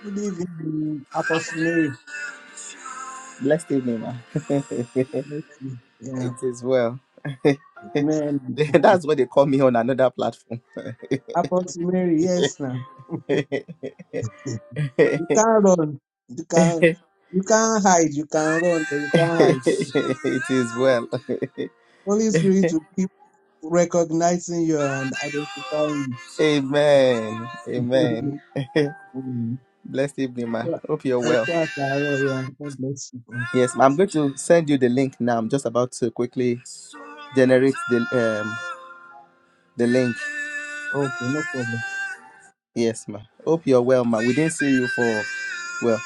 Good evening, Apostle Mary. Blessed evening, man. it Bless you. Yeah. is well. Amen. That's what they call me on another platform. Apostle Mary, yes now. it You can't run. You can't you can't hide. You can run, but you can't hide. is well. Holy Spirit will keep recognizing you and identifying Amen. Amen. you. Mm. Blessed evening, man. Well, Hope you're eh, well. well, Taro, yeah. God bless you. bro. Yes, ma, I'm going to send you the link now. I'm just about to quickly generate the um The link. Okay, no problem. Yes, ma. Hope you're well, ma. We didn't see you for well.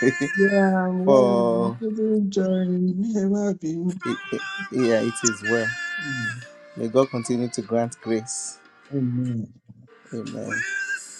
Yeah, well, I'm for feeling journey. Never be it, it- yeah, it is well. May God continue to grant grace. Amen. Amen.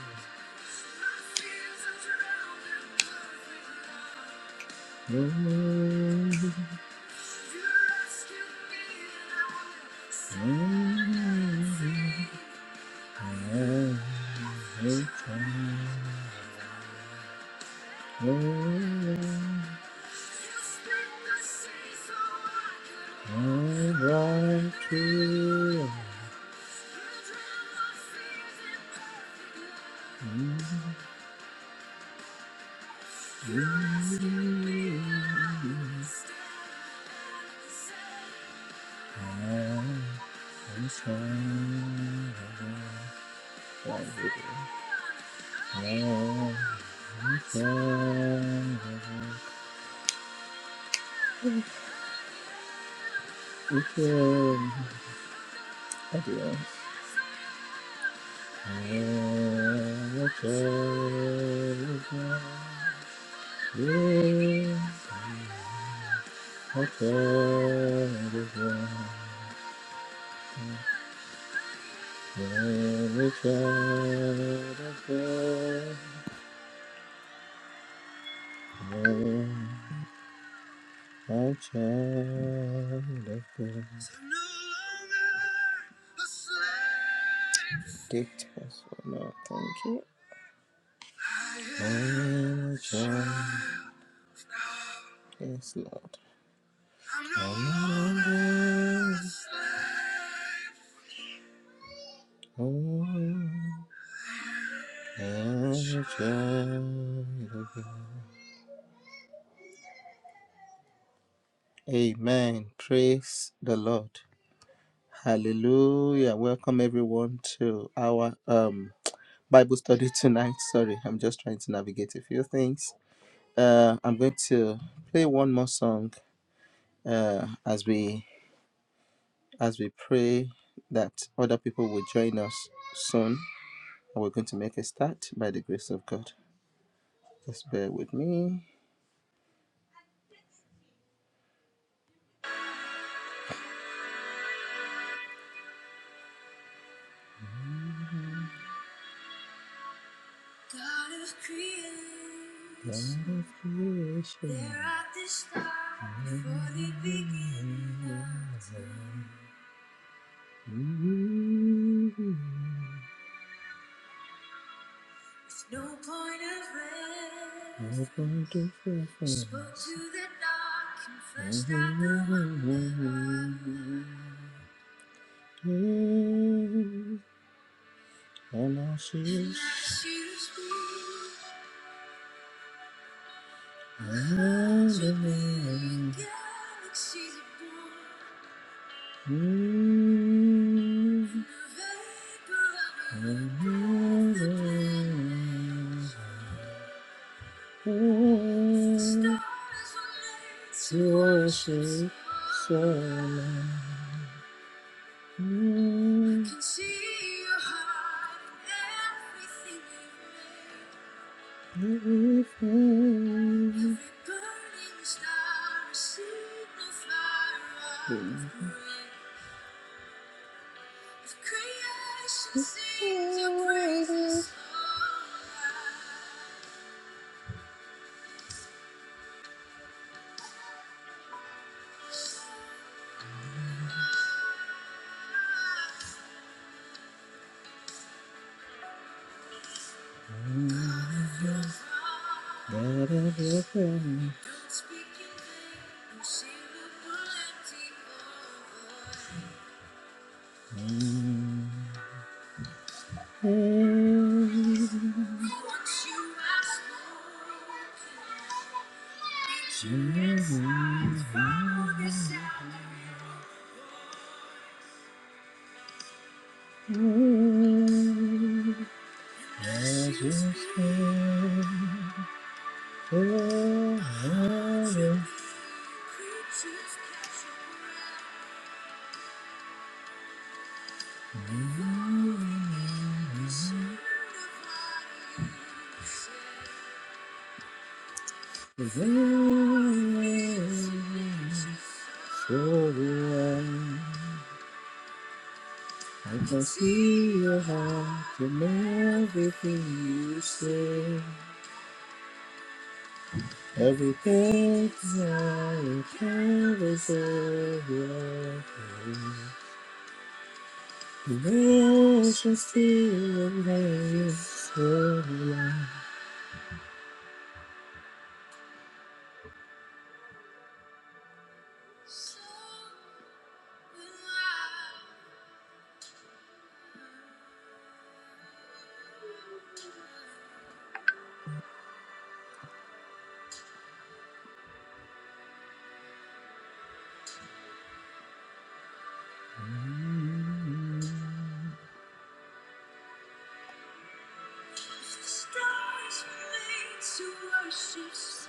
Okay. Every child of God, every child of God. Dictate us, oh Lord, thank you. Every child, yes, Lord. Every child of God. Amen. Praise the Lord. Hallelujah. Welcome everyone to our um Bible study tonight. Sorry, I'm just trying to navigate a few things. Uh, I'm going to play one more song uh, as we as we pray that other people will join us soon. And we're going to make a start by the grace of God. Just bear with me. God of creation, God of creation. there at the start before the beginning. rest. No point of it. Spoke and that was. And now she is under me. born. Mm, Another Another stars to I can see your heart in everything you say. Everything I can is over. Emotions still remain.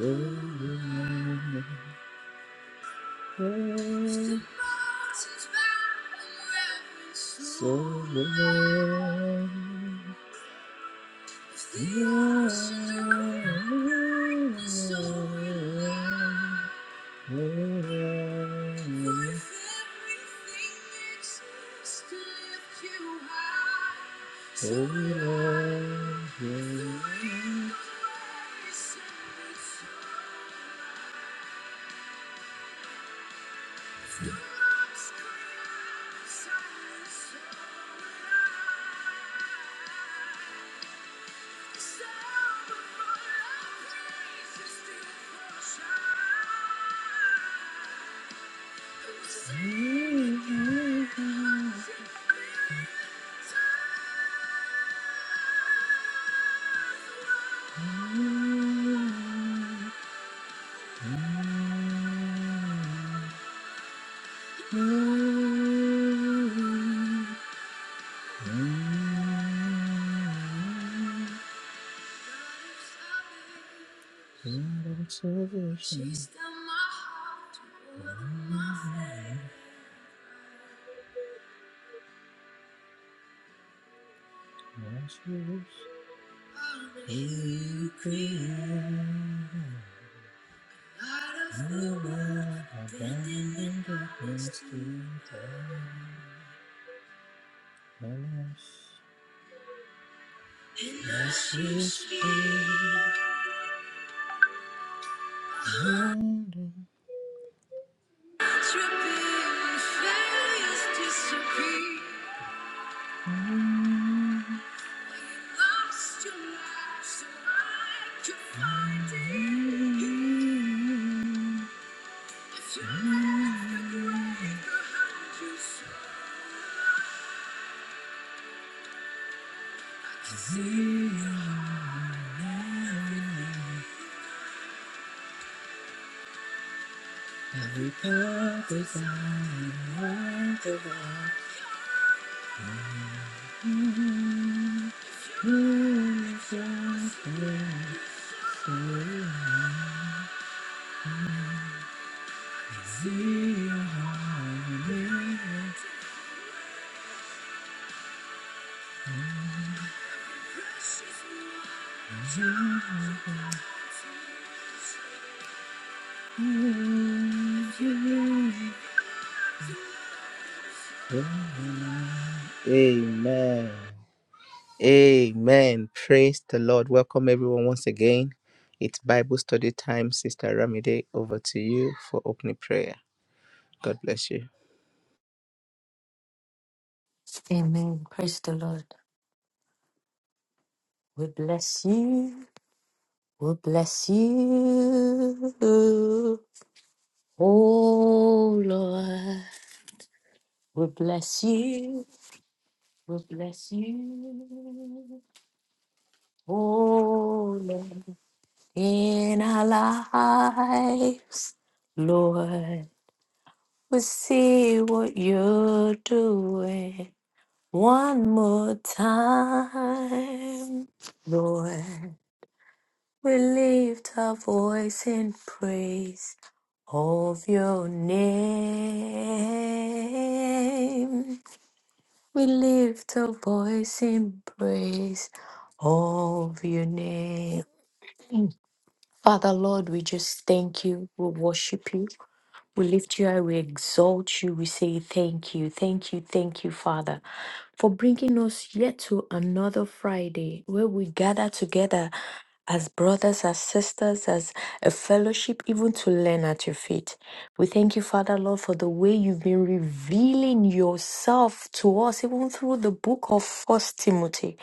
The long, long, the we She stole my heart to one my friends. I'm Out of the world, abandoned in darkness to darkness. Amen. Amen. Praise the Lord. Welcome everyone once again. It's Bible study time. Sister Ramide, over to you for opening prayer. God bless you. Amen. Praise the Lord. We bless you. We bless you. Oh Lord. We bless you. We bless you. Oh Lord. In our lives, Lord. We see what you're doing one more time, Lord. We lift our voice in praise of your name. We lift our voice in praise of your name. Father, Lord, we just thank you. We worship you. We lift you high, we exalt you, we say thank you, thank you, thank you, Father, for bringing us yet to another Friday where we gather together as brothers, as sisters, as a fellowship, even to learn at your feet. We thank you, Father. Father, Lord, for the way you've been revealing yourself to us, even through the book of First Timothy.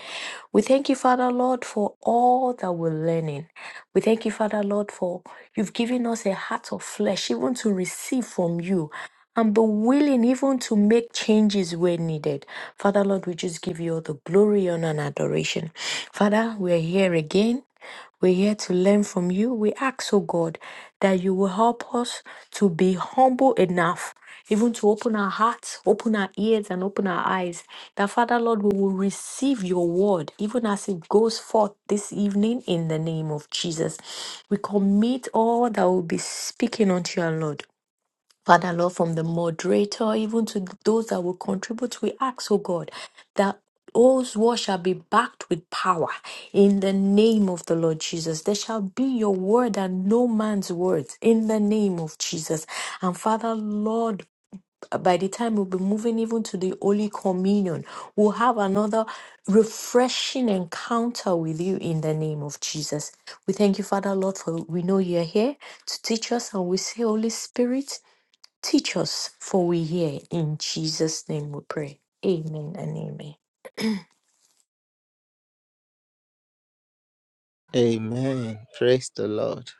We thank you, Father, Lord, for all that we're learning. We thank you, Father, Lord, for you've given us a heart of flesh, even to receive from you and be willing even to make changes where needed. Father, Lord, we just give you all the glory, honor, and adoration. Father, we're here again. We're here to learn from you. We ask, oh God, that you will help us to be humble enough, even to open our hearts, open our ears, and open our eyes. That, Father, Lord, we will receive your word, even as it goes forth this evening in the name of Jesus. We commit all that will be speaking unto your Lord. Father Lord, from the moderator, even to those that will contribute, we ask, oh God, that all's war shall be backed with power in the name of the Lord Jesus. There shall be your word and no man's words in the name of Jesus. And Father Lord, by the time we'll be moving even to the Holy Communion, we'll have another refreshing encounter with you in the name of Jesus. We thank you, Father Lord, for we know you're here to teach us, and we say, Holy Spirit. Teach us, for we hear. In Jesus' name we pray. Amen and amen. Amen. Praise the Lord.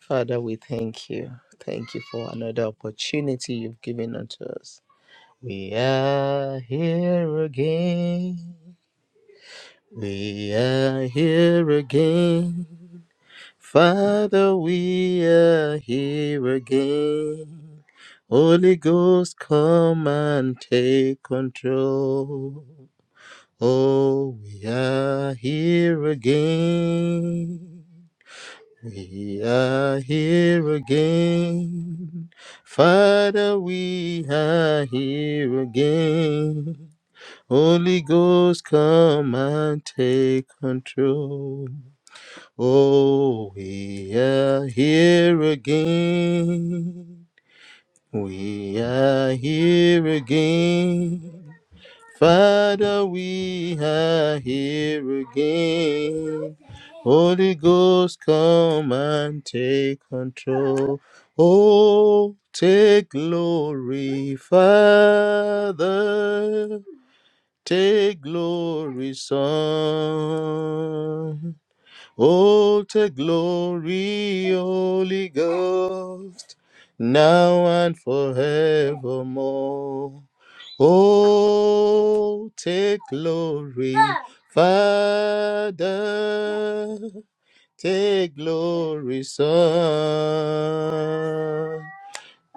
Father, we thank you. Thank you for another opportunity you've given unto us. We are here again. We are here again. Father, we are here again. Holy Ghost, come and take control. Oh, we are here again. We are here again. Father, we are here again. Holy Ghost, come and take control. Oh, we are here again. We are here again. Father, we are here again. Holy Ghost, come and take control. Oh, take glory, Father. Take glory, Son. Oh, to glory, Holy Ghost, now and forevermore. Oh, take glory, Father, take glory, Son.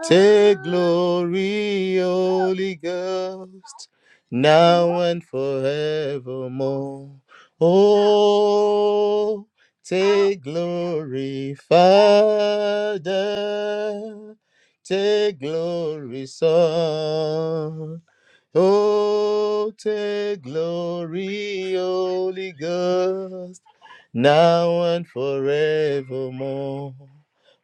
Take glory, Holy Ghost, now and forevermore. Oh, take glory, Father. Take glory, Son. Oh, take glory, Holy Ghost now and forevermore.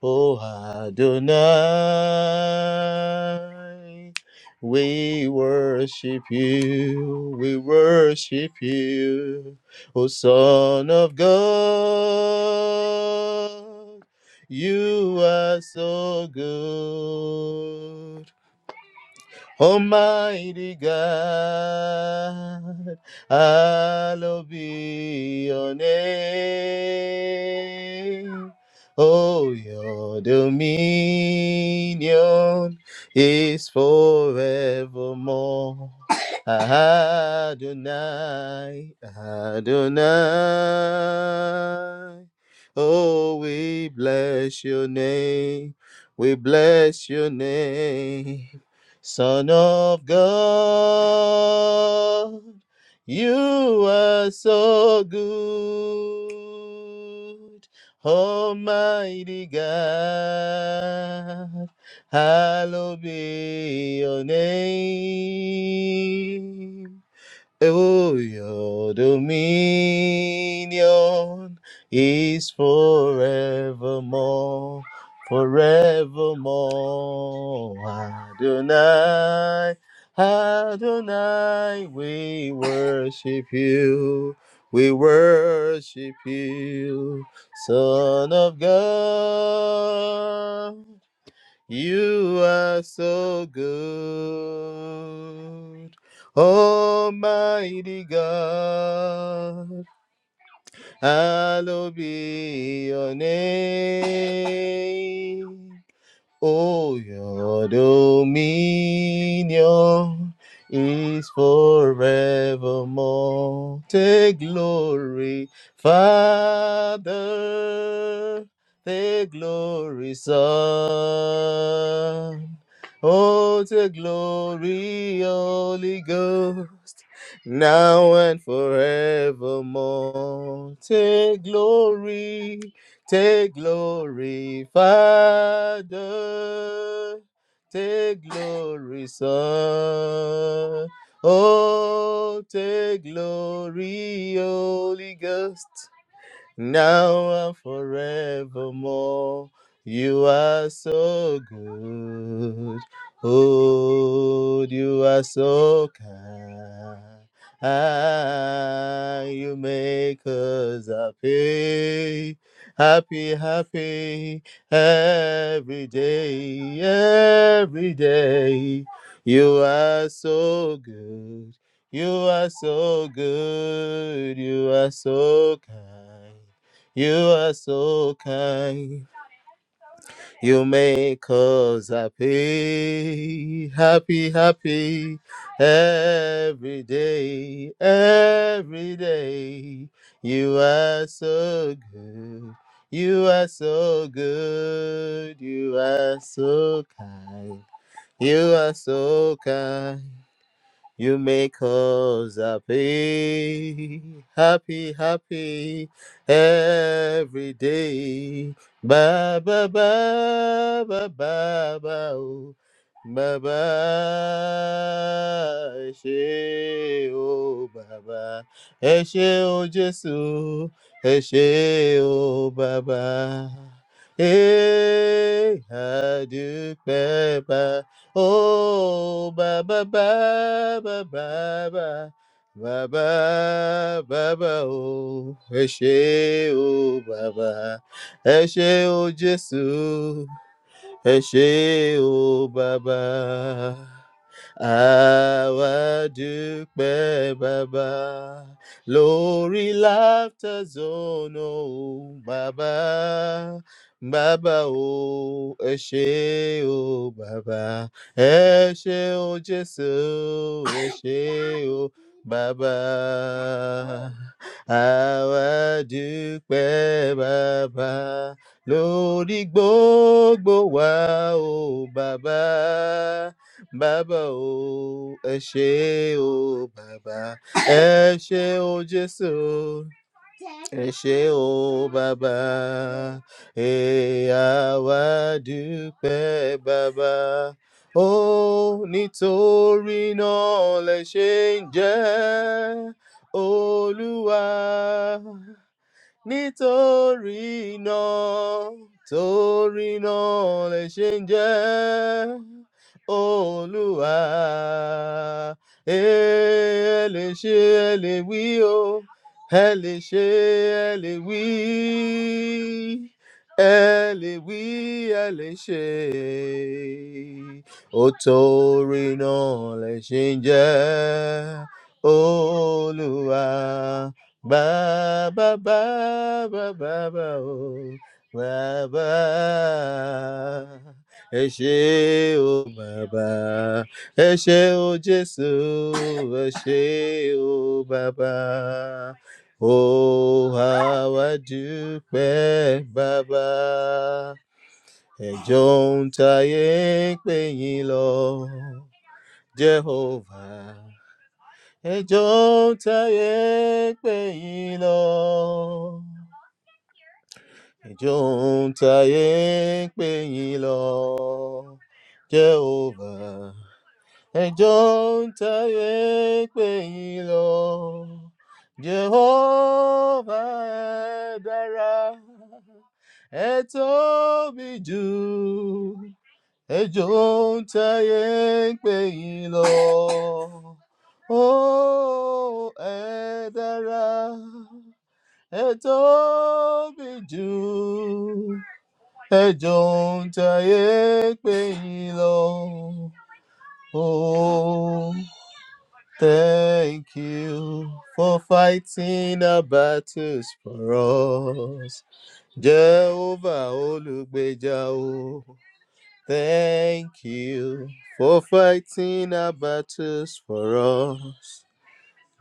O Adonai, we worship you, we worship you, O Son of God. You are so good. Almighty God, I love your name. Oh, your dominion is forevermore. Adonai, Adonai. Oh, we bless your name. We bless your name. Son of God, you are so good. Almighty God, hallowed be your name. Oh, your dominion is forevermore, forevermore. Adonai, Adonai, we worship you, we worship you, Son of God. You are so good, Almighty God. Hallowed be your name. Oh, your dominion is forevermore. Take glory, Father. Take glory, Son. Oh, take glory, Holy Ghost. Now and forevermore. Take glory. Take glory, Father. Take glory, Son. Oh, take glory, Holy Ghost now and forevermore. You are so good. Oh, you are so kind. Ah, you make us happy, happy, happy every day, every day. You are so good. You are so good. You are so kind. You are so kind. You make us happy, happy, happy every day, every day. You are so good. You are so good. You are so kind. You are so kind. You make us happy, happy, happy every day. Ba ba ba ba ba ba oh, baba. ba. Ẹ ṣé o bàbá, ẹ ṣé o Jésù, ẹ ṣé o bàbá. Eh, a dúpẹ́ Oh, ba ba ba ba ba ba ba ba ba ba o. Ẹ ṣé o bàbá, ẹ ṣé o Jésù, ẹ ṣé o bàbá. Àwa dúpẹ́ bàbá lórí Laughter Zone o bàbá. Bàbá o, ẹ ṣé o bàbá, ẹ ṣé o Jésù, ẹ ṣé o bàbá. Àwa dúpẹ́ bàbá lórí gbogbo wa o bàbá. Bàbá o, ẹ ṣé o, bàbá. Ẹ ṣé o, Jésù. Ẹ ṣé o, bàbá. Ẹ àwa dúpẹ́ bàbá. Ó nítorí náà lẹ ṣe ń jẹ́ Olúwa nítorí náà torí náà lè ṣe ń jẹ́ olúwa ẹ lè ṣe ẹ lè wí o ẹ lè ṣe ẹ lè wí ẹ lè wí ẹ lè ṣe ó torí náà lè ṣe ń jẹ́ olúwa Ba ba ba ba ba ba o Baba Ẹ ṣé o Bàbá Ẹ ṣé o Jésù Ẹ ṣé o Bàbá O àwa dúpẹ́ Bàbá Ẹjọ́ ń tayé ń pè yín lọ Jehovah Ejonta ń tayé pè yín lọ ẹjọ ń pè yín lọ jehovah Ejonta ń pè yín lọ jehovah ẹ dára ẹ tóbi jù ẹ jọ̀ọ́ ń táyé ń pè yín lọ ó ẹ dára ẹ tóbi jù ẹ jọ̀ọ́ ń táyé pè yín lọ ó thank you for fighting our battles for us jehovah olùgbèjà o Thank you for fighting our battles for us.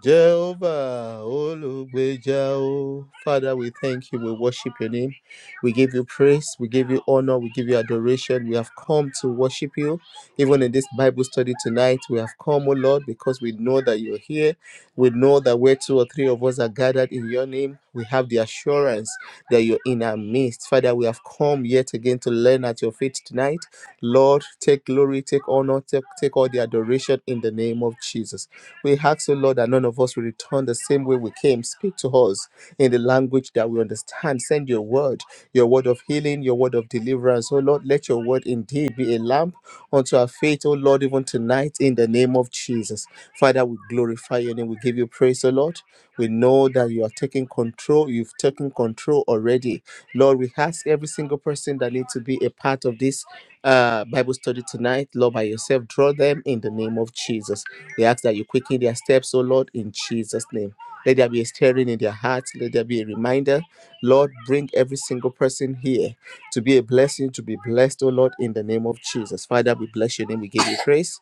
Jehovah, Olugbeja, O. Father, we thank you. We worship your name. We give you praise. We give you honor. We give you adoration. We have come to worship you. Even in this Bible study tonight, we have come, O Lord, because we know that you're here. We know that where two or three of us are gathered in your name, we have the assurance that you're in our midst. Father, we have come yet again to learn at your feet tonight. Lord, take glory, take honor, take, take all the adoration in the name of Jesus. We ask, O Lord, that none of us will return the same way we came. Speak to us in the language that we understand. Send your word, your word of healing, your word of deliverance. O Lord, let your word indeed be a lamp unto our faith, O Lord, even tonight in the name of Jesus. Father, we glorify your name. We give you praise, O Lord. We know that you are taking control. You've taken control already. Lord, we ask every single person that needs to be a part of this uh, Bible study tonight, Lord, by yourself, draw them in the name of Jesus. We ask that you quicken their steps, oh Lord, in Jesus' name. Let there be a stirring in their hearts. Let there be a reminder. Lord, bring every single person here to be a blessing, to be blessed, oh Lord, in the name of Jesus. Father, we bless your name. We give you praise.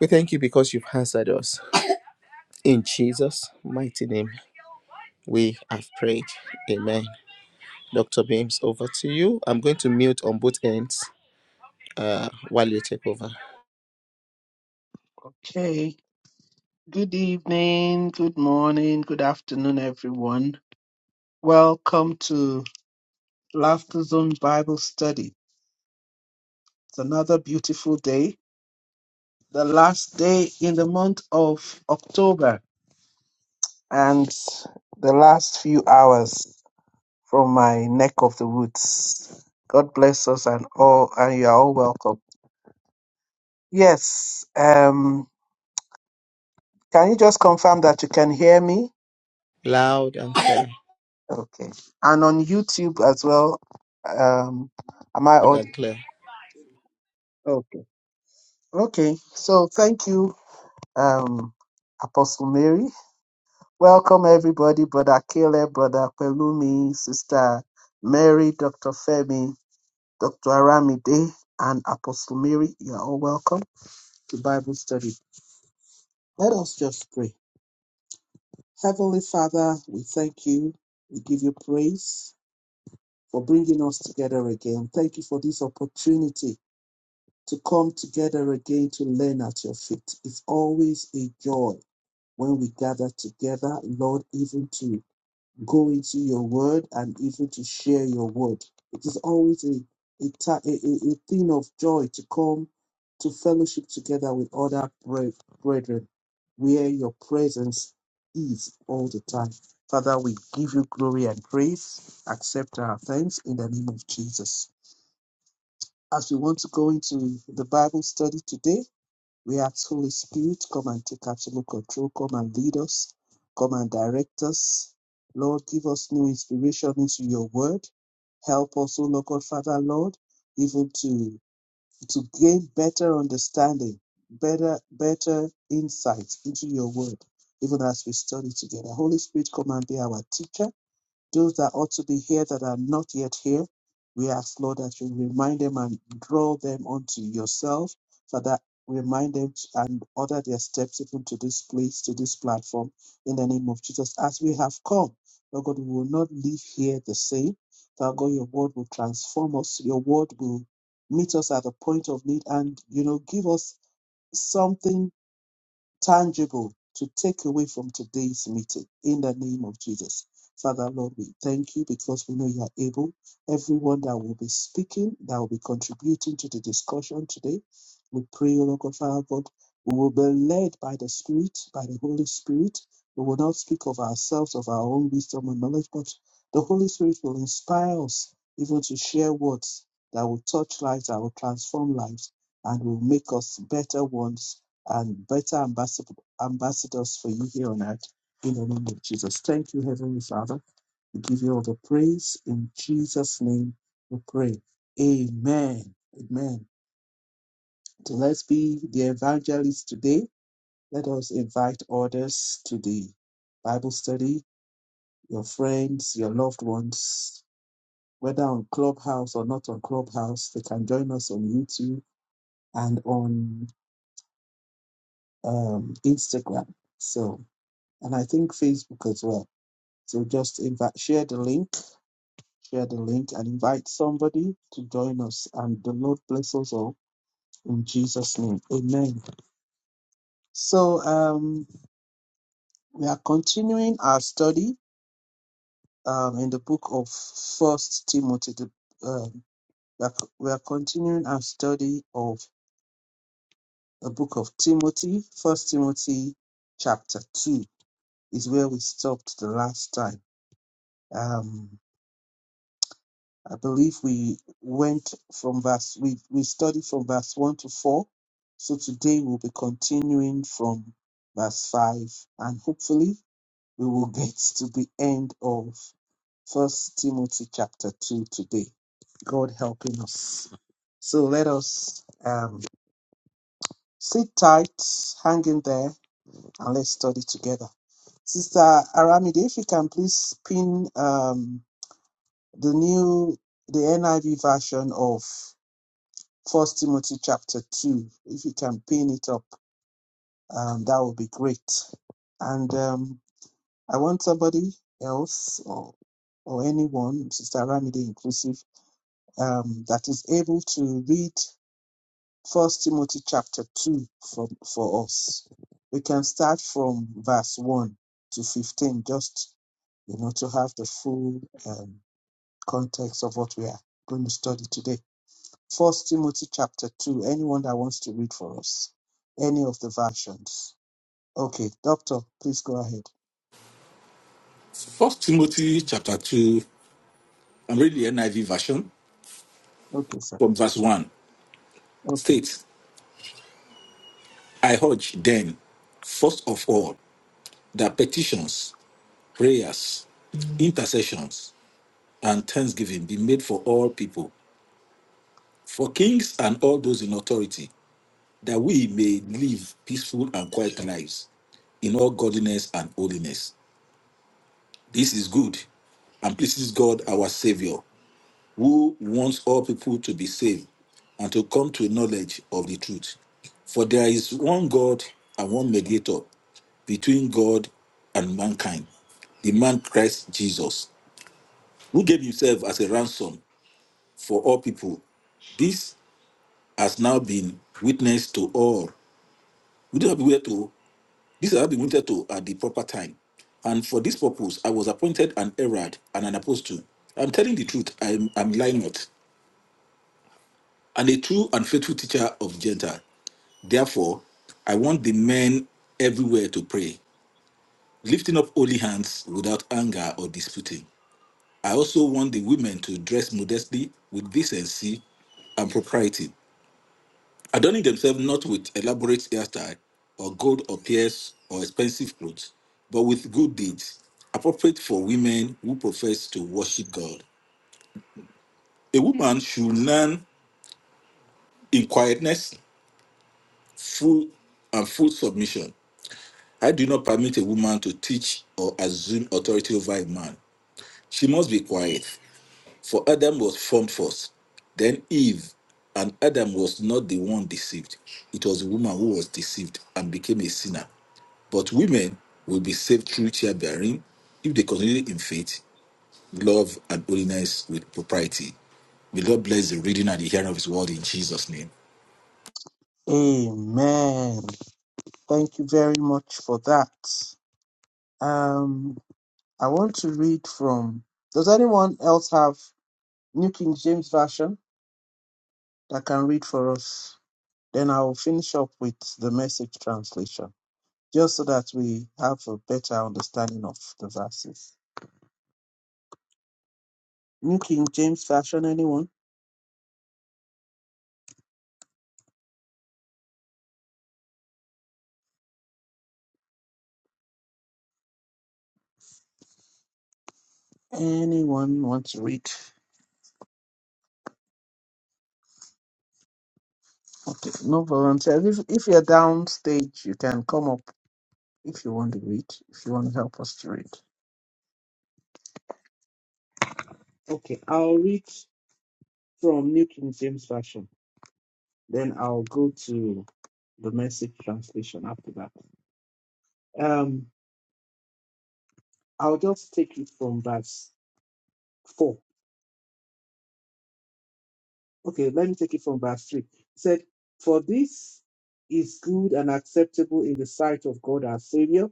We thank you because you've answered us. In Jesus' mighty name, we have prayed. Amen. Dr. Beams, over to you. I'm going to mute on both ends uh, while you take over. Okay. Good evening, good morning, good afternoon, everyone. Welcome to Laughter Zone Bible Study. It's another beautiful day, the last day in the month of October, and the last few hours from my neck of the woods. God bless us and all, and you are all welcome. Yes, um, can you just confirm that you can hear me? Loud and clear. Okay. And on YouTube as well, um, am I Loud and audible? clear. Okay, so thank you, um, Apostle Mary. Welcome everybody, Brother Caleb, Brother Pelumi, Sister Mary, Dr. Femi, Dr. Aramide, and Apostle Mary. You are all welcome to Bible study. Let us just pray. Heavenly Father, we thank you. We give you praise for bringing us together again. Thank you for this opportunity to come together again to learn at your feet. It's always a joy when we gather together, Lord, even to go into your word and even to share your word. It is always a, a, ta- a, a a thing of joy to come to fellowship together with other bre- brethren where your presence is all the time. Father, we give you glory and praise. Accept our thanks in the name of Jesus. As we want to go into the Bible study today, we ask Holy Spirit, come and take absolute control, come and lead us, come and direct us. Lord, give us new inspiration into your word. Help us, O Lord God, Father, Lord, even to to gain better understanding, better, better insight into your word, even as we study together. Holy Spirit, come and be our teacher those that ought to be here that are not yet here, we ask, Lord, that you remind them and draw them unto yourself. Father, remind them and order their steps even to this place, to this platform, in the name of Jesus. As we have come, Lord God, we will not leave here the same. Father God, your word will transform us. Your word will meet us at the point of need and, you know, give us something tangible to take away from today's meeting in the name of Jesus. Father, Lord, we thank you because we know you are able. Everyone that will be speaking, that will be contributing to the discussion today, we pray, O Lord God, Father God, we will be led by the Spirit, by the Holy Spirit. We will not speak of ourselves, of our own wisdom and knowledge, but the Holy Spirit will inspire us even to share words that will touch lives, that will transform lives, and will make us better ones and better ambassador, ambassadors for you here on earth in the name of Jesus. Thank you, Heavenly Father. We give you all the praise in Jesus' name. We pray. Amen. Amen. So let's be the evangelists today. Let us invite others to the Bible study, your friends, your loved ones, whether on Clubhouse or not on Clubhouse. They can join us on YouTube and on um, Instagram. So, and I think Facebook as well. So just invite, share the link, share the link, and invite somebody to join us. And the Lord bless us all in Jesus' name. Amen. So um, we are continuing our study um, in the book of First Timothy. The, um, we are we are continuing our study of the book of Timothy. First Timothy, chapter two is where we stopped the last time. Um, I believe we went from verse, we, we studied from verse 1 to 4. So today we'll be continuing from verse 5 and hopefully we will get to the end of First Timothy chapter 2 today. God helping us. So let us um, sit tight, hang in there, and let's study together. Sister Aramide, if you can please pin um, the new, the NIV version of First Timothy chapter 2. If you can pin it up, um, that would be great. And um, I want somebody else or, or anyone, Sister Ramide inclusive, um, that is able to read First Timothy chapter 2 for for us. We can start from verse 1 to 15, just you know, to have the full um, context of what we are going to study today. First Timothy chapter 2. Anyone that wants to read for us, any of the versions. Okay, Doctor, please go ahead. First Timothy chapter 2, I'm reading the NIV version Okay, sir. from verse 1 Okay. states, I urge then, first of all, that petitions, prayers, intercessions, and thanksgiving be made for all people, for kings and all those in authority, that we may live peaceful and quiet lives in all godliness and holiness. This is good and pleases God our Savior who wants all people to be saved and to come to a knowledge of the truth. For there is one God and one mediator between God and mankind, the man Christ Jesus, who gave himself as a ransom for all people. This has now been witnessed to all. We do not be witness to this has been witnessed to at the proper time. And for this purpose, I was appointed an herald and an apostle. I'm telling the truth, I'm, I'm lying not, and a true and faithful teacher of Gentile. Therefore, I want the men everywhere to pray, lifting up holy hands without anger or disputing. I also want the women to dress modestly with decency and propriety, adorning themselves not with elaborate hairstyle or gold or pearls or expensive clothes, but with good deeds, appropriate for women who profess to worship God. A woman should learn in quietness, full and full submission I do not permit a woman to teach or assume authority over a man. She must be quiet. For Adam was formed first, then Eve, and Adam was not the one deceived. It was the woman who was deceived and became a sinner. But women will be saved through childbearing if they continue in faith, love, and holiness with propriety. May God bless the reading and the hearing of His word in Jesus' name. Amen. Thank you very much for that. Um, I want to read from. Does anyone else have New King James Version that can read for us? Then I'll finish up with the message translation, just so that we have a better understanding of the verses. New King James Version, anyone? Anyone want to read? Okay, no volunteers. If if you're downstage, you can come up if you want to read. If you want to help us to read. Okay, I'll read from New King James Version. Then I'll go to the Message translation after that. Um, I'll just take it from verse four. Okay, let me take it from verse three. It said, "For this is good and acceptable in the sight of God our Savior."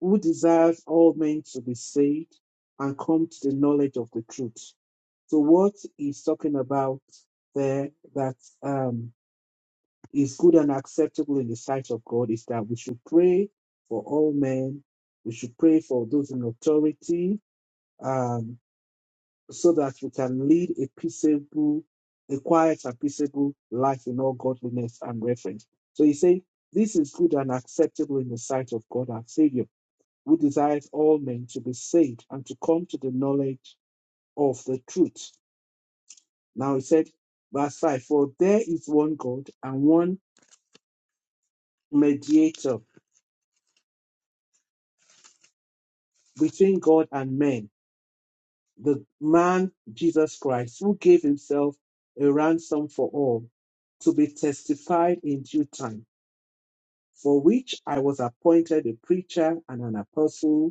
who desires all men to be saved and come to the knowledge of the truth. So what he's talking about there that um, is good and acceptable in the sight of God is that we should pray for all men. We should pray for those in authority um, so that we can lead a peaceable, a quiet and peaceable life in all godliness and reverence. So he said, this is good and acceptable in the sight of God our Savior who desires all men to be saved and to come to the knowledge of the truth. Now he said, verse 5 For there is one God and one mediator between God and men, the man Jesus Christ, who gave himself a ransom for all, to be testified in due time, for which I was appointed a preacher and an apostle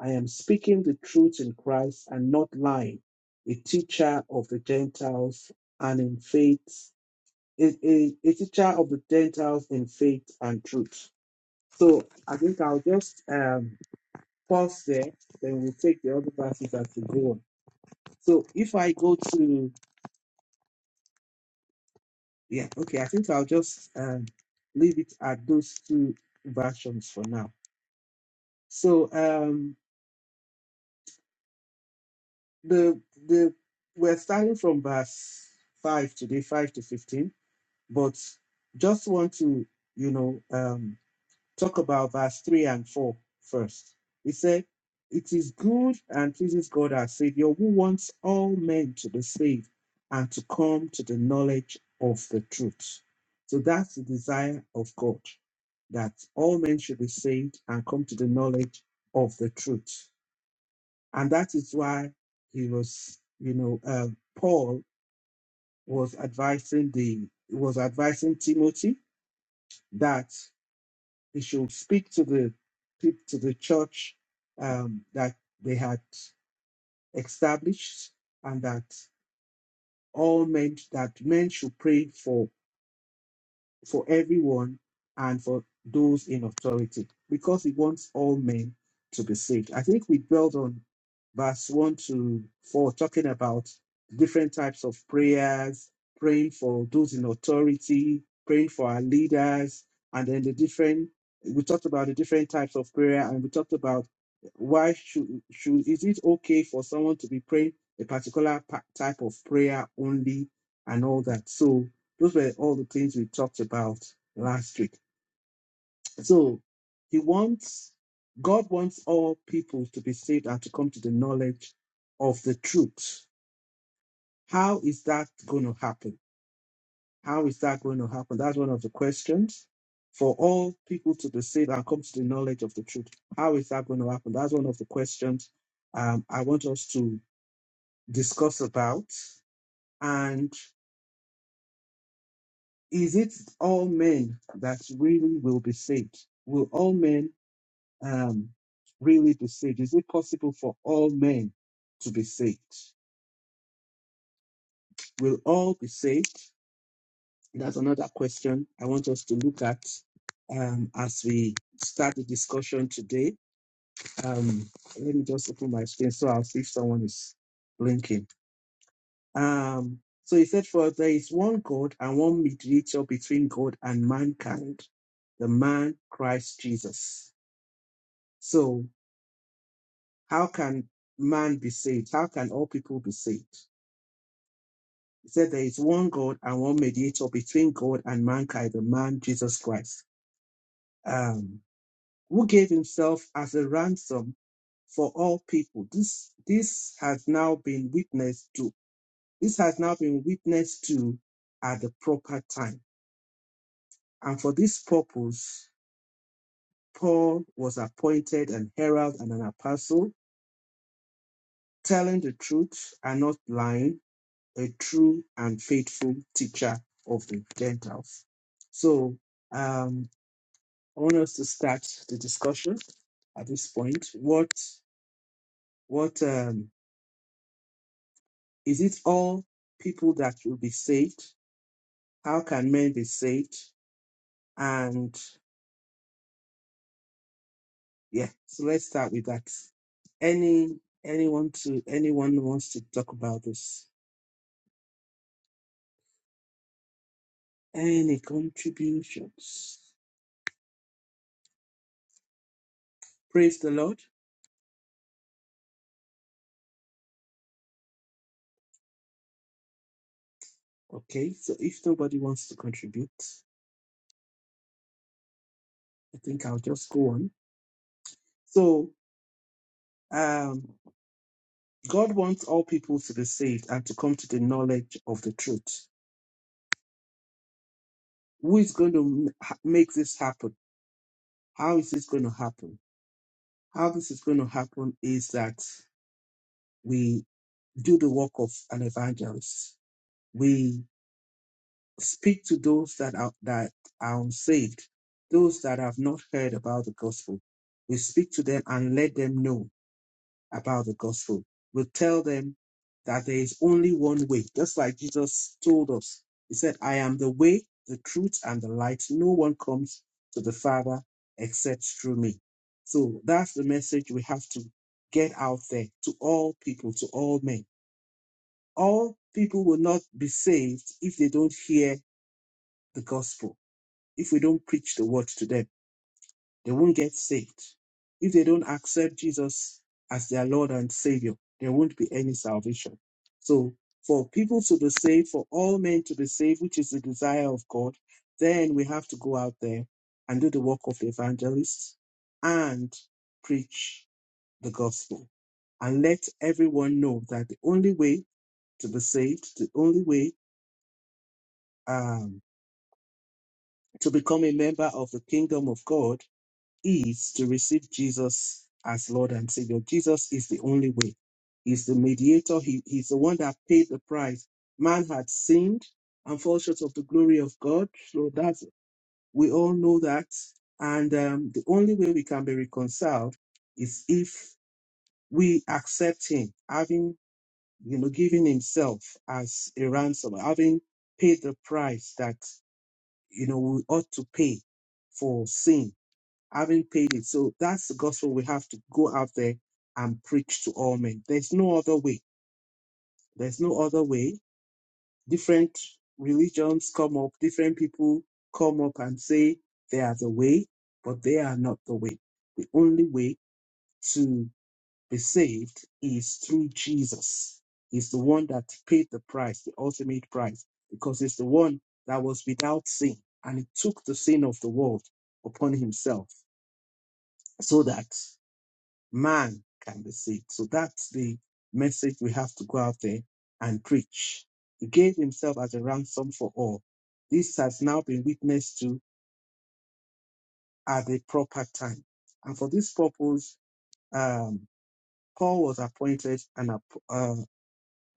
I am speaking the truth in Christ and not lying, a teacher of the Gentiles and in faith, a, a, a teacher of the Gentiles in faith and truth. So I think I'll just um, pause there, then we'll take the other verses as we go on. So if I go to, yeah, okay, I think I'll just um, leave it at those two versions for now. So um, the the we're starting from verse 5 today, 5 to 15 But just want to, you know, um, talk about verse 3 and 4 first. first. It said, It is good and pleases God our Savior who wants all men to be saved and to come to the knowledge of the truth. So that's the desire of God, that all men should be saved and come to the knowledge of the truth. And that is why he was, you know, uh, Paul was advising the was advising Timothy that he should speak to the peop- to the church um, that they had established, and that all men that men should pray for for everyone and for those in authority, because he wants all men to be saved. I think we dwelled on verse 1 to 4, talking about different types of prayers, praying for those in authority, praying for our leaders, and then the different, we talked about the different types of prayer, and we talked about why should, should is it okay for someone to be praying a particular pa- type of prayer only and all that. So, those were all the things we talked about last week. So he wants, God wants all people to be saved and to come to the knowledge of the truth. How is that going to happen? How is that going to happen? That's one of the questions. For all people to be saved and come to the knowledge of the truth. How is that going to happen? That's one of the questions um, I want us to discuss about. And is it all men that really will be saved? Will all men um, really to saved? Is it possible for all men to be saved? Will all be saved? That's another question I want us to look at um, as we start the discussion today. Um, let me just open my screen so I'll see if someone is blinking. Um, so he said, For there is one God and one mediator between God and mankind, the man Christ Jesus. So, how can man be saved? How can all people be saved? He said there is one God and one mediator between God and mankind, the man Jesus Christ, um, who gave himself as a ransom for all people. This this has now been witnessed to. This has now been witnessed to at the proper time. And for this purpose, Paul was appointed an herald and an apostle, telling the truth and not lying, a true and faithful teacher of the Gentiles. So um, I want us to start the discussion at this point. What what um is it all people that will be saved? How can men be saved? And yeah, so let's start with that. Any anyone to anyone who wants to talk about this? Any contributions? Praise the Lord. Okay, so if nobody wants to contribute, I think I'll just go on. So um God wants all people to be saved and to come to the knowledge of the truth. Who is going to m- ha- make this happen? How is this going to happen? How this is going to happen is that we do the work of an evangelist. We speak to those that are that are unsaved, those that have not heard about the gospel. We speak to them and let them know about the gospel. We tell them that there is only one way, just like Jesus told us. He said, I am the way, the truth, and the light. No one comes to the Father except through me. So that's the message we have to get out there to all people, to all men. All people will not be saved if they don't hear the gospel, if we don't preach the word to them they won't get saved. If they don't accept Jesus as their Lord and Savior, there won't be any salvation. So, for people to be saved, for all men to be saved, which is the desire of God, then we have to go out there and do the work of the evangelists and preach the gospel and let everyone know that the only way to be saved, the only way um, to become a member of the kingdom of God is to receive Jesus as Lord and Savior. Jesus is the only way. He's the mediator. He, he's the one that paid the price. Man had sinned and fall short of the glory of God. So that we all know that. And um, the only way we can be reconciled is if we accept Him, having you know given Himself as a ransom, having paid the price that you know we ought to pay for sin having paid it. So that's the gospel we have to go out there and preach to all men. There's no other way. There's no other way. Different religions come up, different people come up and say they are the way, but they are not the way. The only way to be saved is through Jesus. He's the one that paid the price, the ultimate price, because he's the one that was without sin and he took the sin of the world upon himself so that man can be saved. So that's the message we have to go out there and preach. He gave himself as a ransom for all. This has now been witnessed to at the proper time. And for this purpose, um, Paul was appointed an, ap- uh,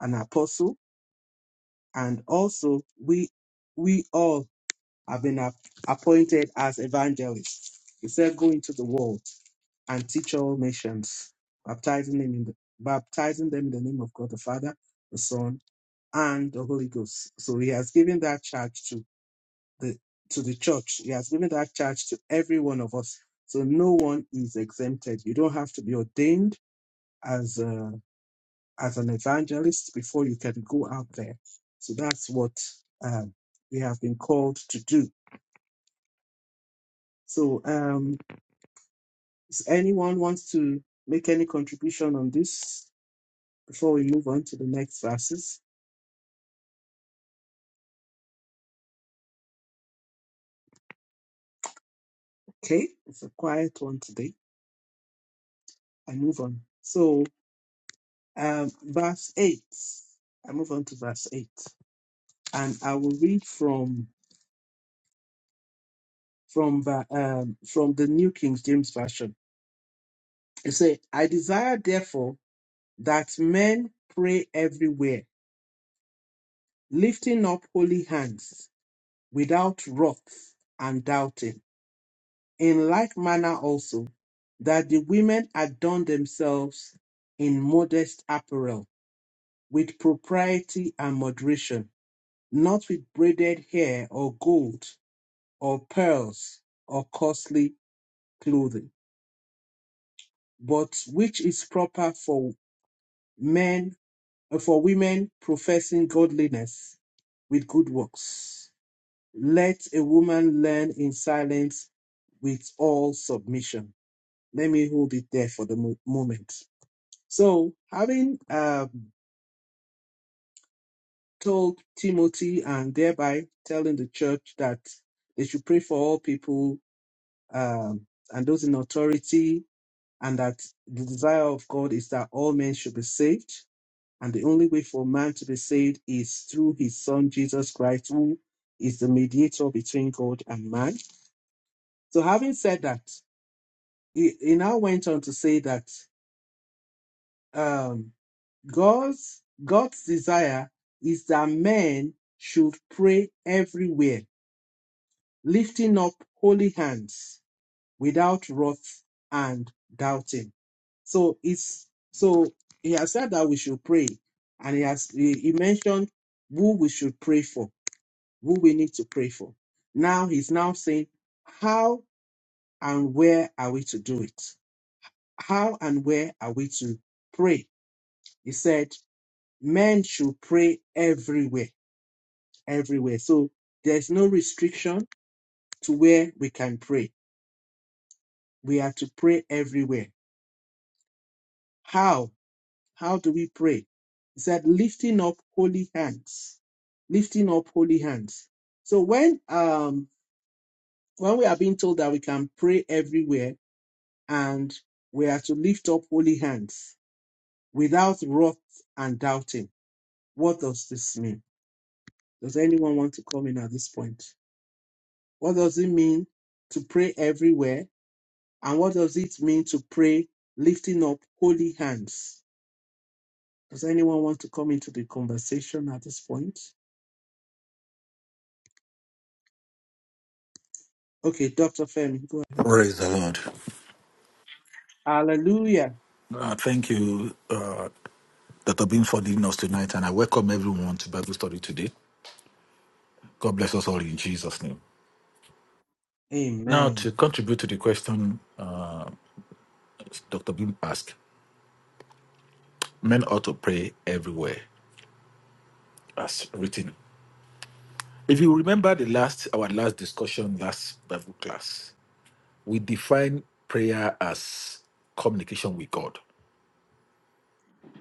an apostle, and also we we all have been ap- appointed as evangelists. He said, Go into the world. and teach all nations, baptizing them in the baptizing them in the name of God the Father, the Son, and the Holy Ghost. So he has given that charge to the to the church. He has given that charge to every one of us. So no one is exempted. You don't have to be ordained as a, as an evangelist before you can go out there. So that's what um, we have been called to do. So um, if anyone wants to make any contribution on this, before we move on to the next verses. Okay, it's a quiet one today. I move on. So, um, verse 8. I move on to verse 8. And I will read from from the um, from the New King James Version. It says, I desire therefore that men pray everywhere, lifting up holy hands without wrath and doubting. In like manner also, that the women adorn themselves in modest apparel with propriety and moderation, not with braided hair or gold or pearls or costly clothing, but which is proper for men uh, for women professing godliness with good works. Let a woman learn in silence with all submission. Let me hold it there for the mo- moment. So, having uh, told Timothy and thereby telling the church that they should pray for all people um, and those in authority, and that the desire of God is that all men should be saved. And the only way for man to be saved is through his son Jesus Christ, who is the mediator between God and man. So, having said that, he, he now went on to say that um, God's God's desire is that men should pray everywhere lifting up holy hands without wrath and doubting. So it's so he has said that we should pray, and he has he, he mentioned who we should pray for, who we need to pray for. Now he's now saying how and where are we to do it? How and where are we to pray? He said men should pray everywhere, everywhere. So there's no restriction to where we can pray. We are to pray everywhere How? How do we pray? He said, lifting up holy hands. Lifting up holy hands. So when um when we are being told that we can pray everywhere and we are to lift up holy hands without wrath and doubting, what does this mean? Does anyone want to come in at this point? What does it mean to pray everywhere? And what does it mean to pray lifting up holy hands? Does anyone want to come into the conversation at this point? Okay, Dr. Femi, go ahead. Praise the Lord. Hallelujah. Uh, thank you, uh, Dr. Beam, for leading us tonight, and I welcome everyone to Bible study today. God bless us all in Jesus' name. Now, to Amen. contribute to the question uh, Dr. Bloom asked, men ought to pray everywhere as written. If you remember the last our last discussion last Bible class, we define prayer as communication with God.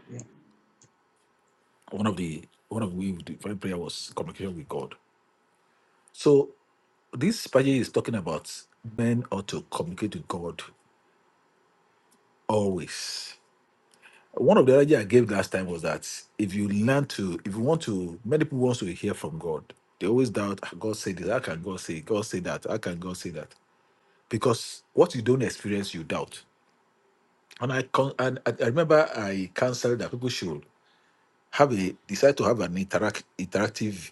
Yeah. One of the one of the way we define prayer was communication with God. So this passage is talking about men ought to communicate with God always. One of the idea I gave last time was that if you learn to, if you want to, many people want to hear from God. They always doubt, "Ah, God said this, how can God say, God say that, how can God say that? Because what you don't experience, you doubt. And I con- and I I remember I counseled that people should have a decide to have an interact interactive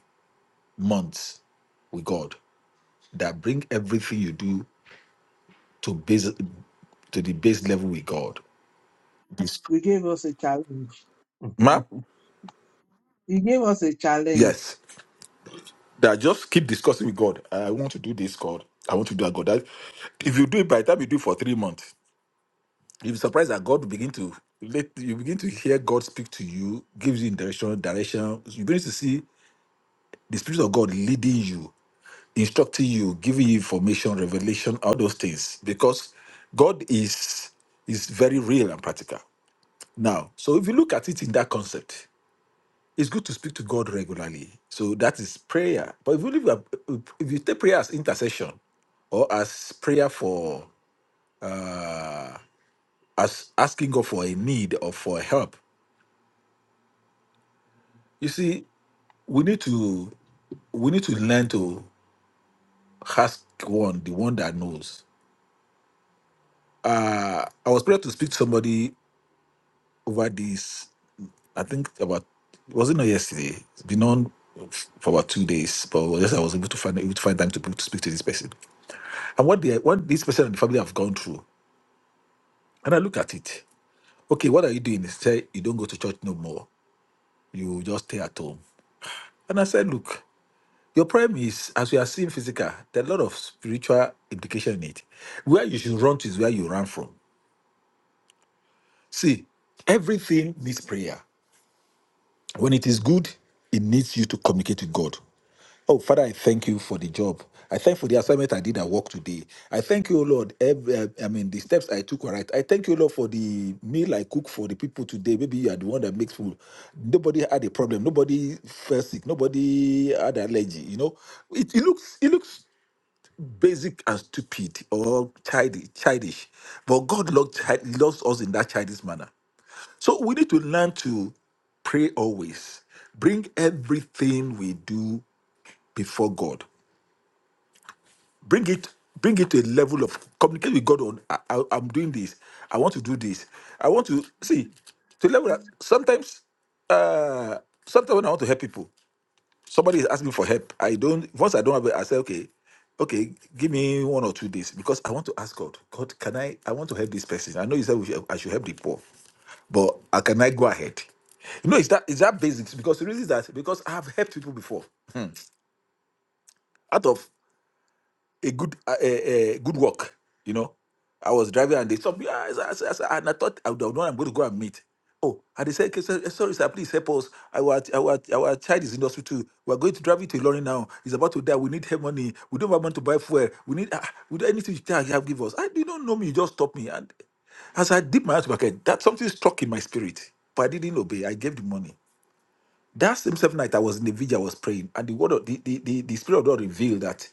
month with God that bring everything you do to base to the base level with God. This You gave us a challenge. map, you gave us a challenge. yes, That just keep discussing with God. I want to do this, God. I want to do that, God. That if you do it by the time you do it for three months, you'll be surprised that God will begin to let you begin to hear God speak to you, gives you direction, direction. You begin to see the Spirit of God leading you, instructing you, giving you information, revelation, all those things. Because God is is very real and practical. Now, so if you look at it in that concept, it's good to speak to God regularly. So that is prayer. But if you live a- if you take prayer as intercession or as prayer for as asking God for a need or for help, you see, we need to we need to learn to ask one, the one that knows. Uh I was praying to speak to somebody over this, I think about was it not yesterday? It's been on for about two days, but yes, I was able to find able to find time to, to speak to this person. And what the what this person and the family have gone through And I look at it. Okay, what are you doing? He said, You don't go to church no more. You just stay at home. And I said, Look, your problem is, as we are seeing physical, there are a lot of spiritual implication in it. Where you should run to is where you ran from. See, everything needs prayer. When it is good, it needs you to communicate with God. Oh, Father, I thank you for the job. I thank you for the assignment I did at work today. I thank you, O Lord. Every, uh, I mean, the steps I took were right. I thank you, Lord, for the meal I cook for the people today. Maybe you are the one that makes food. Nobody had a problem. Nobody fell sick. Nobody had allergy. You know, it, it looks it looks basic and stupid or childish, childish. But God loved, chi- loves us in that childish manner. So we need to learn to pray always. Bring everything we do before God. Bring it, bring it to a level of communicate with God on I, I, am doing this. I want to do this. I want to see to level that sometimes uh sometimes when I want to help people. Somebody is asking for help. I don't. Once I don't have it, I say, okay, okay, give me one or two days because I want to ask God. God, can I? I want to help this person. I know you said we should, I should help the poor, but uh, can I go ahead? You know, it's that it's that basics because the reason is that because I have helped people before. Out of a good uh, a good walk, You know, I was driving and they stopped me. I, I, I, I, and I thought I would have known I'm going to go and meet. Oh, and they said, "Okay, sir, eh, sorry, sir, please help us. Our, our, our child is in the hospital. We're going to drive you to Ilorin now. He's about to die. We need help money. We don't have money to buy fuel. We need, ah, we do anything you can have, give us. I, you don't know me. You just stop me. And as I dip my hands to my head, that something struck in my spirit. But I didn't obey. I gave the money. That same seventh night, I was in the vigil, I was praying, and the word of the, the, the, the spirit of God revealed that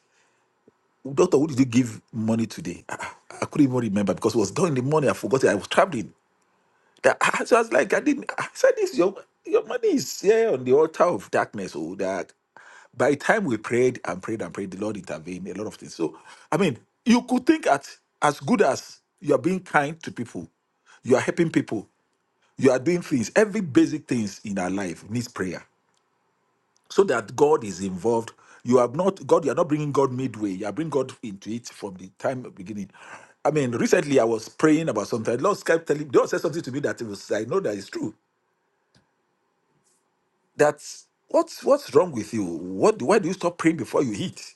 Doctor, who did you give money today? I, I couldn't even remember because it was done in the morning. I forgot it. I was traveling. That- I, so I was like, I didn't. I said, this your your money is here on the altar of darkness. Oh, that by the time we prayed and prayed and prayed, the Lord intervened, a lot of things. So, I mean, you could think at as good as you are being kind to people, you are helping people, you are doing things, every basic things in our life needs prayer so that God is involved. You are not God. You are not bringing God midway. You are bringing God into it from the time of beginning. I mean, recently I was praying about something. The Lord kept telling. The Lord said something to me that it was. I know that it's true. That what's what's wrong with you? What? Why do you stop praying before you eat?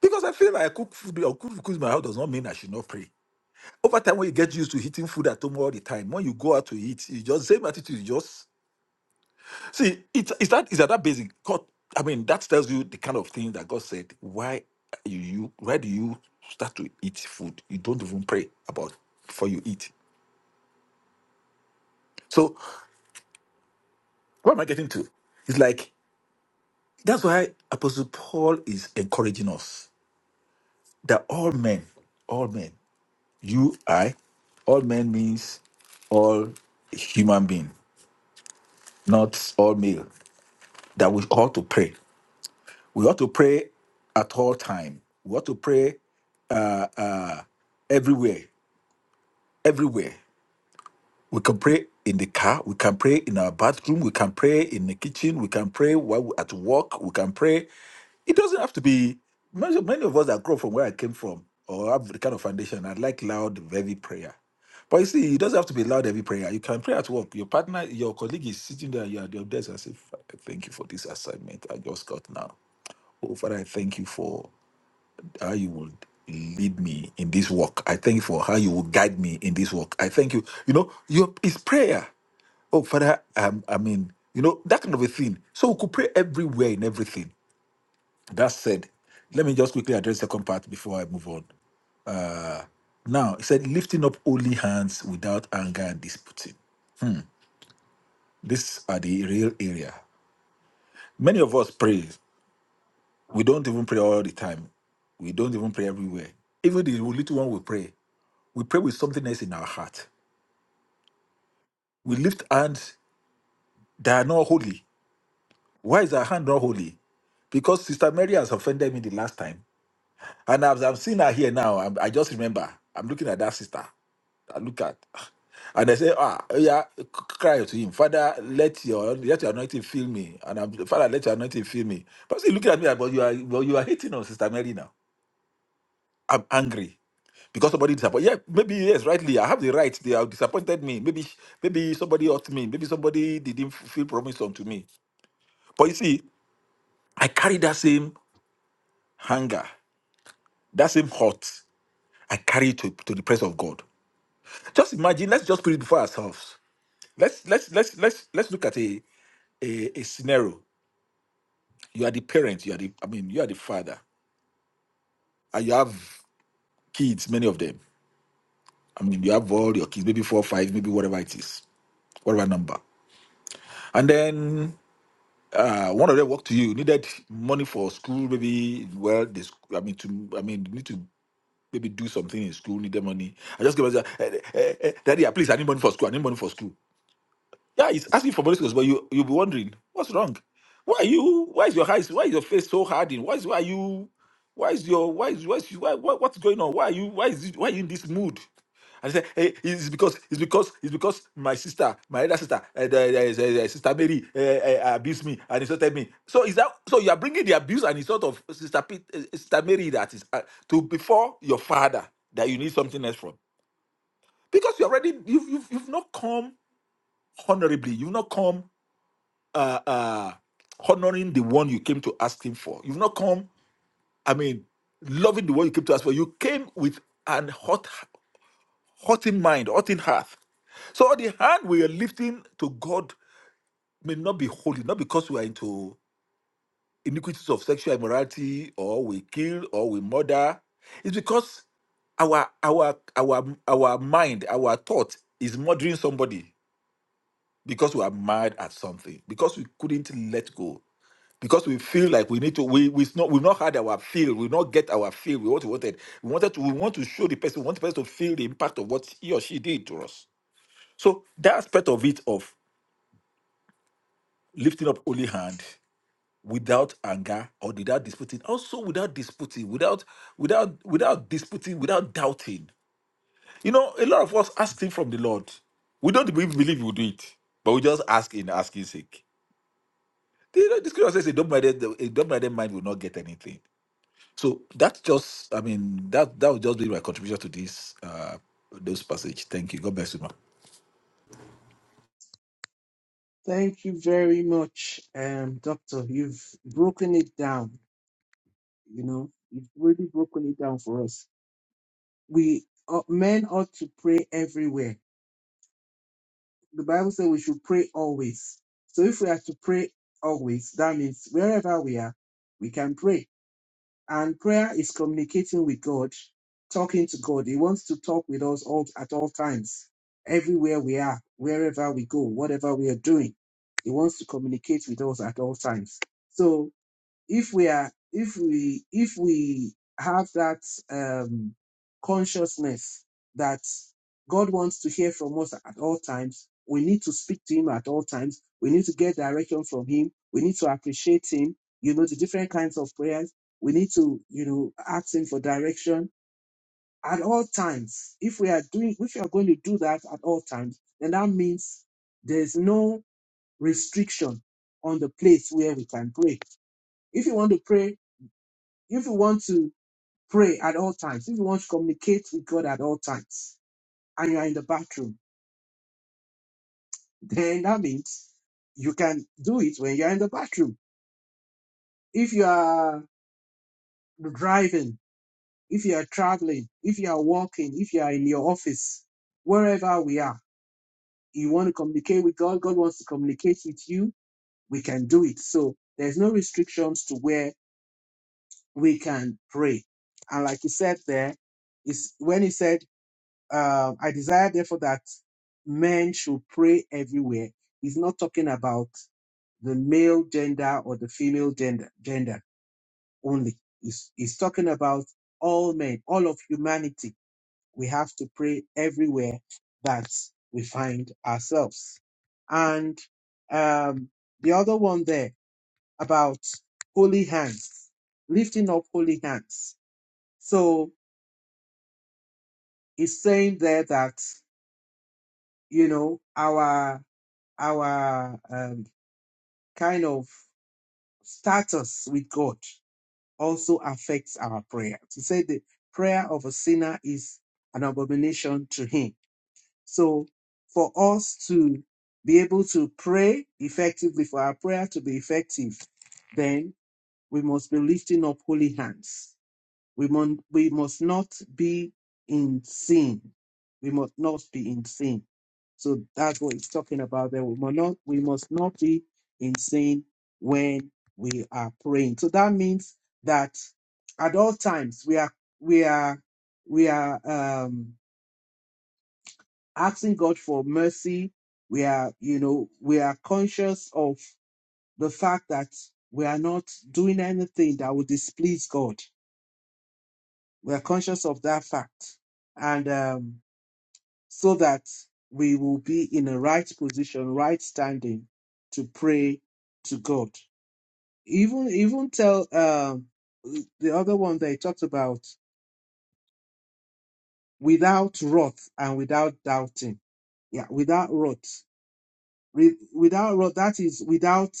Because I feel like I cook food or cook food in my house does not mean I should not pray. Over time, when you get used to eating food at home all the time, when you go out to eat, you just same attitude. You just See, it's it's that is that that basic. God, I mean, that tells you the kind of thing that God said. Why you, you why do you start to eat food? You don't even pray about before you eat. So what am I getting to? It's like that's why Apostle Paul is encouraging us that all men, all men, you, I, all men means all human being, not all male. That we ought to pray. We ought to pray at all time. We ought to pray everywhere. everywhere. We can pray in the car, we can pray in our bathroom, we can pray in the kitchen, we can pray while we're at work, we can pray. It doesn't have to be. Many many of us that grow from where I came from or have the kind of foundation, I like loud, heavy prayer. But you see, it doesn't have to be loud heavy prayer. You can pray at work. Your partner, your colleague is sitting there, you are at your desk and say, "Fa- Thank you for this assignment I just got now. Oh, Father, I thank you for how you will lead me in this walk. I thank you for how you will guide me in this walk. I thank you. You know, your it's prayer. Oh, Father, um, I mean, you know, that kind of a thing. So we could pray everywhere in everything. That said, let me just quickly address the second part before I move on. Now, it said lifting up holy hands without anger and disputing. These are the real area. Many of us pray. We don't even pray all the time. We don't even pray everywhere. Even the little one we pray, we pray with something else in our heart. We lift hands that are not holy. Why is our hand not holy? Because Sister Mary has offended me the last time. And as I'm seeing her here now, I'm- i just remember, I'm looking at that sister. I look at, and I say, ah, oh yeah, cry to him, Father, let your let your anointing fill me, and I'm, Father, let your anointing fill me. But see, looking at me, like, but you are but you are hating on Sister Mary now. I'm angry because somebody disappointed. Yeah, maybe yes, rightly, I have the right. They have disappointed me. Maybe maybe somebody hurt me. Maybe somebody didn't f- feel promise unto me. But you see. I carry that same hunger, that same hurt. I carry it to, to the presence of God. Just imagine, let's just put it before ourselves. Let's let's let's let's let's look at a, a, a scenario. You are the parent, you are the I mean, you are the father, and you have kids, many of them. I mean, you have all your kids, maybe four, five, maybe whatever it is, whatever number. And then uh, one of them walked to you, needed money for school, maybe well, this I mean to I mean need to maybe do something in school, need the money. I just give her, eh, eh, eh, eh, Daddy, ah, please, I need money for school. I need money for school. Yeah, he's asking for Holy Ghost, but you you'll be wondering what's wrong. Why are you? Why is your eyes? Why is your face so hardened? Why is why are you? Why is your why is why, is, why what, what's going on? Why are you? Why is it, why are you in this mood? And he said, hey, it's because it's because it's because my sister, my elder sister, uh, the, the- the- the sister Mary, uh, uh, abused me and insulted me. So is that so? You are bringing the abuse and insult of sister Pete, uh, sister Mary that is uh, to before your father that you need something else from because you already you've you've, you've not come honorably. You've not come uh, uh, honoring the one you came to ask him for. You've not come, I mean, loving the one you came to ask for. You came with an hot, hot in mind, hot in heart. So the hand we are lifting to God may not be holy, not because we are into iniquities of sexual immorality or we kill or we murder. It's because our our our our mind, our thought is murdering somebody because we are mad at something, because we couldn't let go. because we feel like we need to we we not we've not had our feel we not get our feel we what we wanted we wanted to we want to show the person we want the person to feel the impact of what he or she did to us so that aspect of it of lifting up holy hand without anger or without disputing also without disputing without without without disputing without doubting you know a lot of us ask things from the lord we don't believe believe we'll do it but we just ask in asking sake the, the scripture says a double-minded a double-minded mind will not get anything So that's just, I mean, that that would just be my contribution to this uh those passage. Thank you. God bless you, man. Thank you very much, um, Doctor. You've broken it down. You know, you've really broken it down for us. We uh, men ought to pray everywhere. The Bible says we should pray always. So if we are to pray always, that means wherever we are, we can pray. And prayer is communicating with God, talking to God. He wants to talk with us all at all times, everywhere we are, wherever we go, whatever we are doing. He wants to communicate with us at all times. So if we are if we if we have that um consciousness that god wants to hear from us at all times we need to speak to him at all times we need to get direction from him we need to appreciate him you know the different kinds of prayers we need to you know ask him for direction at all times if we are doing if we are going to do that at all times then that means there's no restriction on the place where we can pray if you want to pray if you want to pray at all times, if you want to communicate with God at all times, and you are in the bathroom, then that means you can do it when you are in the bathroom. If you are driving, if you are traveling, if you are walking, if you are in your office, wherever we are, you want to communicate with God, God wants to communicate with you, we can do it. So there's no restrictions to where we can pray. And like he said there, is when he said um, I desire therefore that men should pray everywhere. He's not talking about the male gender or the female gender gender only. He's, he's talking about all men, all of humanity. We have to pray everywhere that we find ourselves. And um, the other one there about holy hands, lifting up holy hands. So he's saying there that you know our our um, kind of status with God also affects our prayer. He said the prayer of a sinner is an abomination to him. So for us to be able to pray effectively, for our prayer to be effective, then we must be lifting up holy hands we, mon- we must not be in sin. We must not be in sin. So that's what it's talking about there. We must not, we must not be in sin when we are praying. So that means that at all times we are we are we are um asking God for mercy. We are, you know, we are conscious of the fact that we are not doing anything that would displease God We are conscious of that fact. And um, so that we will be in a right position, right standing to pray to God. Even even tell um, the other one that they talked about without wrath and without doubting. Yeah, without wrath. Re- without wrath, that is without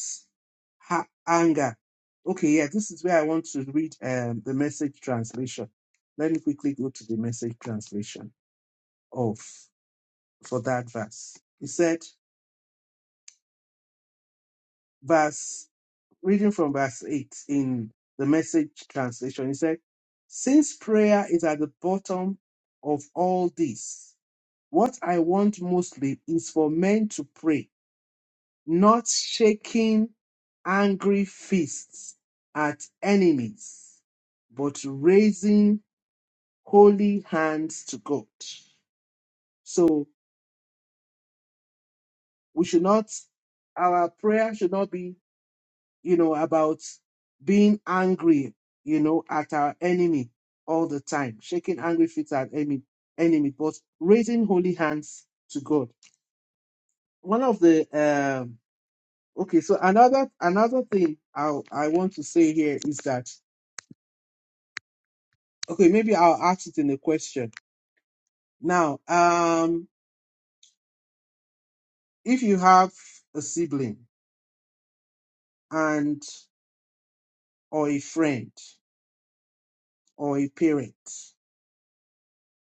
ha- anger. Okay, yeah, this is where I want to read um, the message translation. Let me quickly go to the message translation of for that verse. He said, verse, reading from verse 8 in the message translation, he said, Since prayer is at the bottom of all this, what I want mostly is for men to pray, not shaking angry fists at enemies, but raising holy hands to God. So we should not, our prayer should not be you know, about being angry, you know, at our enemy all the time, shaking angry feet at enemy, enemy, but raising holy hands to God. One of the um okay, so another another thing I I want to say here is that okay, maybe I'll ask it in a question. Now, um, if you have a sibling and or a friend or a parent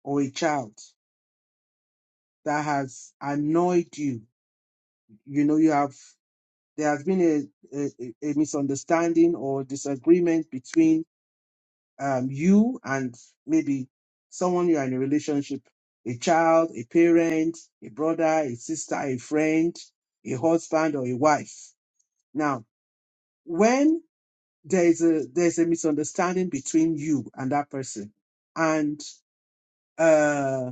or a child that has annoyed you you know you have there has been a, a, a a misunderstanding or disagreement between um, you and maybe someone you are in a relationship a child a parent a brother a sister a friend a husband or a wife now when there is a there's a misunderstanding between you and that person and uh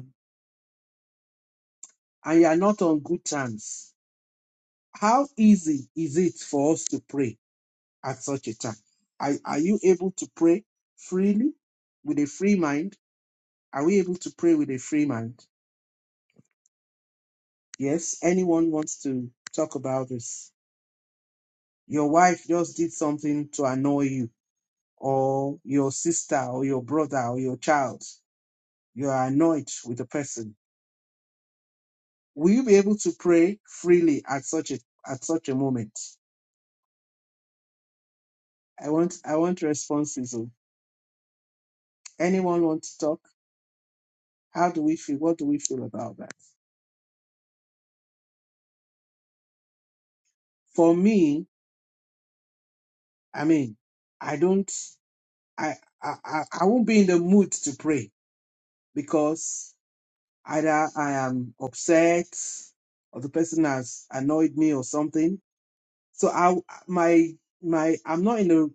and you are not on good terms how easy is it for us to pray at such a time? Are, are you able to pray freely with a free mind? Are we able to pray with a free mind? Yes, anyone wants to talk about this? Your wife just did something to annoy you, or your sister, or your brother, or your child. You are annoyed with the person. Will you be able to pray freely at such a at such a moment? I want I want responses. oh. Anyone want to talk? How do we feel? What do we feel about that? For me, I mean, I don't, I, I, I I won't be in the mood to pray because either I am upset or the person has annoyed me or something. So I, my, my, I'm not in a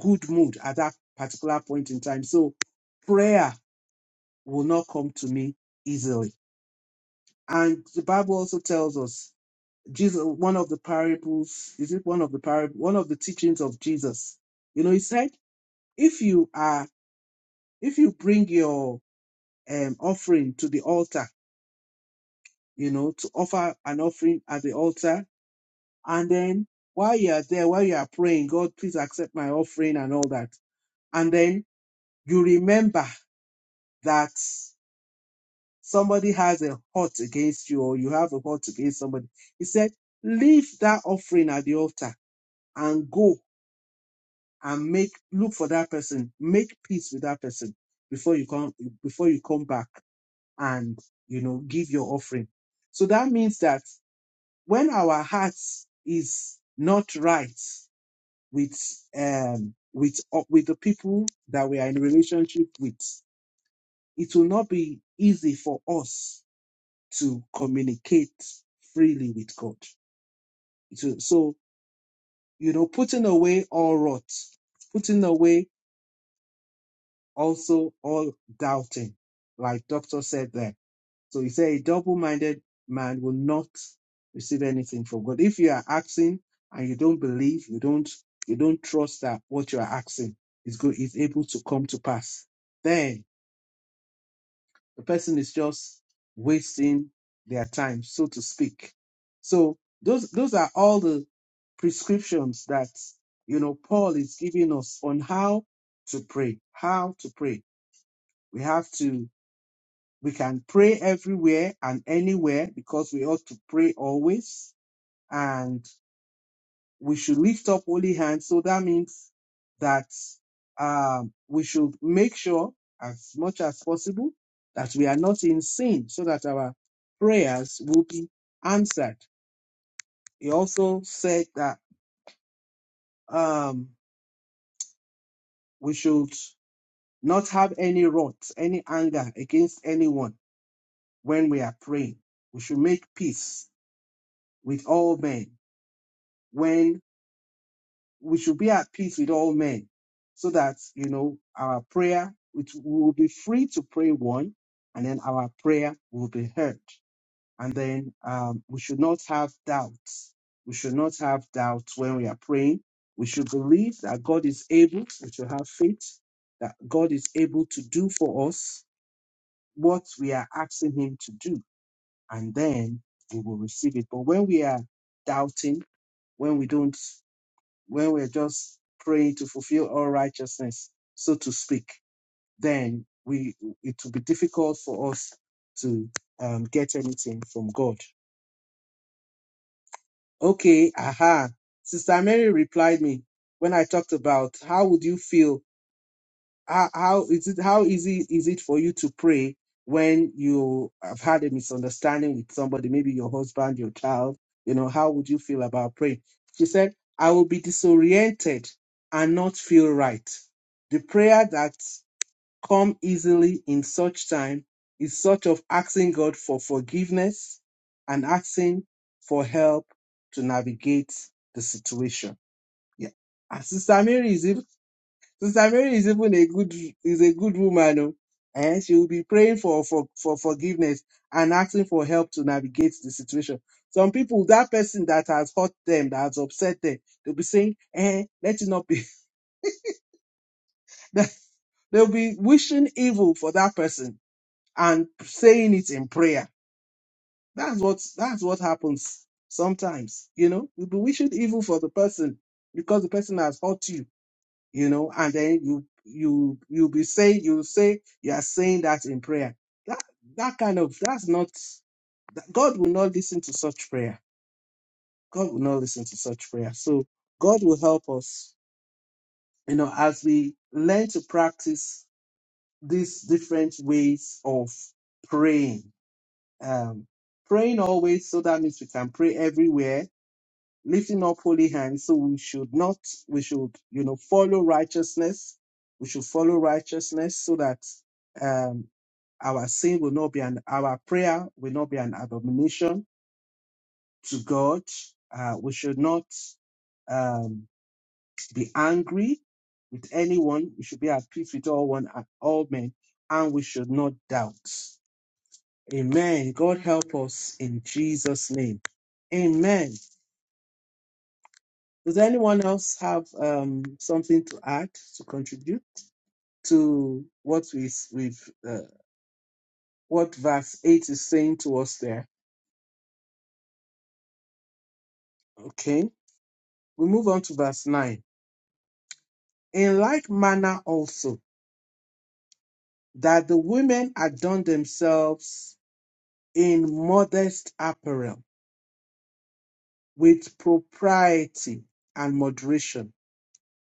good mood at that particular point in time. So prayer will not come to me easily. And the Bible also tells us Jesus, one of the parables, is it one of the parable, one of the teachings of Jesus? You know, he said, if you are If you bring your um, offering to the altar, you know, to offer an offering at the altar, and then while you are there, while you are praying, God, please accept my offering and all that. And then you remember that somebody has a hurt against you or you have a hurt against somebody. He said, leave that offering at the altar and go and make, look for that person, make peace with that person before you come, before you come back and you know give your offering so that means that when our hearts is not right with um with uh, with the people that we are in relationship with it will not be easy for us to communicate freely with god It will- so you know putting away all rot putting away also all doubting like doctor said there So he said, a double minded man will not receive anything from God. If you are asking and you don't believe, you don't, you don't trust that what you are asking is good, is able to come to pass, then the person is just wasting their time, so to speak. So those, those are all the prescriptions that, you know, Paul is giving us on how to pray, how to pray. We have to we can pray everywhere and anywhere because we ought to pray always. And we should lift up holy hands. So that means that um, we should make sure as much as possible that we are not in sin so that our prayers will be answered. He also said that um, we should not have any wrath, any anger against anyone when we are praying. We should make peace with all men when. we should be at peace with all men so that you know our prayer which We will be free to pray one and then our prayer will be heard and then um, we should not have doubts we should not have doubts when we are praying we should believe that god is able we should have faith that god is able to do for us what we are asking him to do and then we will receive it but when we are doubting when we don't when we're just praying to fulfill all righteousness, so to speak, then we it will be difficult for us to um, get anything from God. Okay, aha. Sister Mary replied me when I talked about how would you feel how, how is it how easy is it for you to pray when you have had a misunderstanding with somebody maybe your husband your child you know how would you feel about praying she said i will be disoriented and not feel right the prayer that come easily in such time is sort of asking god for forgiveness and asking for help to navigate the situation yeah and sister mary is even Sister Mary is even a good is a good woman. oh. Eh? She will be praying for, for, for forgiveness and asking for help to navigate the situation. Some people, that person that has hurt them, that has upset them, they'll be saying, eh, let it not be. That- they'll be wishing evil for that person and saying it in prayer. That's what that's what happens sometimes. You know, you'll be wishing evil for the person because the person has hurt you you know, and then you you you be saying you say you are saying that in prayer. That that kind of that's not that- God will not listen to such prayer. God will not listen to such prayer. So God will help us, you know, as we learn to practice these different ways of praying. Um, praying always, so that means we can pray everywhere lifting up holy hands. So we should not, we should, you know, follow righteousness. We should follow righteousness so that um, our sin will not be an, our prayer will not be an abomination to God. Uh, we should not um, be angry with anyone. We should be at peace with all one and all men, and we should not doubt. Amen. God help us in Jesus' name. Amen. Does anyone else have um, something to add to contribute to what we s- we've uh, what verse eight is saying to us there? Okay, we move on to verse nine. In like manner also that the women adorn themselves in modest apparel with propriety and moderation,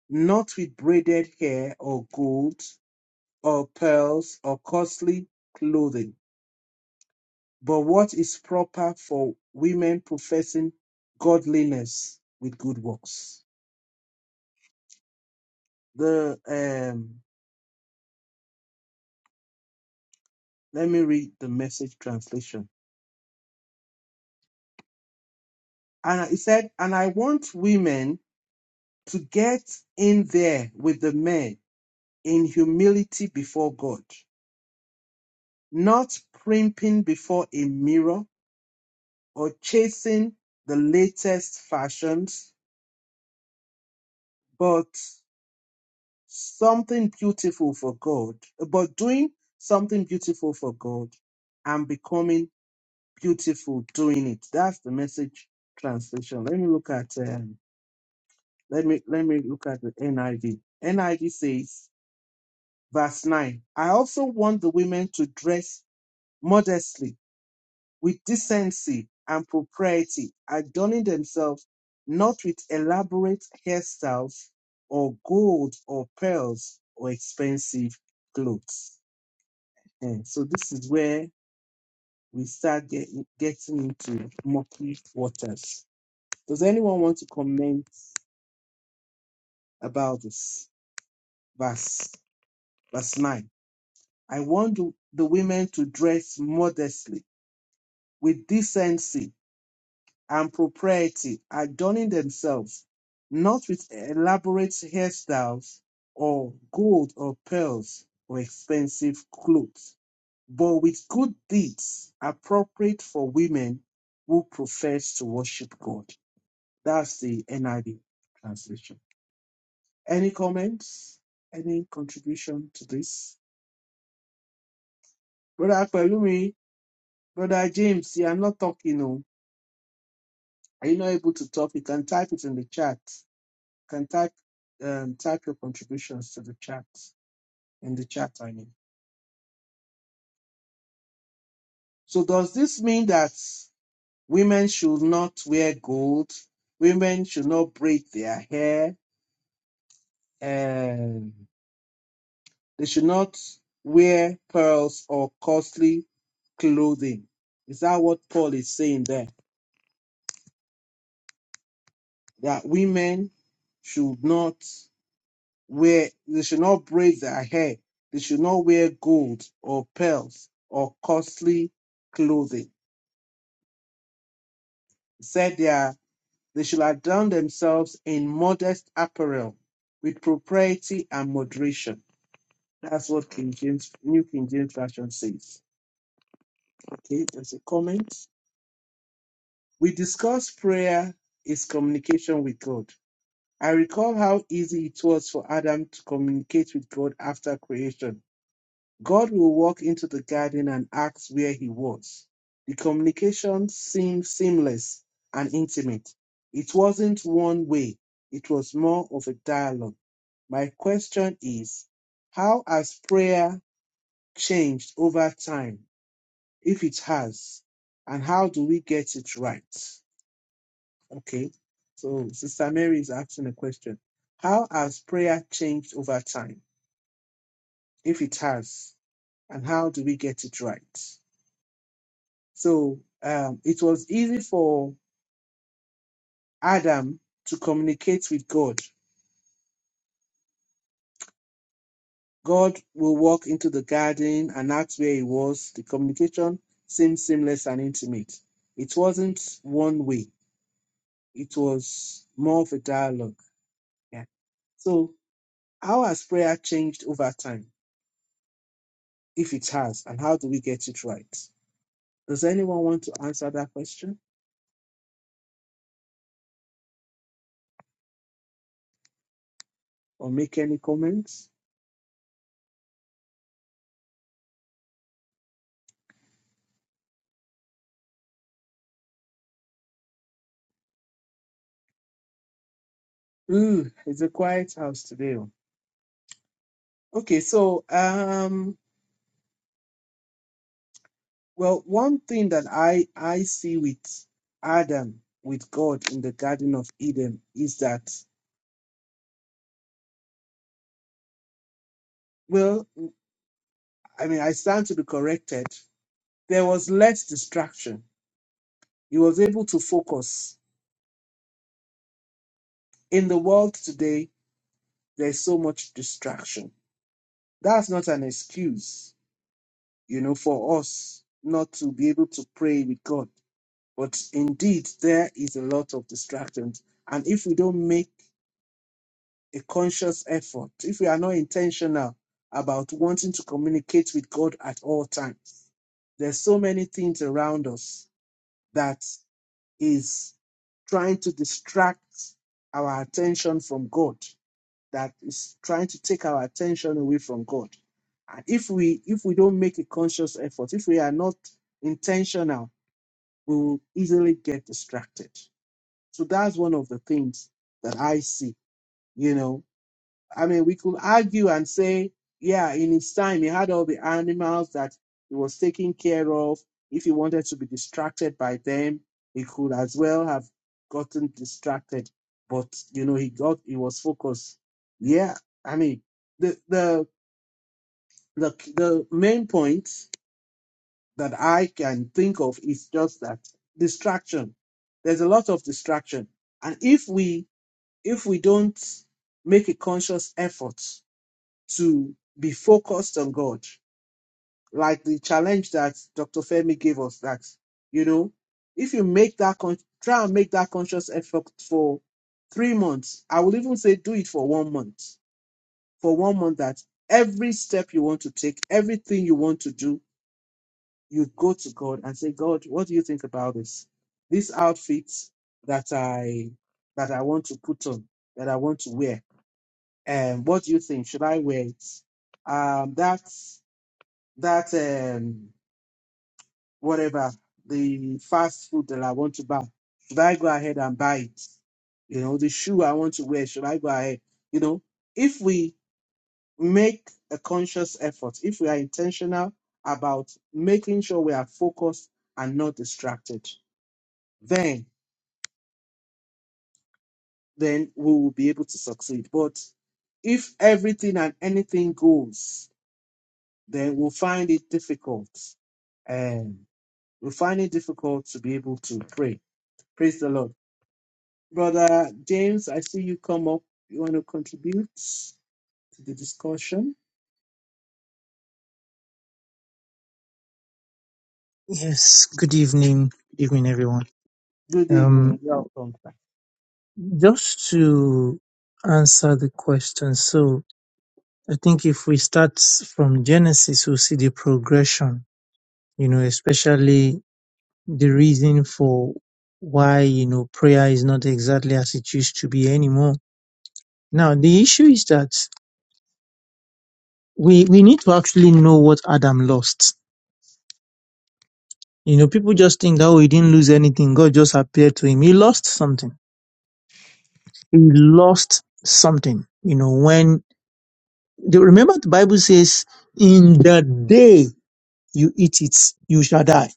not with braided hair or gold or pearls or costly clothing but what is proper for women professing godliness with good works. The um, let me read the message translation. And it said, and I want women to get in there with the men in humility before God, not primping before a mirror or chasing the latest fashions, but something beautiful for God, about doing something beautiful for God and becoming beautiful doing it. That's the message translation. Let me look at um, let me let me look at the NIV. NIV says verse 9. I also want the women to dress modestly with decency and propriety, adorning themselves not with elaborate hairstyles or gold or pearls or expensive clothes Eh, so this is where we start getting getting into murky waters. Does anyone want to comment about this verse, verse nine? I want the the women to dress modestly, with decency and propriety, adorning themselves, not with elaborate hairstyles or gold or pearls or expensive clothes but with good deeds appropriate for women who profess to worship God. That's the NIV translation. Any comments? Any contribution to this? Brother Akpelumi, Brother James, you are not talking. No. Are you not able to talk? You can type it in the chat. You can type um, type your contributions to the chat in the chat. I mean. So does this mean that women should not wear gold? Women should not braid their hair? and they should not wear pearls or costly clothing. Is that what Paul is saying there? That women should not wear, they should not braid their hair, they should not wear gold or pearls or costly clothing. He said they, are, they should adorn themselves in modest apparel with propriety and moderation. That's what King James, New King James Version says. Okay, there's a comment. We discussed prayer is communication with God. I recall how easy it was for Adam to communicate with God after creation. God will walk into the garden and ask where he was. The communication seemed seamless and intimate. It wasn't one way, it was more of a dialogue. My question is how has prayer changed over time, if it has, and how do we get it right? Okay. So Sister Mary is asking a question. How has prayer changed over time? If it has, and how do we get it right? So um, it was easy for Adam to communicate with God. God will walk into the garden and that's where he was. The communication seemed seamless and intimate. It wasn't one way, it was more of a dialogue. Yeah. So how has prayer changed over time? if it has, and how do we get it right? Does anyone want to answer that question or make any comments? Ooh, it's a quiet house today. oh. Okay, so um, well, one thing that I I see with Adam with God in the Garden of Eden is that well, I mean, I stand to be corrected. There was less distraction. He was able to focus. In the world today, there's so much distraction. That's not an excuse you know, for us not to be able to pray with God. But indeed, there is a lot of distractions. And if we don't make a conscious effort, if we are not intentional about wanting to communicate with God at all times, there's so many things around us that is trying to distract our attention from God that is trying to take our attention away from God. And if we if we don't make a conscious effort, if we are not intentional, we will easily get distracted. So that's one of the things that I see, you know. I mean, we could argue and say, yeah, in his time, he had all the animals that he was taking care of. If he wanted to be distracted by them, he could as well have gotten distracted. But you know, he got he was focused. Yeah, I mean, the the the the main point that I can think of is just that distraction. There's a lot of distraction, and if we if we don't make a conscious effort to be focused on God. Like the challenge that Dr. Femi gave us that, you know, if you make that, con- try and make that conscious effort for three months, I would even say do it for one month. For one month, that every step you want to take, everything you want to do, you go to God and say, God, what do you think about this? This outfit that I, that I want to put on, that I want to wear. And what do you think? Should I wear it? Um, that's that um whatever the fast food that I want to buy, should I go ahead and buy it? You know, the shoe I want to wear, should I go ahead? You know, if we make a conscious effort, if we are intentional about making sure we are focused and not distracted, then then we will be able to succeed. But if everything and anything goes, then we'll find it difficult. Um, we'll find it difficult to be able to pray Praise the Lord. Brother James, I see you come up. You want to contribute to the discussion? Yes, good evening. Good evening, everyone. Good Um, evening. Welcome. sir. just to answer the question, so I think if we start from Genesis, we'll see the progression, you know, especially the reason for why, you know, prayer is not exactly as it used to be anymore. Now, the issue is that we, we need to actually know what Adam lost. You know, people just think, that, oh, he didn't lose anything. God just appeared to him. He lost something he lost something. You know, when the, remember the Bible says, in the day you eat it, you shall die.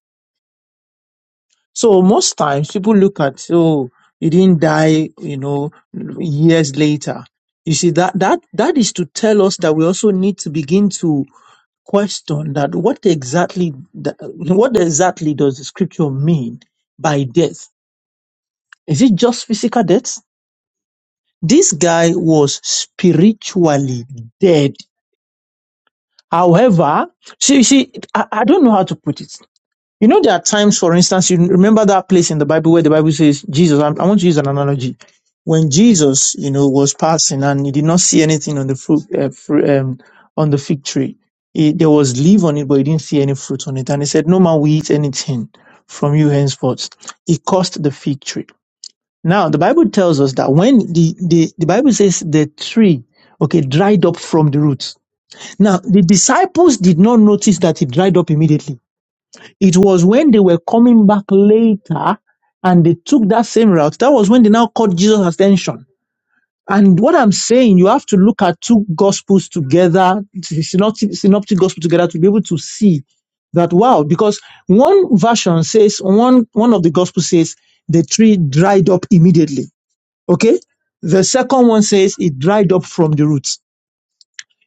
So most times people look at, oh, he didn't die, you know, years later. You see, that, that, that is to tell us that we also need to begin to question that what exactly, the- what exactly does the scripture mean by death? Is it just physical death? This guy was spiritually dead However, see, see, I, I don't know how to put it. You know, there are times, for instance, you remember that place in the Bible where the Bible says, Jesus, I, I want to use an analogy. When Jesus, you know, was passing and he did not see anything on the fruit, uh, fru- um, on the fig tree, He- there was leaf on it, but he didn't see any fruit on it. And he said, no man will eat anything from you henceforth. He cursed the fig tree. Now, the Bible tells us that when the, the, the Bible says the tree, okay, dried up from the roots. Now, the disciples did not notice that it dried up immediately. It was when they were coming back later and they took that same route. That was when they now caught Jesus' attention. And what I'm saying, you have to look at two gospels together, the synoptic, synoptic gospel together to be able to see that wow, because one version says, one, one of the gospels says the tree dried up immediately. Okay. The second one says it dried up from the roots.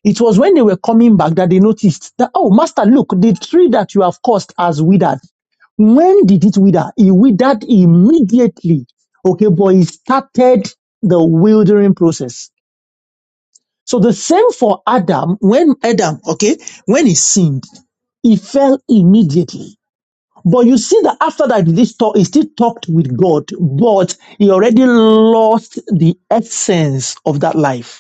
It was when they were coming back that they noticed that, oh, master, look, the tree that you have caused has withered. When did it wither? It withered immediately. Okay, but he started the wildering process. So the same for Adam, when Adam, okay, when he sinned, he fell immediately. But you see that after that, this talk, he still talked with God, but he already lost the essence of that life.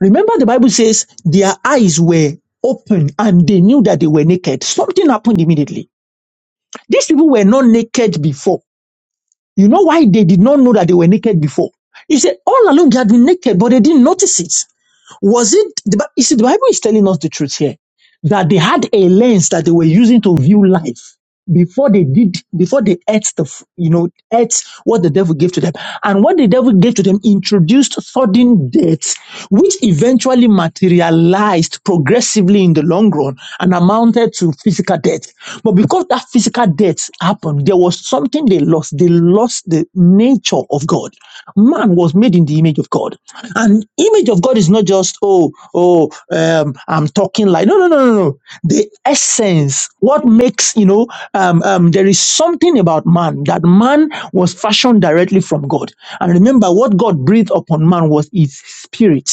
Remember, the Bible says their eyes were open and they knew that they were naked. Something happened immediately. These people were not naked before. You know why they did not know that they were naked before? He said, all along they had been naked, but they didn't notice it. Was it, the, you see, the Bible is telling us the truth here that they had a lens that they were using to view life before they did, before they ate the, f- you know, ate what the devil gave to them. And what the devil gave to them introduced sudden deaths, which eventually materialized progressively in the long run and amounted to physical death. But because that physical death happened, there was something they lost. They lost the nature picture of God. Man was made in the image of God. And image of God is not just, oh, oh, um, I'm talking like, no, no, no, no, no. The essence, what makes, you know, um, um, there is something about man that man was fashioned directly from God. And remember, what God breathed upon man was his spirit.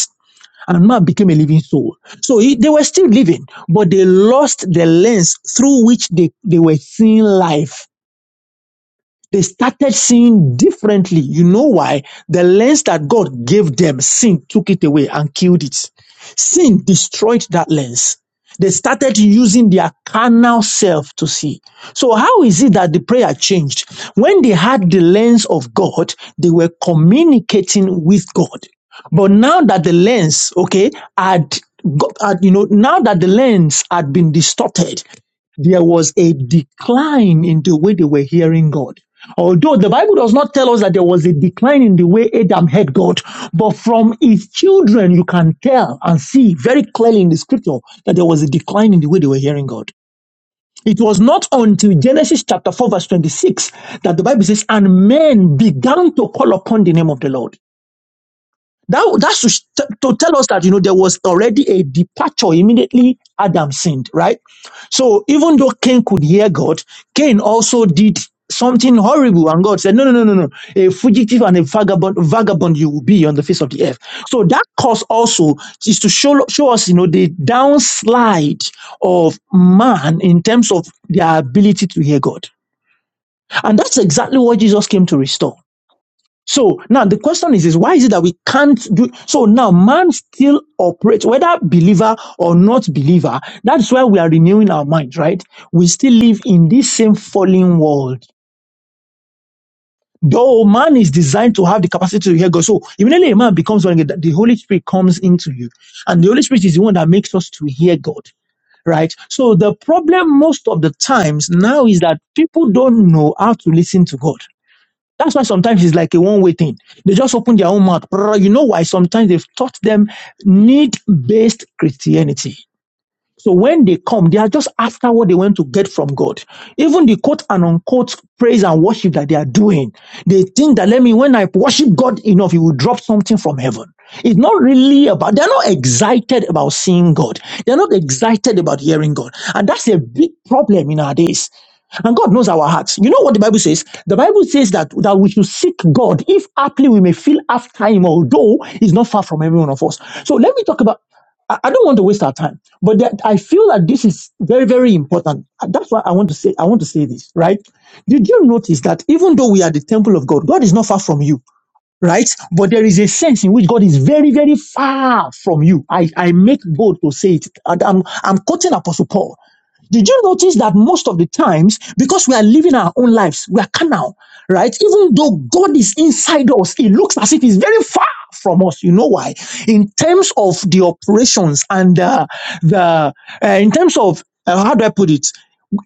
And man became a living soul. So he, they were still living, but they lost the lens through which they, they were seeing life. They started seeing differently. You know why? The lens that God gave them, sin took it away and killed it. Sin destroyed that lens. They started using their carnal self to see. So, how is it that the prayer changed? When they had the lens of God, they were communicating with God. But now that the lens, okay, had, got, had you know, now that the lens had been distorted, there was a decline in the way they were hearing God. Although the Bible does not tell us that there was a decline in the way Adam heard God, but from his children, you can tell and see very clearly in the scripture that there was a decline in the way they were hearing God. It was not until Genesis chapter 4, verse 26 that the Bible says, And men began to call upon the name of the Lord. That, that should t- to tell us that, you know, there was already a departure immediately Adam sinned, right? So even though Cain could hear God, Cain also did something horrible and God said, no, no, no, no, no, a fugitive and a vagabond, vagabond you will be on the face of the earth. So that cause also is to show, show us, you know, the downslide of man in terms of their ability to hear God. And that's exactly what Jesus came to restore. So now the question is, is why is it that we can't do so now man still operates, whether believer or not believer, that's why we are renewing our minds, right? We still live in this same fallen world. Though man is designed to have the capacity to hear God. So immediately a man becomes one, the Holy Spirit comes into you. And the Holy Spirit is the one that makes us to hear God. Right. So the problem most of the times now is that people don't know how to listen to God that's why sometimes it's like a one way thing. They just open their own mouth. Brrr. You know why? Sometimes they've taught them need based Christianity. So when they come, they are just after what they want to get from God. Even the quote and unquote praise and worship that they are doing, they think that let me, when I worship God enough, He will drop something from heaven. It's not really about, they're not excited about seeing God. They're not excited about hearing God. And that's a big problem in our days. And God knows our hearts. You know what the Bible says? The Bible says that, that we should seek God if aptly we may feel after Him, although He's not far from every one of us. So let me talk about. I, I don't want to waste our time, but that I feel that this is very, very important. And That's why I want to say, I want to say this, right? Did you notice that even though we are the temple of God, God is not far from you, right? But there is a sense in which God is very, very far from you. I, I make bold to say it. And I'm, I'm quoting Apostle Paul. Did you notice that most of the times, because we are living our own lives, we are carnal, right? Even though God is inside us, it looks as if He's very far from us. You know why? In terms of the operations and uh, the, uh, in terms of, uh, how do I put it?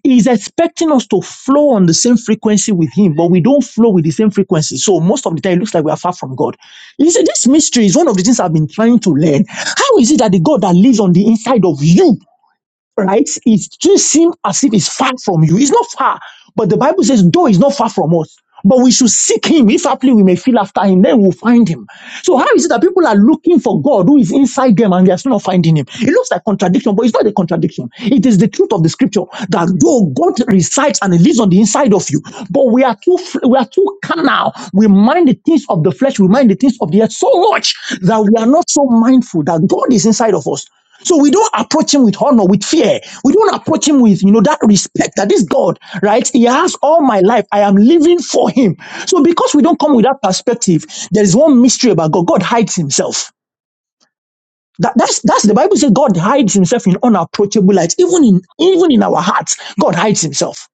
He's expecting us to flow on the same frequency with Him, but we don't flow with the same frequency. So most of the time, it looks like we are far from God. You see, this mystery is one of the things I've been trying to learn. How is it that the God that lives on the inside of you right? It just seems as if it's far from you. It's not far, but the Bible says, though it's not far from us, but we should seek him. If haply we may feel after him, then we'll find him. So how is it that people are looking for God who is inside them and they are still not finding him? It looks like contradiction, but it's not a contradiction. It is the truth of the scripture that though God resides and he lives on the inside of you, but we are too f- we are too carnal. We mind the things of the flesh, we mind the things of the earth so much that we are not so mindful that God is inside of us. So we don't approach him with honor, with fear. We don't approach him with, you know, that respect that this God, right? He has all my life. I am living for him. So because we don't come with that perspective, there is one mystery about God. God hides himself. That, that's that's the Bible says God hides himself in unapproachable light. Even in even in our hearts, God hides himself.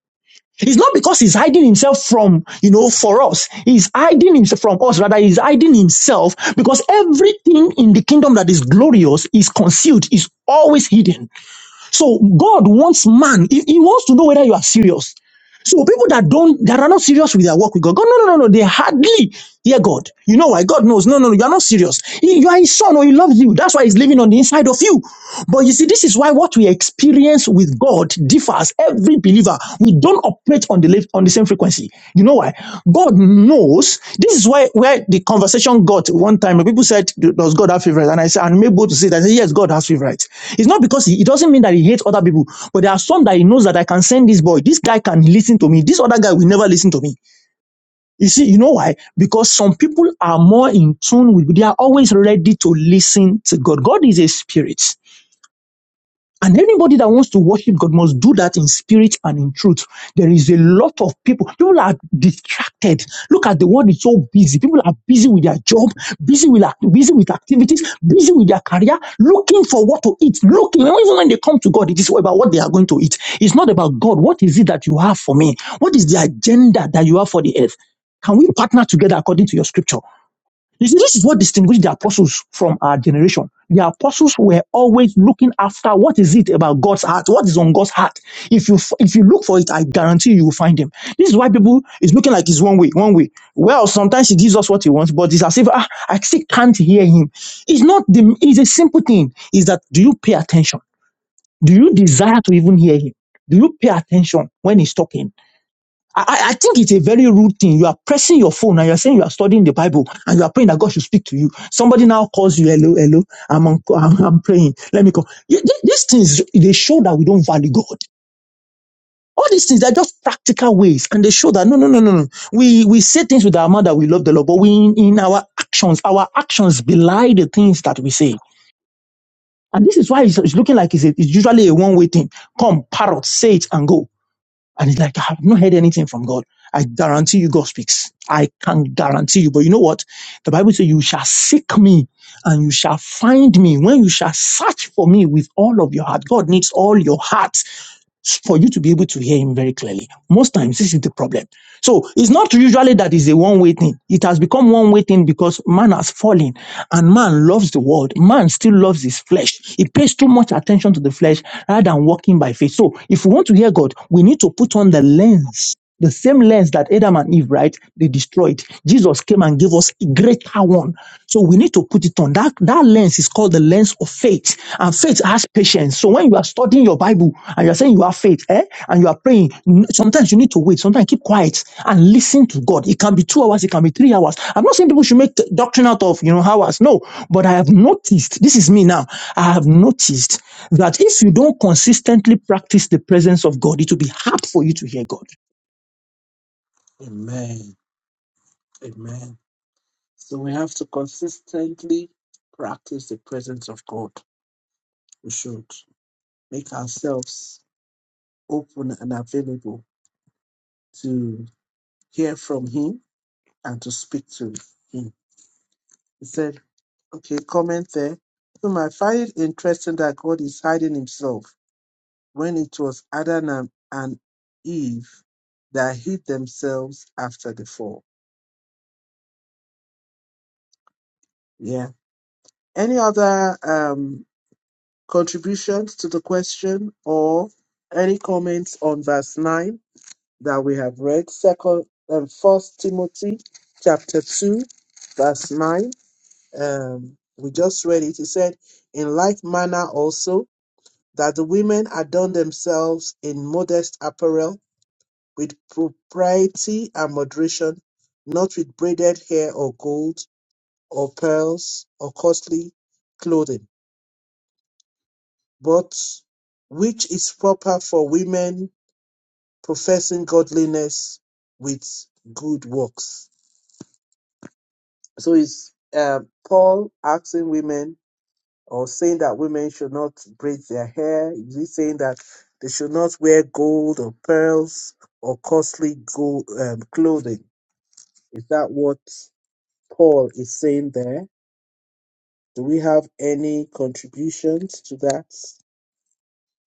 It's not because he's hiding himself from, you know, for us. He's hiding himself from us. Rather, he's hiding himself because everything in the kingdom that is glorious is concealed, is always hidden. So God wants man. He, he wants to know whether you are serious. So people that don't, that are not serious with their work with God, God, no, no, no, no, they hardly hear God. You know why? God knows. No, no, no, you are not serious. He- you are His son, or He loves you. That's why He's living on the inside of you. But you see, this is why what we experience with God differs. Every believer, we don't operate on the left, on the same frequency. You know why? God knows. This is why where the conversation got one time. when People said, "Does God have favorites?" And I said, "And am able to say that yes, God has favorites." It's not because he, it doesn't mean that he hates other people, but there are some that he knows that I can send this boy. This guy can listen to me. This other guy will never listen to me. You see, you know why? Because some people are more in tune with. They are always ready to listen to God. God is a spirit. And anybody that wants to worship God must do that in spirit and in truth. There is a lot of people. People are distracted. Look at the world; it's so busy. People are busy with their job, busy with act- busy with activities, busy with their career, looking for what to eat. Looking even when they come to God, it is about what they are going to eat. It's not about God. What is it that you have for me? What is the agenda that you have for the earth? Can we partner together according to your scripture? You see, this is what distinguished the apostles from our generation. The apostles were always looking after what is it about God's heart? What is on God's heart? If you f- if you look for it, I guarantee you will find him. This is why people is looking like it's one way, one way. Well, sometimes he gives us what he wants, but it's as if ah, I still can't hear him. It's not the. It's a simple thing. Is that do you pay attention? Do you desire to even hear him? Do you pay attention when he's talking? I, I I think it's a very rude thing. You are pressing your phone and you are saying you are studying the Bible and you are praying that God should speak to you. Somebody now calls you, hello, hello, I'm, on, I'm, I'm praying. Let me call. Y- th- These things, they show that we don't value God. All these things, are just practical ways and they show that no, no, no, no, no. We, we say things with our mouth that we love the Lord, but we, in, in our actions, our actions belie the things that we say. And this is why it's, it's looking like it's, a, it's usually a one-way thing. Come, parrot, say it and go. And it's like, I have not heard anything from God. I guarantee you God speaks. I can guarantee you. But you know what? The Bible says you shall seek me and you shall find me when you shall search for me with all of your heart. God needs all your heart for you to be able to hear him very clearly. Most times, this is the problem. So it's not usually that it's a one way thing. It has become one way thing because man has fallen and man loves the world. Man still loves his flesh. He pays too much attention to the flesh rather than walking by faith. So if we want to hear God, we need to put on the lens the same lens that Adam and Eve, right, they destroyed. Jesus came and gave us a greater one. So we need to put it on. That, that lens is called the lens of faith. And faith has patience. So when you are studying your Bible and you are saying you have faith, eh, and you are praying, n- sometimes you need to wait. Sometimes keep quiet and listen to God. It can be two hours. It can be three hours. I'm not saying people should make doctrine out of, you know, hours. No. But I have noticed, this is me now. I have noticed that if you don't consistently practice the presence of God, it will be hard for you to hear God. Amen. Amen. So we have to consistently practice the presence of God. We should make ourselves open and available to hear from Him and to speak to Him. He said Okay, comment there. Whom I find it interesting that God is hiding himself when it was Adam and and Eve that hid themselves after the fall. Yeah. Any other um, contributions to the question or any comments on verse 9 that we have read? Second and first Timothy chapter 2, verse 9. Um, we just read it. It said, In like manner also that the women adorn themselves in modest apparel with propriety and moderation, not with braided hair or gold or pearls or costly clothing, but which is proper for women professing godliness with good works. So it's uh, Paul asking women or saying that women should not braid their hair? Is he saying that they should not wear gold or pearls or costly gold um, clothing? Is that what Paul is saying there? Do we have any contributions to that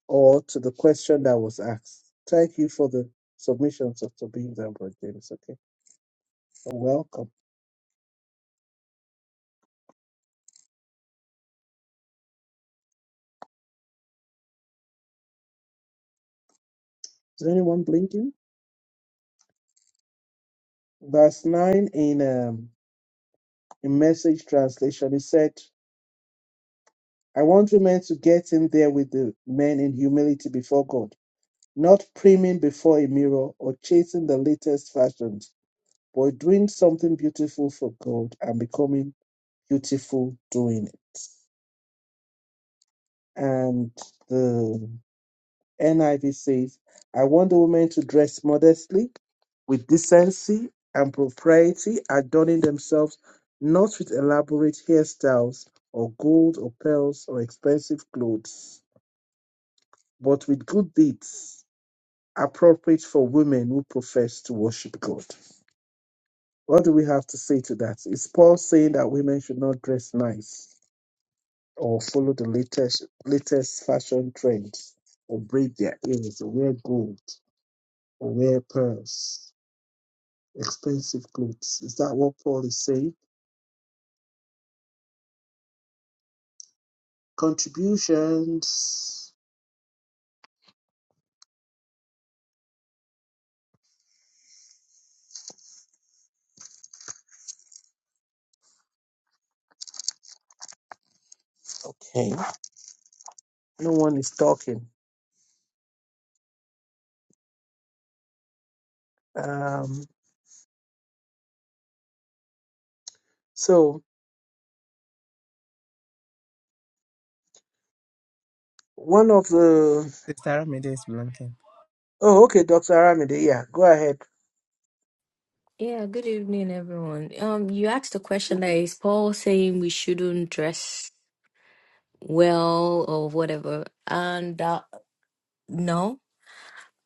or to the question that was asked? Thank you for the submissions, Dr. Beams and Brother James. Okay, You're welcome. Is anyone blinking? Verse 9 in um, in message translation, it said, I want women to get in there with the men in humility before God, not priming before a mirror or chasing the latest fashions, but doing something beautiful for God and becoming beautiful doing it. And the NIV says, I want the women to dress modestly, with decency and propriety, adorning themselves not with elaborate hairstyles or gold or pearls or expensive clothes but with good deeds appropriate for women who profess to worship God. What do we have to say to that? Is Paul saying that women should not dress nice or follow the latest latest fashion trends or braid their ears or wear gold or wear pearls, expensive clothes? Is that what Paul is saying? Contributions. Okay. No one is talking. Um so one of the Sister Ramide is blanking. oh okay, Dr. Aramide, yeah, go ahead. Yeah, good evening, everyone. Um, you asked a question that Mhm. is Paul saying we shouldn't dress well or whatever, and uh, no.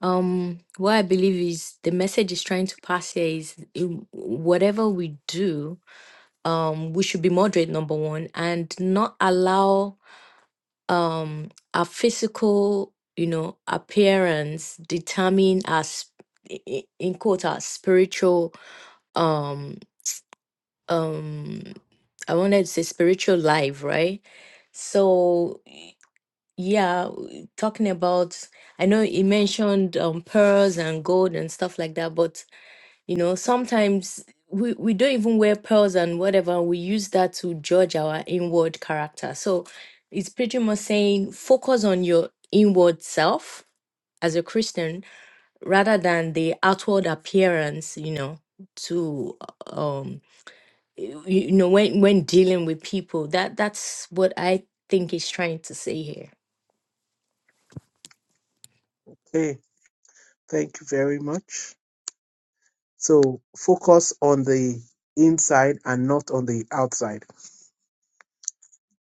Um, what I believe is the message is trying to pass here is um, whatever we do, um, we should be moderate, number one, and not allow um our physical you know appearance determine our sp- i- i- in quote our spiritual um um i wanted to say spiritual life right so y- yeah w- talking about i know you mentioned um pearls and gold and stuff like that but you know, sometimes we, we don't even wear pearls and whatever. We use that to judge our inward character. So it's pretty much saying focus on your inward self as a Christian rather than the outward appearance, you know, to um you you know when when dealing with people. That that's what I think he's trying to say here. Okay, thank you very much. So focus on the inside and not on the outside.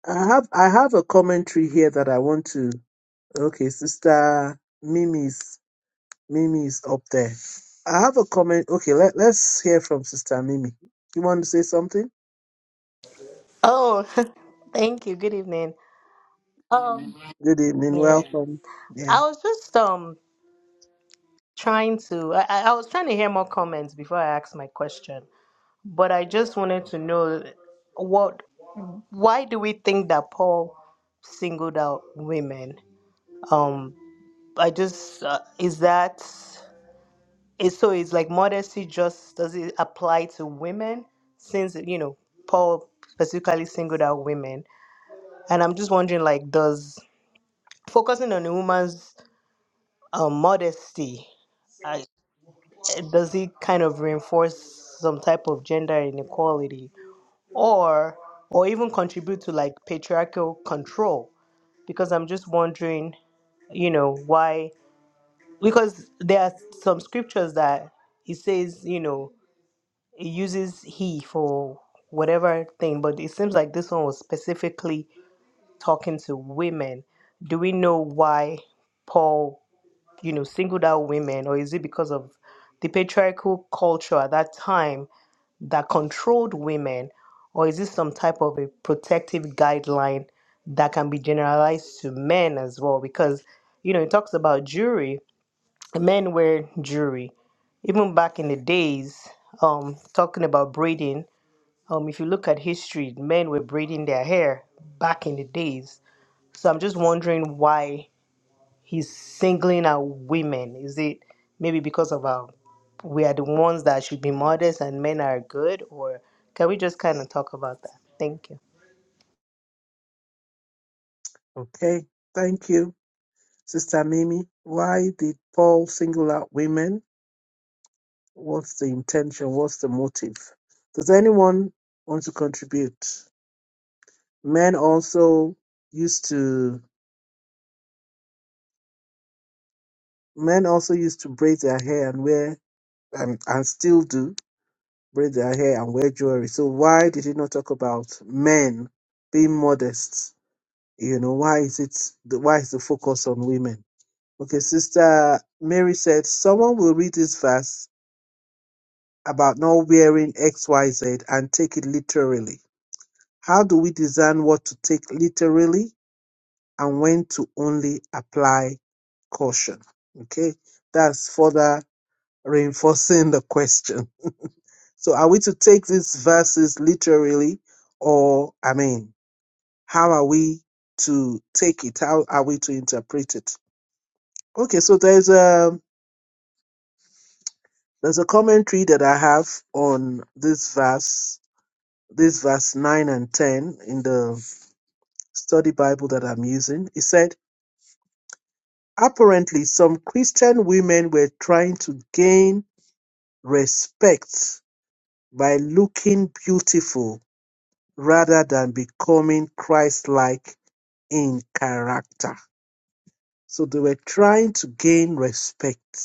I have I have a commentary here that I want to okay, sister Mimi's Mimi's up there. I have a comment okay, let, let's hear from Sister Mimi. You want to say something? Oh, thank you. Good evening. Um, Good evening, yeah, welcome. I Yeah. was just um trying to. I, I I was trying to hear more comments before I asked my question, but I just wanted to know what. Why do we think that Paul singled out women? Um, I just uh, is that is so is like modesty just does it apply to women since you know Paul specifically singled out women, and I'm just wondering like does focusing on a woman's um, modesty I, does it kind of reinforce some type of gender inequality or or even contribute to like patriarchal control because i'm just wondering you know why because there are some scriptures that it says you know it uses he for whatever thing but it seems like this one was specifically talking to women do we know why paul you know, singled out women, or is it because of the patriarchal culture at that time that controlled women, or is this some type of a protective guideline that can be generalized to men as well? Because, you know, it talks about jewelry. men wear jewelry, Even back in the days, um, talking about braiding, um, if you look at history, men were braiding their hair back in the days. So I'm just wondering why he's singling out women? Is it maybe because of our we are the ones that should be modest and men are good, or can we just kind of talk about that? Thank you. Okay. Thank you. Sister Mimi, why did Paul single out women? What's the intention? What's the motive? Does anyone want to contribute? Men also used to men also used to braid their hair and wear and, and still do braid their hair and wear jewelry. So why did he not talk about men being modest? You know, why is it the why is the focus on women? Okay, sister Mary said someone will read this verse about not wearing XYZ and take it literally. How do we design what to take literally and when to only apply caution? Okay, that's further reinforcing the question. So, are we to take these verses literally, or I mean, how are we to take it? How are we to interpret it? Okay, so there's a there's a commentary that I have on this verse, this verse nine and ten in the study Bible that I'm using. It said, apparently, some Christian women were trying to gain respect by looking beautiful rather than becoming Christ like in character. So they were trying to gain respect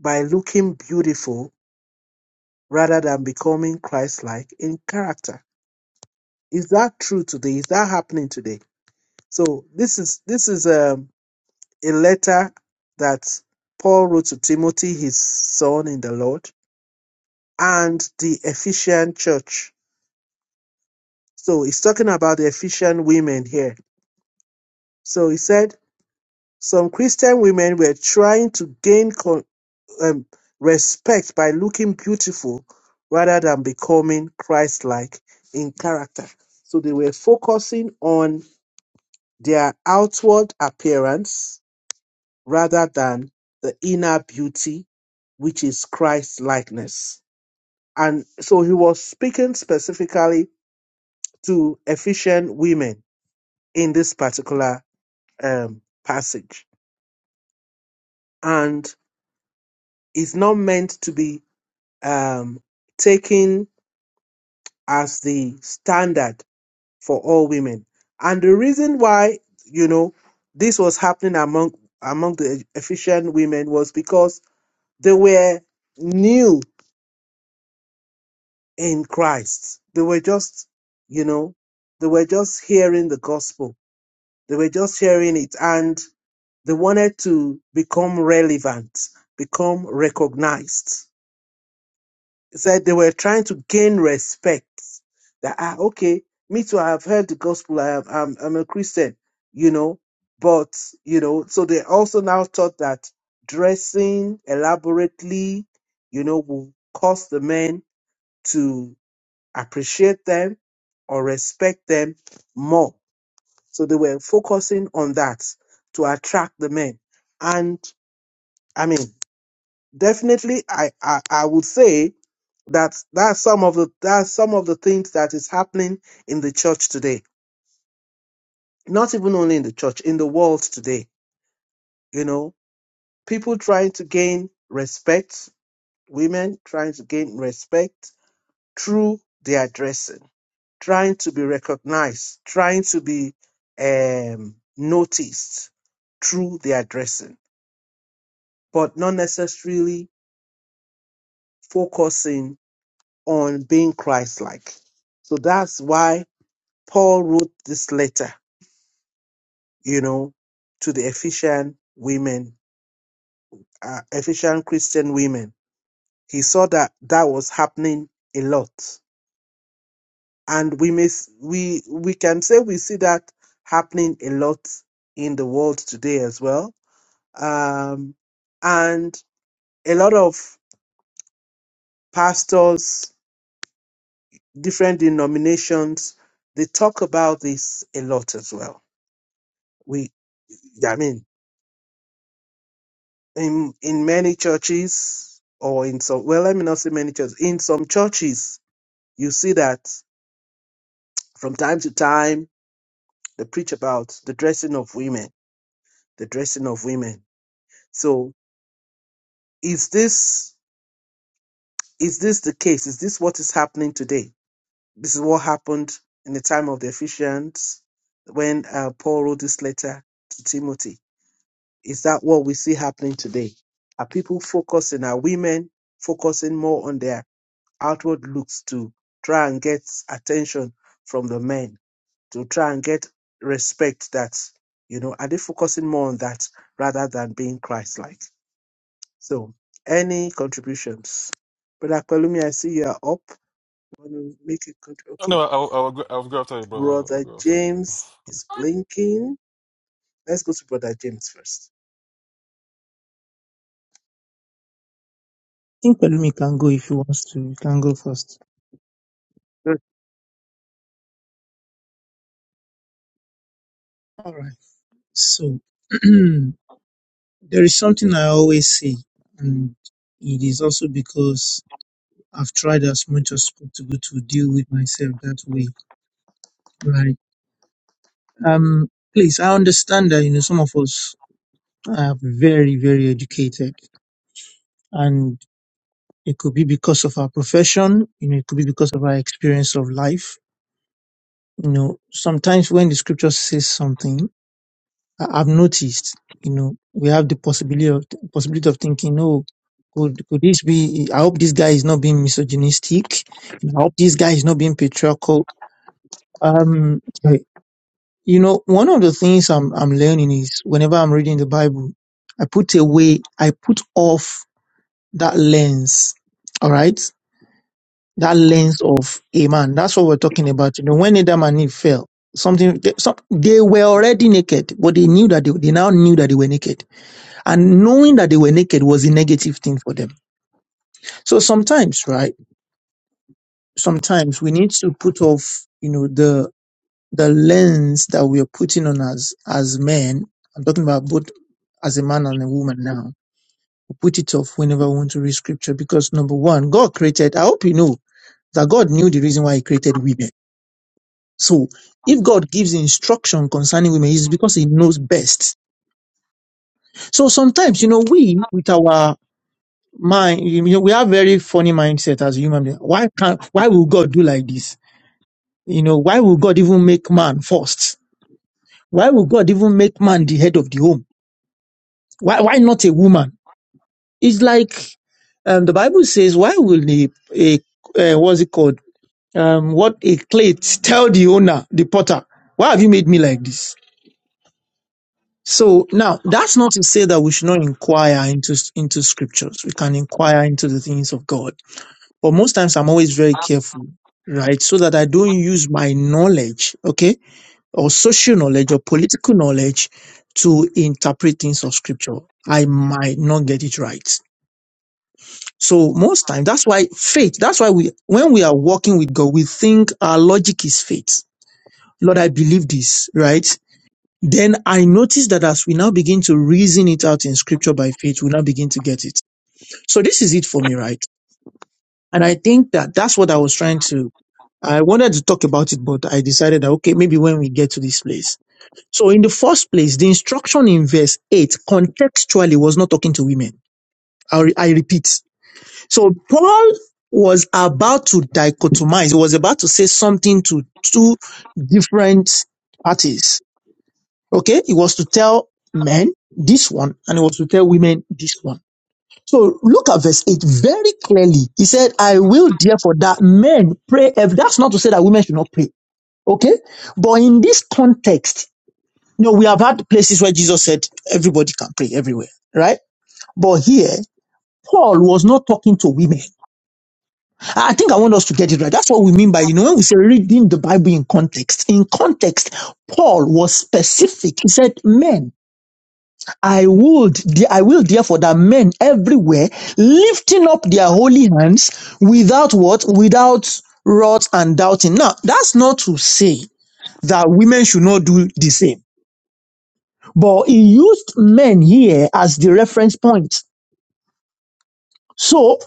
by looking beautiful rather than becoming Christ like in character. Is that true today? Is that happening today? So this is this is um A letter that Paul wrote to Timothy, his son in the Lord, and the Ephesian church. So he's talking about the Ephesian women here. So he said some Christian women were trying to gain con- um, respect by looking beautiful rather than becoming Christ like in character. So they were focusing on their outward appearance rather than the inner beauty, which is Christ likeness. And so he was speaking specifically to Ephesian women in this particular um, passage. And it's not meant to be um, taken as the standard for all women. And the reason why, you know, this was happening among among the Ephesian women was because they were new in Christ. They were just, you know, they were just hearing the gospel. They were just hearing it and they wanted to become relevant, become recognized. He said they were trying to gain respect that, ah, okay, me too, I have heard the gospel. I have, I'm, I'm a Christian, you know, but, you know, so they also now thought that dressing elaborately, you know, will cause the men to appreciate them or respect them more. So they were focusing on that to attract the men. And I mean, definitely, I, I, I would say that that's some of the that's some of the things that is happening in the church today. Not even only in the church, in the world today. You know, people trying to gain respect, women trying to gain respect through their dressing trying to be recognized, trying to be um, noticed through their dressing, but not necessarily focusing on being Christ like. So that's why Paul wrote this letter, you know, to the Ephesian women, uh, Ephesian Christian women. He saw that that was happening a lot. And we may, s- we, we can say we see that happening a lot in the world today as well um, and a lot of pastors, different denominations, they talk about this a lot as well. We, yeah, I mean, in in many churches or in some, well, let me not say many churches. In some churches, you see that from time to time they preach about the dressing of women, the dressing of women. So is this is this the case? Is this what is happening today? This is what happened in the time of the Ephesians when uh, Paul wrote this letter to Timothy. Is that what we see happening today? Are people focusing, are women focusing more on their outward looks to try and get attention from the men, to try and get respect that, you know, are they focusing more on that rather than being Christ like? So, any contributions? Brother Palumi, I see you are up. Want to make a country? No, I'll, I'll, go- I'll go after you, brother. I'll Brother go after you. James is blinking. Let's go to Brother James first. think Pelumi can go if he wants to. You can go first. Good. All right. So there is something I always say, and it is also because I've tried as much as possible to deal with myself that way. Right. Um. Please, I understand that you know some of us are very, very educated, and it could be because of our profession. You know, it could be because of our experience of life. You know, sometimes when the scripture says something. I- I've noticed, you know, we have the possibility of possibility of thinking, oh, could could this be? I hope this guy is not being misogynistic. You know, I hope this guy is not being patriarchal. Um, eh, you know, one of the things I'm I'm learning is whenever I'm reading the Bible, I put away, I put off that lens. All right, that lens of a man. That's what we're talking about. You know, when Adam and Eve fell, something they, some, they were already naked, but they knew that they, they now knew that they were naked And knowing that they were naked was a negative thing for them. So sometimes, right? Sometimes we need to put off, you know, the the lens that we are putting on us as men. I'm talking about both as a man and a woman now. We put it off whenever we want to read scripture because number one, God created, I hope you know that God knew the reason why he created women. So if God gives instruction concerning women, it's because he knows best. So sometimes, you know, we with our mind, you know, we have very funny mindset as human beings. Why can't, why will God do like this? You know, why will God even make man first? Why will God even make man the head of the home? Why, why not a woman? It's like, um, the Bible says, why will a, a uh, what's it called? Um, what a plate tell the owner, the potter, why have you made me like this? So now that's not to say that we should not inquire into, into scriptures. We can inquire into the things of God But most times I'm always very careful, right? So that I don't use my knowledge, okay, or social knowledge or political knowledge to interpret things of scripture. I might not get it right. So most times that's why faith, that's why we when we are walking with God, we think our logic is faith. Lord, I believe this, right? Then I notice that as we now begin to reason it out in scripture by faith, we now begin to get it. So this is it for me, right? And I think that that's what I was trying to I wanted to talk about it, but I decided that, okay, maybe when we get to this place. So in the first place, the instruction in verse 8 contextually was not talking to women. I, re- I repeat. So Paul was about to dichotomize. He was about to say something to two different parties. Okay. He was to tell men this one and he was to tell women this one. So look at verse 8 very clearly. He said, I will therefore that men pray. ev- That's not to say that women should not pray. Okay? But in this context, you know, we have had places where Jesus said everybody can pray everywhere, right? But here, Paul was not talking to women. I think I want us to get it right. That's what we mean by, you know, when we say reading the Bible in context. In context, Paul was specific. He said, Men, I would, I will therefore that men everywhere lifting up their holy hands without what? Without wrath and doubting. Now, that's not to say that women should not do the same. But he used men here as the reference point. So,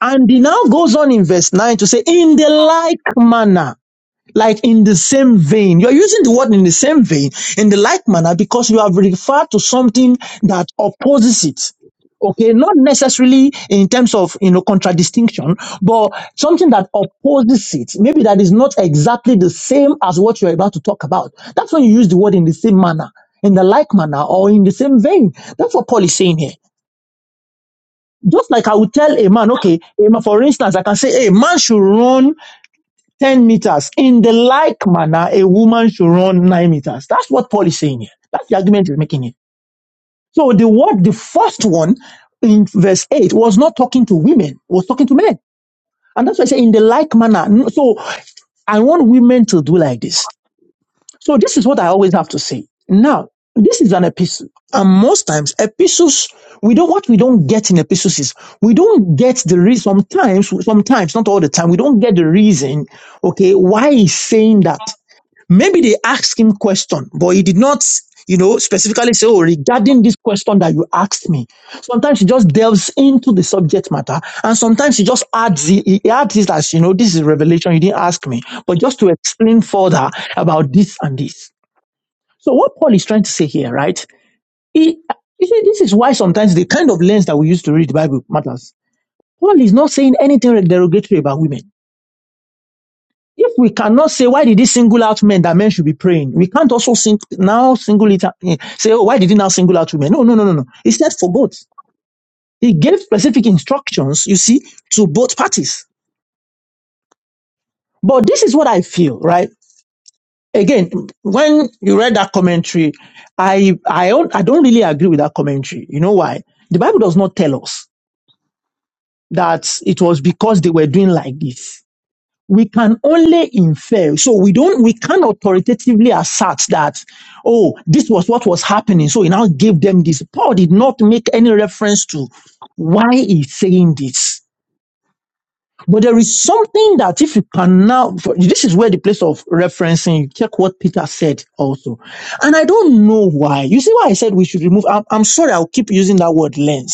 and he now goes on in verse 9 to say, in the like manner. Like in the same vein, you're using the word in the same vein, in the like manner, because you have referred to something that opposes it. Okay, not necessarily in terms of you know contradistinction, but something that opposes it. Maybe that is not exactly the same as what you're about to talk about. That's when you use the word in the same manner, in the like manner, or in the same vein. That's what Paul is saying here. Just like I would tell a man, okay, a man, for instance, I can say, hey, man should run 10 meters. In the like manner, a woman should run 9 meters. That's what Paul is saying here. That's the argument he's making here. So the word, the first one in verse 8 was not talking to women, it was talking to men. And that's why I say in the like manner. So I want women to do like this. So this is what I always have to say. Now, this is an epistle. And most times epistles, we don't, what we don't get in epistles is we don't get the reason, sometimes, sometimes, not all the time, we don't get the reason okay, why he's saying that. Maybe they asked him question, but he did not, you know, specifically say, oh, regarding this question that you asked me. Sometimes he just delves into the subject matter, and sometimes he just adds, he, he adds this as, you know, this is revelation, you didn't ask me, but just to explain further about this and this. So what Paul is trying to say here, right? He, you see, this is why sometimes the kind of lens that we use to read the Bible matters. Paul is not saying anything derogatory about women. If we cannot say why did he single out men that men should be praying, we can't also sing, now single it out, eh, say oh why did he now single out women? No, no, no, no, no. He said for both. He gave specific instructions, you see, to both parties. But this is what I feel, right? Again, when you read that commentary, I I don't I don't really agree with that commentary. You know why? The Bible does not tell us that it was because they were doing like this. we can only infer. So we don't, we can authoritatively assert that, oh, this was what was happening. So he now gave them this. Paul did not make any reference to why he's saying this. But there is something that if you can now, this is where the place of referencing, you check what Peter said also. And I don't know why. You see why I said we should remove, I'm, I'm sorry, I'll keep using that word lens.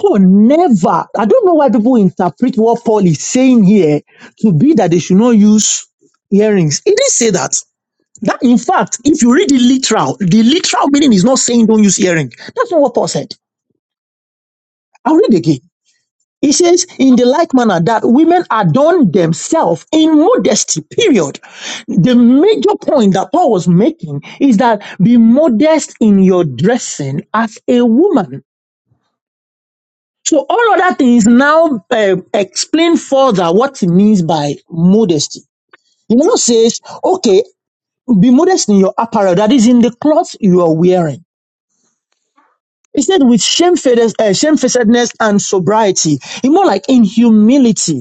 Paul never, I don't know why people interpret what Paul is saying here to be that they should not use earrings. He didn't say that. That in fact, if you read the literal, the literal meaning is not saying don't use earring. That's not what Paul said. I'll read again. He says, in the like manner that women adorn themselves in modesty, period. The major point that Paul was making is that be modest in your dressing as a woman. So all of that is now uh, explain further what it means by modesty. You know, says, okay, be modest in your apparel, that is in the clothes you are wearing. It said, with shamefaced, uh, shamefacedness and sobriety, it's more like in humility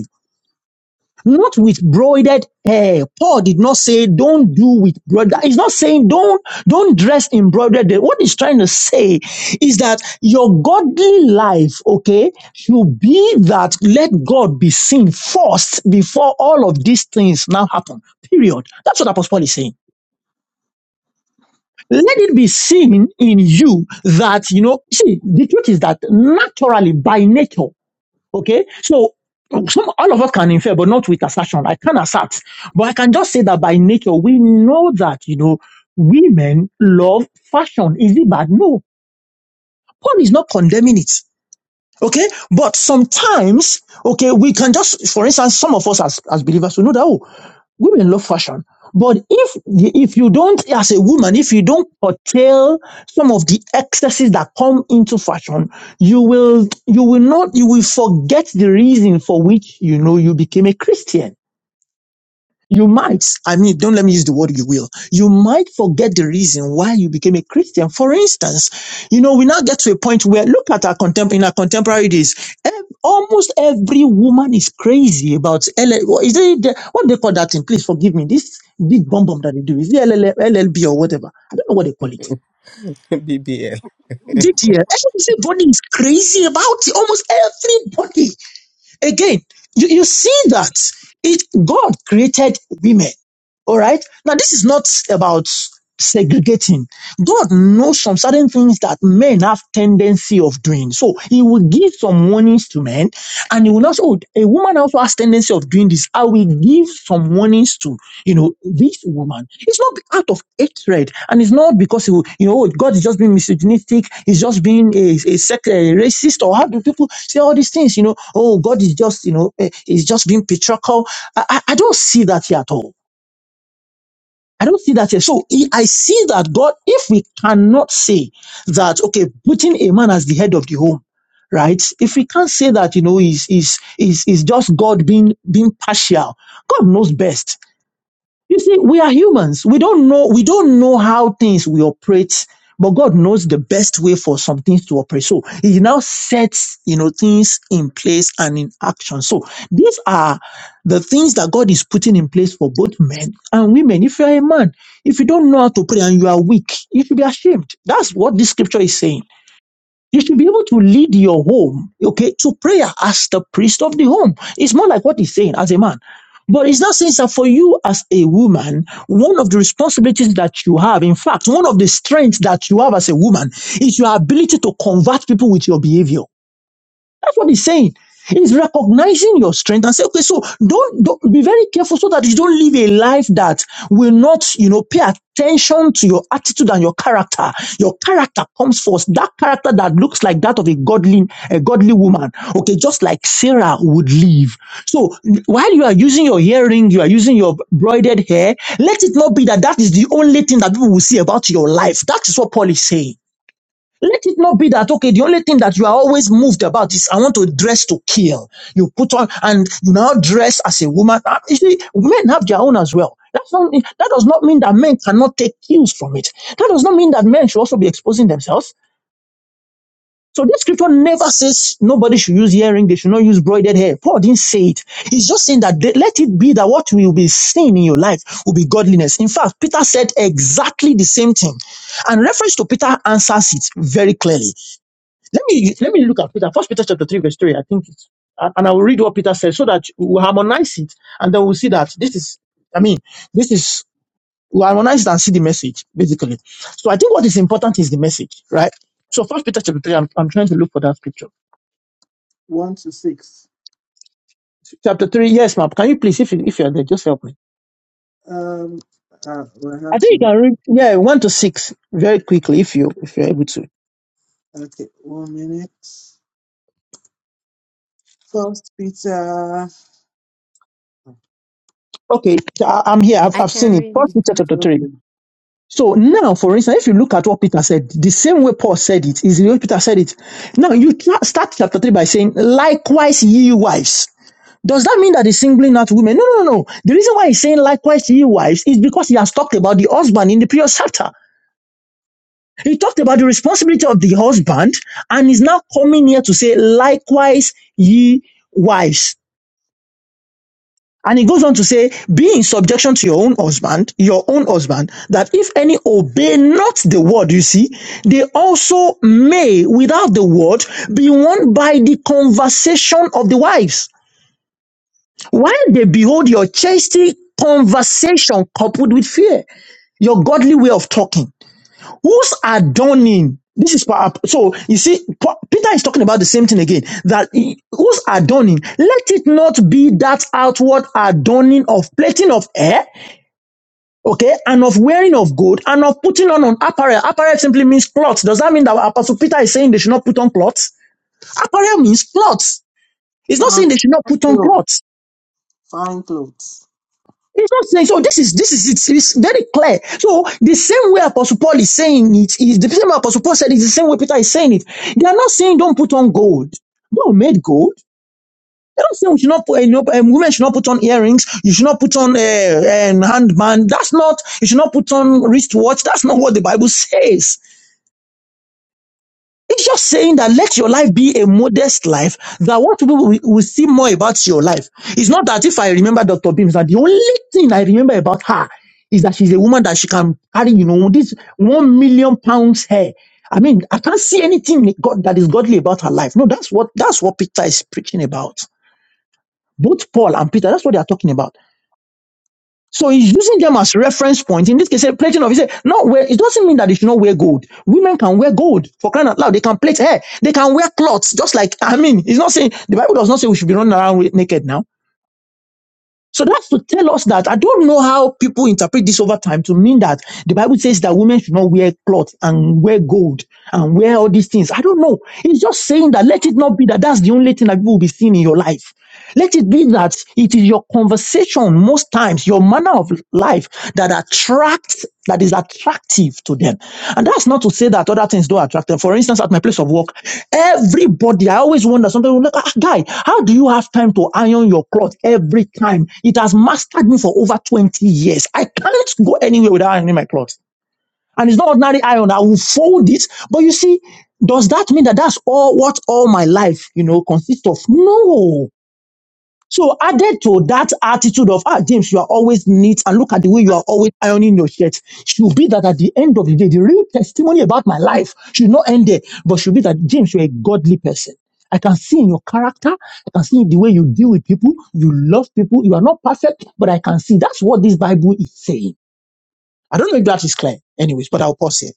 not with broided hair. Paul did not say don't do with broidered. He's not saying don't don't dress in broidered. hair. What he's trying to say is that your godly life, okay, should be that let God be seen first before all of these things now happen. Period. That's what Apostle Paul is saying. Let it be seen in you that you know. See, the truth is that naturally by nature. Okay, so some all of us can infer, but not with assertion. I can assert, but I can just say that by nature we know that you know women love fashion. Is it bad? No, Paul is not condemning it. Okay, but sometimes, okay, we can just, for instance, some of us as, as believers, we know that, oh, women love fashion. But if if you don't, as a woman, if you don't curtail some of the excesses that come into fashion, you will you will not you will forget the reason for which you know you became a Christian. You might, I mean, don't let me use the word you will. You might forget the reason why you became a Christian. For instance, you know, we now get to a point where look at our contem- in our contemporary days. ev- Almost every woman is crazy about LL, what is it, the- what they call that thing? Please forgive me. This big bomb bomb that they do. Is it LL, LLB or whatever? I don't know what they call it. BBL. DTL. Everybody is crazy about it. Almost everybody. Again, you, you see that it God created women. All right. Now this is not about segregating. God knows some certain things that men have tendency of doing. So he will give some warnings to men and he will also a woman also has tendency of doing this. I will give some warnings to you know, this woman, it's not out of hatred, and it's not because, you know, God is just being misogynistic, he's just being a, a, sec- a racist, or how do people say all these things, you know, oh, God is just, you know, eh, he's just being patriarchal. I, I, I don't see that here at all. I don't see that here. So I I see that God, if we cannot say that, okay, putting a man as the head of the home, right? If we can't say that, you know, is is is is just God being being partial. God knows best. You see, we are humans. We don't know, we don't know how things we operate, but God knows the best way for some things to operate. So he now sets, you know, things in place and in action. So these are the things that God is putting in place for both men and women. If you are a man, if you don't know how to pray and you are weak, you should be ashamed. That's what this scripture is saying. You should be able to lead your home, okay, to prayer as the priest of the home. It's more like what he's saying as a man. But it's not saying that for you as a woman, one of the responsibilities that you have, in fact, one of the strengths that you have as a woman is your ability to convert people with your behavior. That's what he's saying. He's recognizing your strength and say, okay, so don't, don't be very careful so that you don't live a life that will not, you know, pay attention to your attitude and your character. Your character comes first. That character that looks like that of a godly, a godly woman. Okay, just like Sarah would live. So while you are using your earring, you are using your broided hair, let it not be that that is the only thing that people will see about your life. That is what Paul is saying. Let it not be that, okay, the only thing that you are always moved about is I want to dress to kill. You put on and you now dress as a woman. Ah, You see, men have their own as well. That's not, that does not mean that men cannot take cues from it. That does not mean that men should also be exposing themselves. So this scripture never says nobody should use earring, they should not use braided hair. Paul didn't say it. He's just saying that they- let it be that what will be seen in your life will be godliness. In fact, Peter said exactly the same thing. And reference to Peter answers it very clearly. Let me let me look at Peter. First Peter chapter three verse three. I think it's and and I will read what Peter said so that we will harmonize it and then we'll see that this is I mean this is we harmonize it and see the message basically. So I think what is important is the message, right? So First Peter chapter three. I'm, I'm trying to look for that scripture. One to six. Chapter three. Yes, ma'am. Can you please, if you, if you're there, just help me. Um, uh, well, I I have think you to. can read. Yeah, one to six very quickly if you if you're able to. Okay, one minute. First Peter. Okay, I, I'm here. I've I I've seen can it. First read. Peter chapter three. Okay. So now, for instance, if you look at what Peter said, the same way Paul said it is the way Peter said it. Now you tra- start chapter three by saying, "Likewise, ye wives." Does that mean that he's singling out women? No, no, no. no. The reason why he's saying likewise ye wives is because he has talked about the husband in the previous chapter. He talked about the responsibility of the husband and is now coming here to say likewise ye wives. And he goes on to say, be in subjection to your own husband, your own husband, that if any obey not the word, you see, they also may, without the word, be won by the conversation of the wives. While they behold your chastity conversation coupled with fear, your godly way of talking. Who's adorning? This is pa- so you see, Pa- Peter is talking about the same thing again. That he- who's adorning? Let it not be that outward adorning of plating of hair, okay, and of wearing of gold, and of putting on an apparel. Apparel simply means clothes. Does that mean that Apostle Peter is saying they should not put on clothes? Apparel means clothes. It's not Fine, saying they should not put on clothes. clothes. Fine clothes. It's not saying so. This is this is it's, it's very clear. So the same way Apostle Paul is saying it is the same way Apostle Paul said it is the same way Peter is saying it. They are not saying don't put on gold. God made gold. They don't say we should not put you know, um, women should not put on earrings. You should not put on a uh, um, handband. That's not. You should not put on wristwatch. That's not what the Bible says. It's just saying that let your life be a modest life, that what people will, will see more about your life. It's not that if I remember Dr. Beams, that the only thing I remember about her is that she's a woman that she can carry, you know, this one million pounds hair. I mean, I can't see anything God, that is godly about her life. No, that's what that's what Peter is preaching about. Both Paul and Peter, that's what they are talking about. So he's using them as reference point. In this case, plating of, he said, no, wear, it doesn't mean that they should not wear gold. Women can wear gold for crying out loud. They can plait hair. They can wear cloths. Just like, I mean, it's not saying, the Bible does not say we should be running around with- naked now. So that's to tell us that I don't know how people interpret this over time to mean that the Bible says that women should not wear cloth and wear gold and wear all these things. I don't know. It's just saying that let it not be that that's the only thing that people will be seeing in your life. Let it be that it is your conversation most times, your manner of life life that attracts that is attractive to them and that's not to say that other things don't attract them for instance at my place of work everybody i always wonder sometimes I'm like ah, ah, guy how do you have time to iron your clothes every time it has mastered me for over 20 years i can't go anywhere without ironing my clothes and it's not ordinary iron i will fold it but you see does that mean that that's all what all my life you know consists of no so added to that attitude of ah James, you are always neat and look at the way you are always ironing your shirt. Should be that at the end of the day, the real testimony about my life should not end there, but should be that James, you're a godly person. I can see in your character, I can see in the way you deal with people, you love people, you are not perfect, but I can see that's what this Bible is saying. I don't know if that is clear, anyways, but I'll pause here.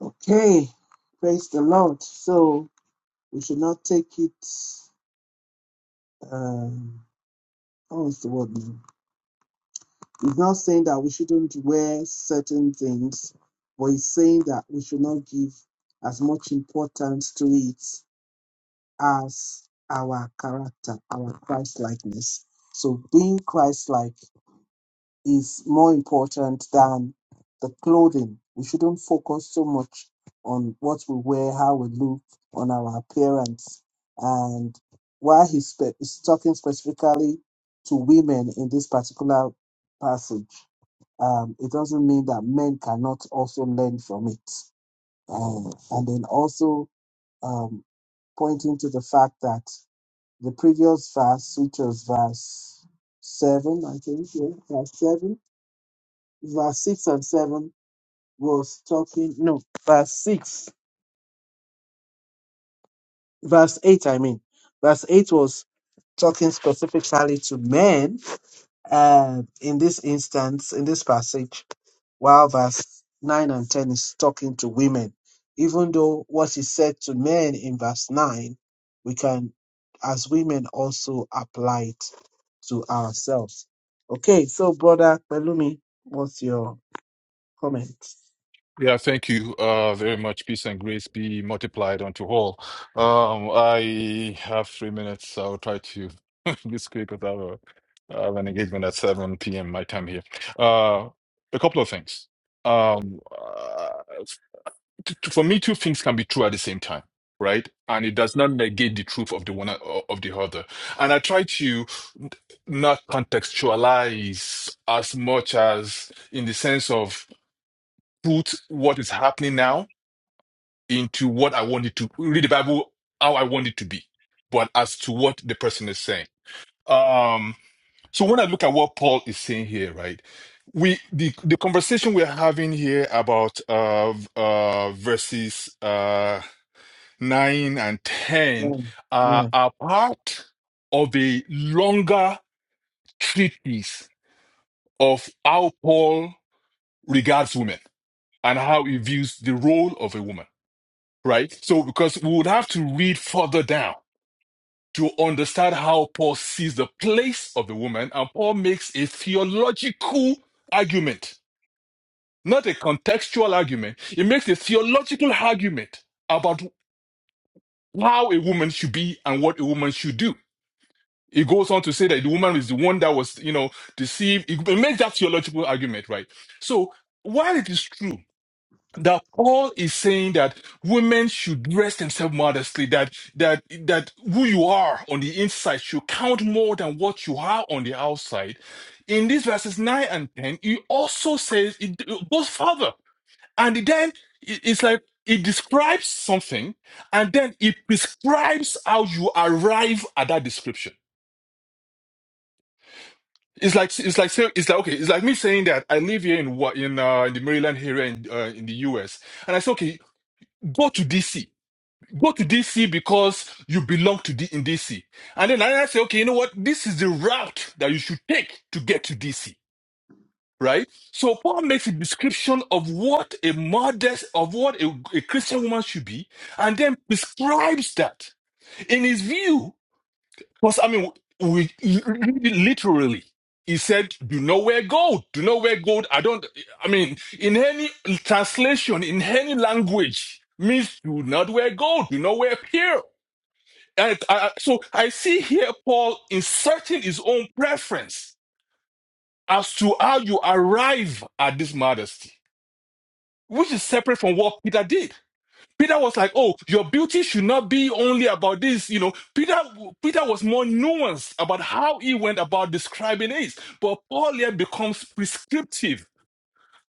Okay. Praise the Lord. So we should not take it. Um, what was the word? now? He's not saying that we shouldn't wear certain things, but he's saying that we should not give as much importance to it as our character, our Christ likeness. So being Christ like is more important than the clothing. We shouldn't focus so much on what we wear, how we look, on our appearance. And while he's, spe- he's talking specifically to women in this particular passage, um, it doesn't mean that men cannot also learn from it. Um, and then also um, pointing to the fact that the previous verse, which was verse 7, I think, yeah, verse 7, verse 6 and 7 was talking, no, verse 6, verse 8, I mean, verse 8 was talking specifically to men uh, in this instance, in this passage while verse 9 and 10 is talking to women. Even though what is said to men in verse 9, we can, as women, also apply it to ourselves. Okay, so Brother Pelumi, what's your comment? Yeah, thank you uh, very much. Peace and grace be multiplied unto all. Um, I have three minutes. I'll try to be quick because I have, a, I have an engagement at 7 p.m. my time here. Uh, a couple of things. Um, uh, t- t- for me, two things can be true at the same time, right? And it does not negate the truth of the one o- of the other. And I try to n- not contextualize as much as in the sense of put what is happening now into what I want it to read the Bible how I want it to be, but as to what the person is saying. Um, so when I look at what Paul is saying here, right? We the the conversation we're having here about uh v- uh verses uh 9 and 10 Yeah, uh, yeah. are part of a longer treatise of how Paul regards women and how he views the role of a woman, right? So, because we would have to read further down to understand how Paul sees the place of a woman, and Paul makes a theological argument, not a contextual argument. He makes a theological argument about how a woman should be and what a woman should do. He goes on to say that the woman is the one that was, you know, deceived. He makes that theological argument, right? So while it is true that Paul is saying that women should dress themselves modestly, that that that who you are on the inside should count more than what you are on the outside, in these verses nine and ten, he also says it it goes further, and then it- it's like it describes something, and then it prescribes how you arrive at that description. It's like it's like say- it's like okay, it's like me saying that I live here in what in uh, in the Maryland area in uh, in the US, and I say okay, go to DC, go to DC because you belong to D- in DC, and then I say okay, you know what, this is the route that you should take to get to DC, right? So Paul makes a description of what a modest of what a, a Christian woman should be, and then prescribes that in his view because I mean, we literally, he said, "Do not wear gold. Do not wear gold." I don't. I mean, in any translation, in any language, means do not wear gold. Do not wear pearl. And I, so I see here Paul inserting his own preference as to how you arrive at this modesty, which is separate from what Peter did. Peter was like, "Oh, your beauty should not be only about this." You know, Peter Peter was more nuanced about how he went about describing it, but Paul here becomes prescriptive.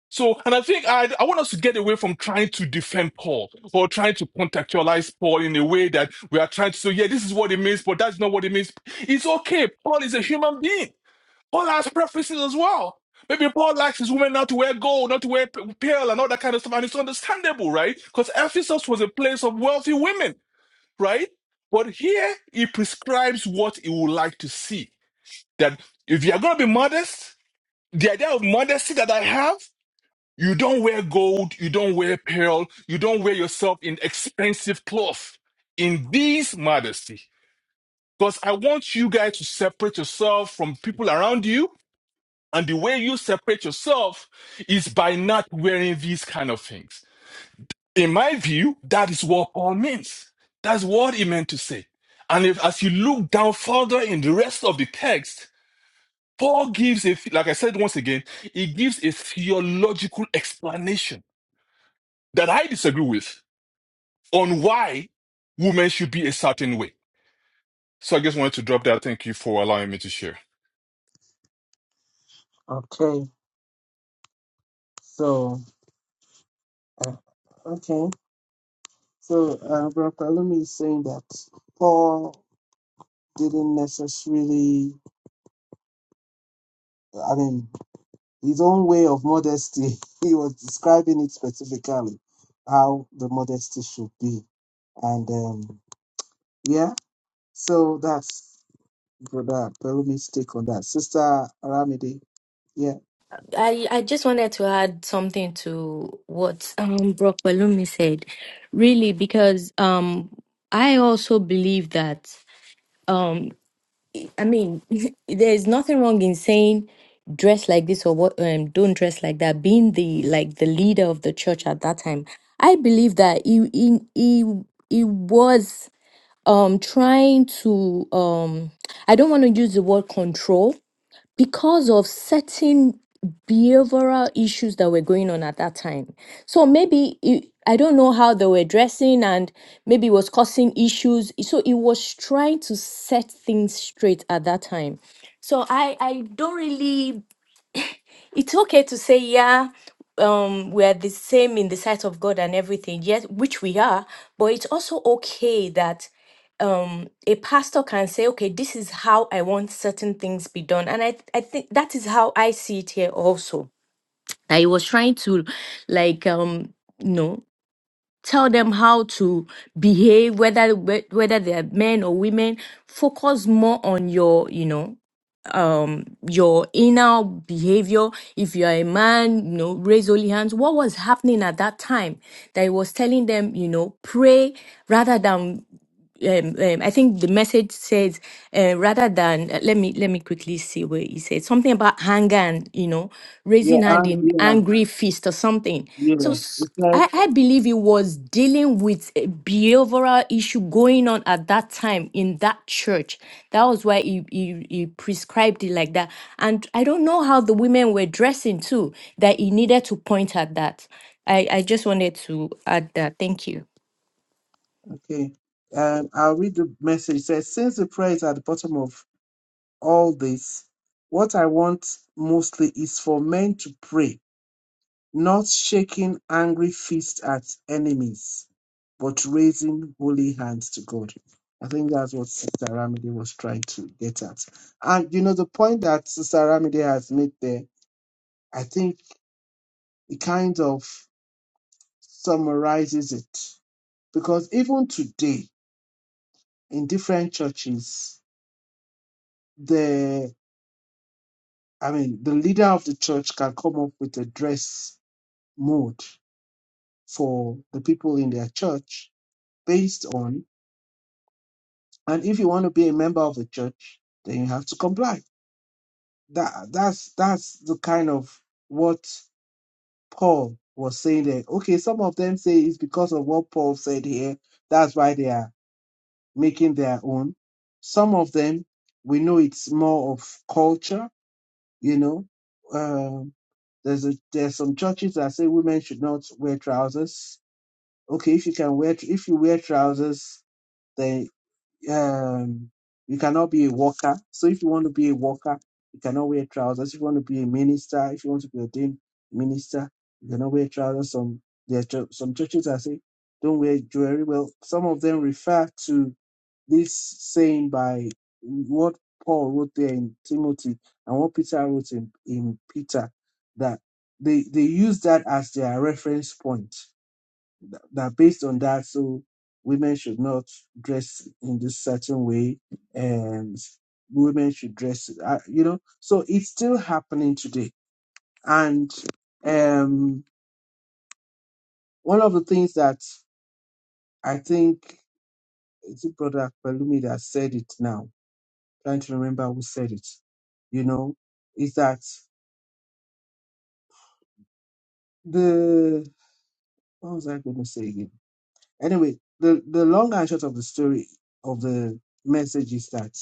So, and I think I I want us to get away from trying to defend Paul or trying to contextualize Paul in a way that we are trying to say, "Yeah, this is what it means," but that's not what it means. It's okay. Paul is a human being. Paul has preferences as well. Maybe Paul likes his women not to wear gold, not to wear p- pearl, and all that kind of stuff. And it's understandable, right? Because Ephesus was a place of wealthy women, right? But here he prescribes what he would like to see. That if you're going to be modest, the idea of modesty that I have, you don't wear gold, you don't wear pearl, you don't wear yourself in expensive cloth. In these modesty, because I want you guys to separate yourself from people around you and the way you separate yourself is by not wearing these kind of things. In my view, that is what Paul means. That's what he meant to say. And if, as you look down further in the rest of the text, Paul gives a, like I said once again, he gives a theological explanation that I disagree with on why women should be a certain way. So I just wanted to drop that. Thank you for allowing me to share. okay. So, uh, okay. So, uh, Brother Pelumi is saying that Paul didn't necessarily, I mean, his own way of modesty, he was describing it specifically how the modesty should be. And um, yeah, so that's Brother Perumi's take on that. Sister Aramide, yeah, I, I just wanted to add something to what um, Brock Balumi said, really, because um, I also believe that, um, I mean, there's nothing wrong in saying dress like this or what, um, don't dress like that, being the like the leader of the church at that time. I believe that he, he, he, he was um, trying to, um, I don't want to use the word control, because of certain behavioral issues that were going on at that time. So maybe it, I don't know how they were dressing and maybe it was causing issues. So it was trying to set things straight at that time. So I I don't really it's okay to say yeah um we are the same in the sight of God and everything yes which we are but it's also okay that um a pastor can say okay this is how i want certain things be done and i i think that is how i see it here also that he was trying to like um you know tell them how to behave whether whe- whether they are men or women focus more on your you know um your inner behavior if you are a man you know raise holy hands what was happening at that time that he was telling them you know pray rather than um, um, I think the message says uh, rather than uh, let me let me quickly see where he said something about anger and you know yeah, raising hand and in yeah, angry fist or something. yeah. So s- It I, said, I believe he was dealing with a behavioral issue going on at that time in that church. That was why he, he he prescribed it like that. And I don't know how the women were dressing too that he needed to point at that. I I just wanted to add that. Thank you. okay, um, I'll read the message. It says, Since the prayer is at the bottom of all this, what I want mostly is for men to pray not shaking angry fists at enemies, but raising holy hands to God. I think that's what Sister Ramide was trying to get at. And you know, the point that Sister Ramide has made there, I think it kind of summarizes it. Because even today, in different churches, the I mean the leader of the church can come up with a dress mode for the people in their church based on And if you want to be a member of a church, then you have to comply. That that's that's the kind of what Paul was saying there. Okay, some of them say it's because of what Paul said here. That's why they are making their own. Some of them we know it's more of culture, you know. Um, there's a there's some churches that say women should not wear trousers. Okay, if you can wear tr- if you wear trousers, then um, you cannot be a worker. So if you want to be a worker, you cannot wear trousers. If you want to be a minister, if you want to be a ordained minister, you cannot wear trousers. Some there are chur- some churches that say don't wear jewelry. Well, some of them refer to this saying by what Paul wrote there in Timothy and what Peter wrote in, in Peter that they they use that as their reference point that, that based on that, so women should not dress in this certain way, and women should dress, uh, you know. So it's still happening today, and um, one of the things that I think is it brother Pelumi that said it now. Trying to remember who said it, you know, is that the what was I going to say again? Anyway, the the long and short of the story of the message is that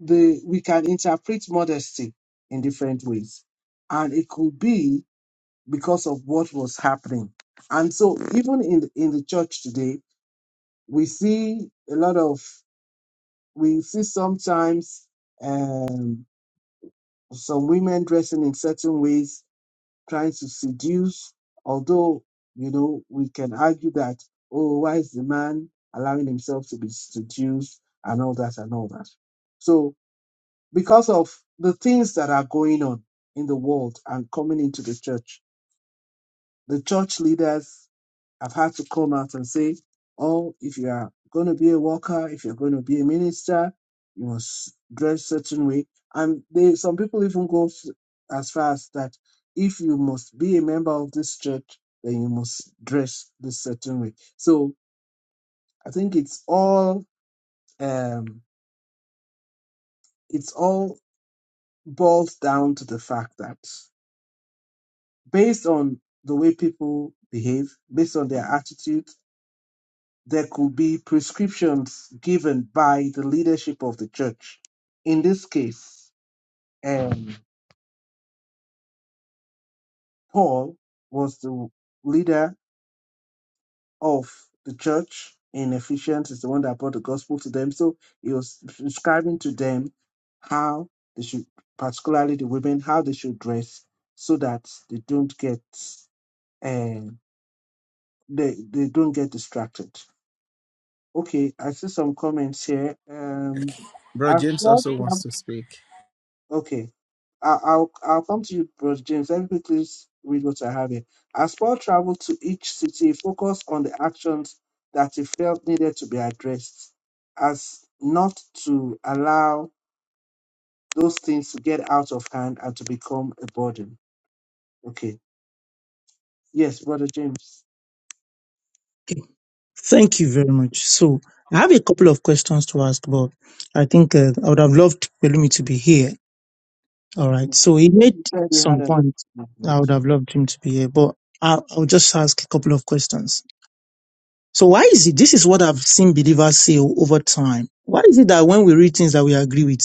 the we can interpret modesty in different ways and it could be because of what was happening and so even in the, in the church today we see a lot of we see sometimes um, some women dressing in certain ways trying to seduce although you know we can argue that oh why is the man allowing himself to be seduced and all that and all that so because of the things that are going on in the world and coming into the church. The church leaders have had to come out and say, oh, if you are going to be a worker, if you're going to be a minister, you must dress certain way. And they, some people even go s- as far as that if you must be a member of this church, then you must dress this certain way. So I think it's all um, it's all boils down to the fact that based on the way people behave, based on their attitude, there could be prescriptions given by the leadership of the church. In this case, um, Paul was the leader of the church in Ephesians, is the one that brought the gospel to them. So he was prescribing to them how they should, particularly the women, how they should dress so that they don't get um, they, they don't get distracted. Okay, I see some comments here. Um, Bro, as James well. also wants to speak. Okay, I- I'll I'll come to you, Bro James. Let me quickly s- read what I have here. As Paul traveled to each city, he focused on the actions that he felt needed to be addressed, as not to allow those things to get out of hand and to become a burden. Okay. Yes, Brother James. Thank you very much. So I have a couple of questions to ask, but I think uh, I would have loved Pelumi to be here. All Mm, right. So I he think made you said you had some an- points. I would have loved him to be here, but I'll, I'll just ask a couple of questions. So why is it? This is what I've seen believers say o- over time. Why is it that when we read things that we agree with,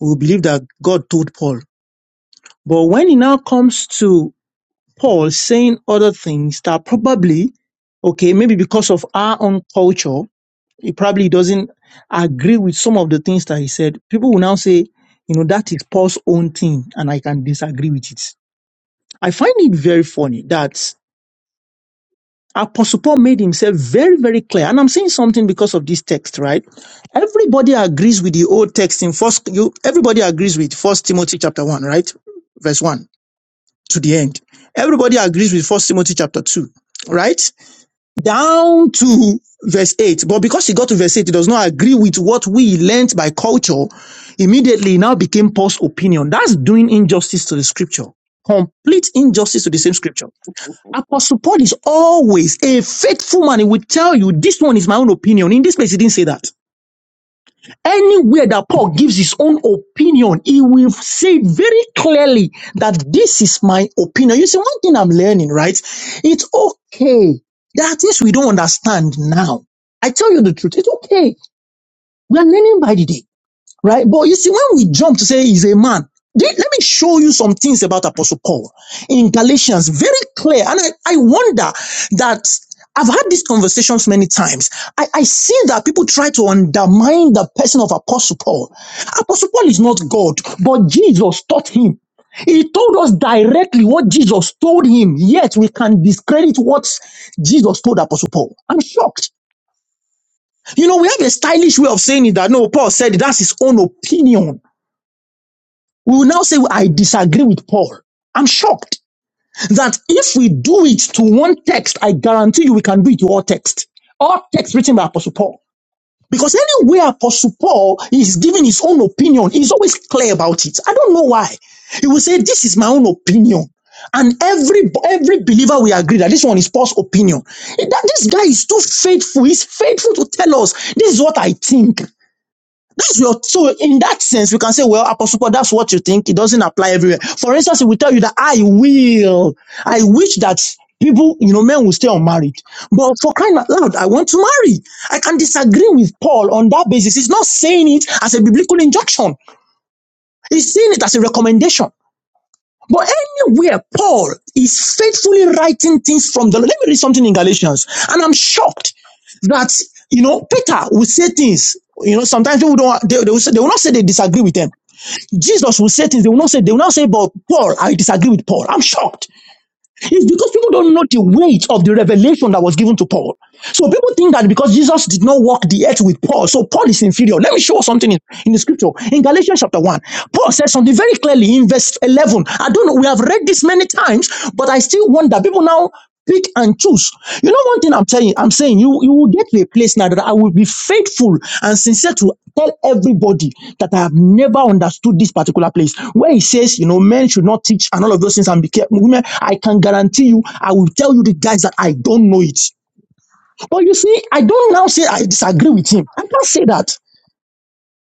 we believe that God told Paul, but when it now comes to Paul saying other things that probably, okay, maybe because of our own culture, he probably doesn't agree with some of the things that he said. People will now say, you know, that is Paul's own thing, and I can disagree with it I find it very funny that Apostle Paul made himself very, very clear. And I'm saying something because of this text, right? Everybody agrees with the old text in first, you, everybody agrees with first Timothy chapter one, right? Verse one to the end. Everybody agrees with first Timothy chapter two, right? Down to verse eight. But because he got to verse eight, he does not agree with what we learnt by culture. Immediately it now became Paul's opinion. That's doing injustice to the scripture. Complete injustice to the same scripture Apostle Paul is always a faithful man. He will tell you, this one is my own opinion. In this place, he didn't say that. Anywhere that Paul gives his own opinion, he will say very clearly that this is my opinion. You see, one thing I'm learning, right? It's okay. There are things we don't understand now. I tell you the truth. It's okay. We are learning by the day right? But you see, when we jump to say he's a man, let me show you some things about Apostle Paul in Galatians, very clear. And I, I wonder that I've had these conversations many times. I, I see that people try to undermine the person of Apostle Paul. Apostle Paul is not God, but Jesus taught him. He told us directly what Jesus told him, yet we can discredit what Jesus told Apostle Paul. I'm shocked. You know, we have a stylish way of saying it that no, Paul said it, that's his own opinion we will now say, I disagree with Paul. I'm shocked that if we do it to one text, I guarantee you we can do it to all text. All text written by Apostle Paul. Because anywhere Apostle Paul is giving his own opinion, he's always clear about it. I don't know why. He will say, this is my own opinion. And every every believer will agree that this one is Paul's opinion. That this guy is too faithful. He's faithful to tell us this is what I think. That's your so in that sense, we can say, well, Apostle Paul, that's what you think. It doesn't apply everywhere. For instance, if we tell you that I will, I wish that people, you know, men will stay unmarried. But for crying out loud, I want to marry. I can disagree with Paul on that basis. He's not saying it as a biblical injunction. He's saying it as a recommendation. But anywhere Paul is faithfully writing things from the Lord. Let me read something in Galatians. And I'm shocked that, you know, Peter will say things, you know, sometimes people don't, they, they, will, say, they will not say they disagree with them. Jesus will say things, they will not say, they will not say, but Paul, I disagree with Paul. I'm shocked. It's because people don't know the weight of the revelation that was given to Paul. So people think that because Jesus did not walk the earth with Paul, so Paul is inferior. Let me show you something in, in the scripture. In Galatians chapter 1, Paul says something very clearly in verse 11. I don't know, we have read this many times, but I still wonder. People now pick and choose. You know, one thing I'm telling you, I'm saying you you will get to a place now that I will be faithful and sincere to tell everybody that I have never understood this particular place where he says, you know, men should not teach and all of those things and be careful. Women, I can guarantee you, I will tell you the guys that I don't know it. But you see, I don't now say I disagree with him. I can't say that.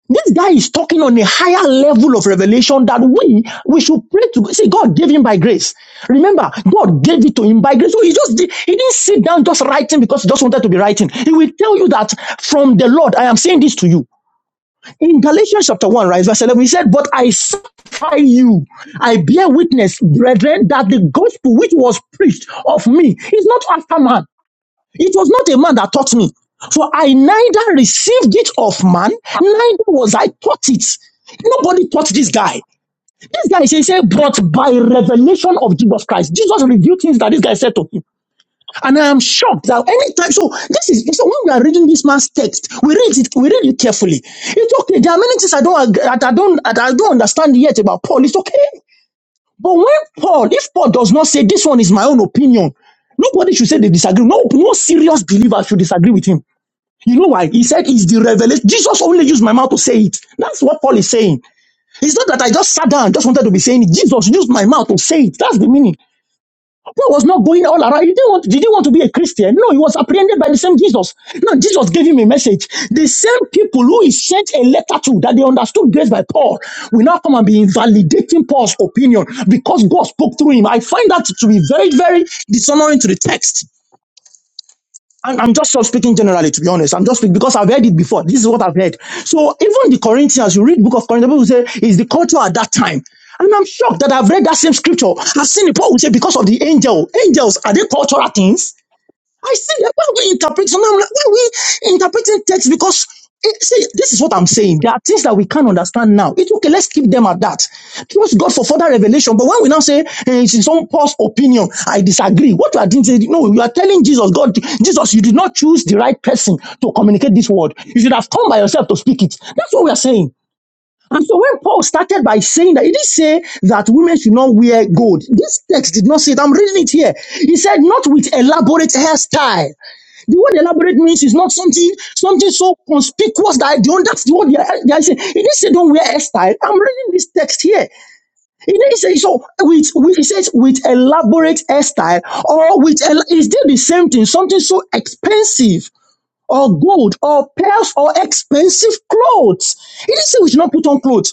This guy is talking on a higher level of revelation that we we should pray to God. See, God gave him by grace. Remember, God gave it to him by grace. So he just did, he didn't sit down just writing because he just wanted to be writing. He will tell you that from the Lord, I am saying this to you. In Galatians chapter 1, right, verse 11, he said, But I sanctify you. I bear witness, brethren, that the gospel which was preached of me is not after man. It was not a man that taught me, for I neither received it of man, neither was I taught it. Nobody taught this guy. This guy he said, but by revelation of Jesus Christ, Jesus revealed things that this guy said to him. And I am shocked that anytime, so this is, so when we are reading this man's text, we read it, we read it carefully. It's okay. There are many things I don't, ag- that I don't, that I don't understand yet about Paul. It's okay. But when Paul, if Paul does not say this one is my own opinion, nobody should say they disagree. No, no serious believer should disagree with him. You know why? He said it's the revelation. Jesus only used my mouth to say it. That's what Paul is saying. It's not that I just sat down, and just wanted to be saying it. Jesus used my mouth to say it. That's the meaning. Paul was not going all around. He didn't want, did he want to be a Christian? No, he was apprehended by the same Jesus. No, Jesus gave him a message. The same people who he sent a letter to that they understood grace by Paul will now come and be invalidating Paul's opinion because God spoke through him. I find that to be very, very dishonoring to the text. And I'm just sort of speaking generally, to be honest. I'm just speaking because I've heard it before. This is what I've heard. So even the Corinthians, you read book of Corinthians, people say is the culture at that time. And I'm shocked that I've read that same scripture. I've seen it. Paul will say because of the angel. Angels are they cultural things? I see that when we interpret, sometimes I'm like, when we interpreting text, because eh, see, this is what I'm saying. There are things that we can't understand now. It's okay, let's keep them at that. Trust God for further revelation. But when we now say eh, it's his own Paul's opinion, I disagree. What you are doing, is- no, you are telling Jesus, God, Jesus, you did not choose the right person to communicate this word. You should have come by yourself to speak it. That's what we are saying. And so when Paul started by saying that, he didn't say that women should not wear gold. This text did not say that. I'm reading it here. He said, not with elaborate hairstyle. The word elaborate means is not something something so conspicuous that I don't. That's the word they are, they are saying. He didn't say don't wear hairstyle. I'm reading this text here. He didn't say so. With, with he says with elaborate hairstyle or with el- is still the same thing? Something so expensive or gold or pearls or expensive clothes. He didn't say we should not put on clothes.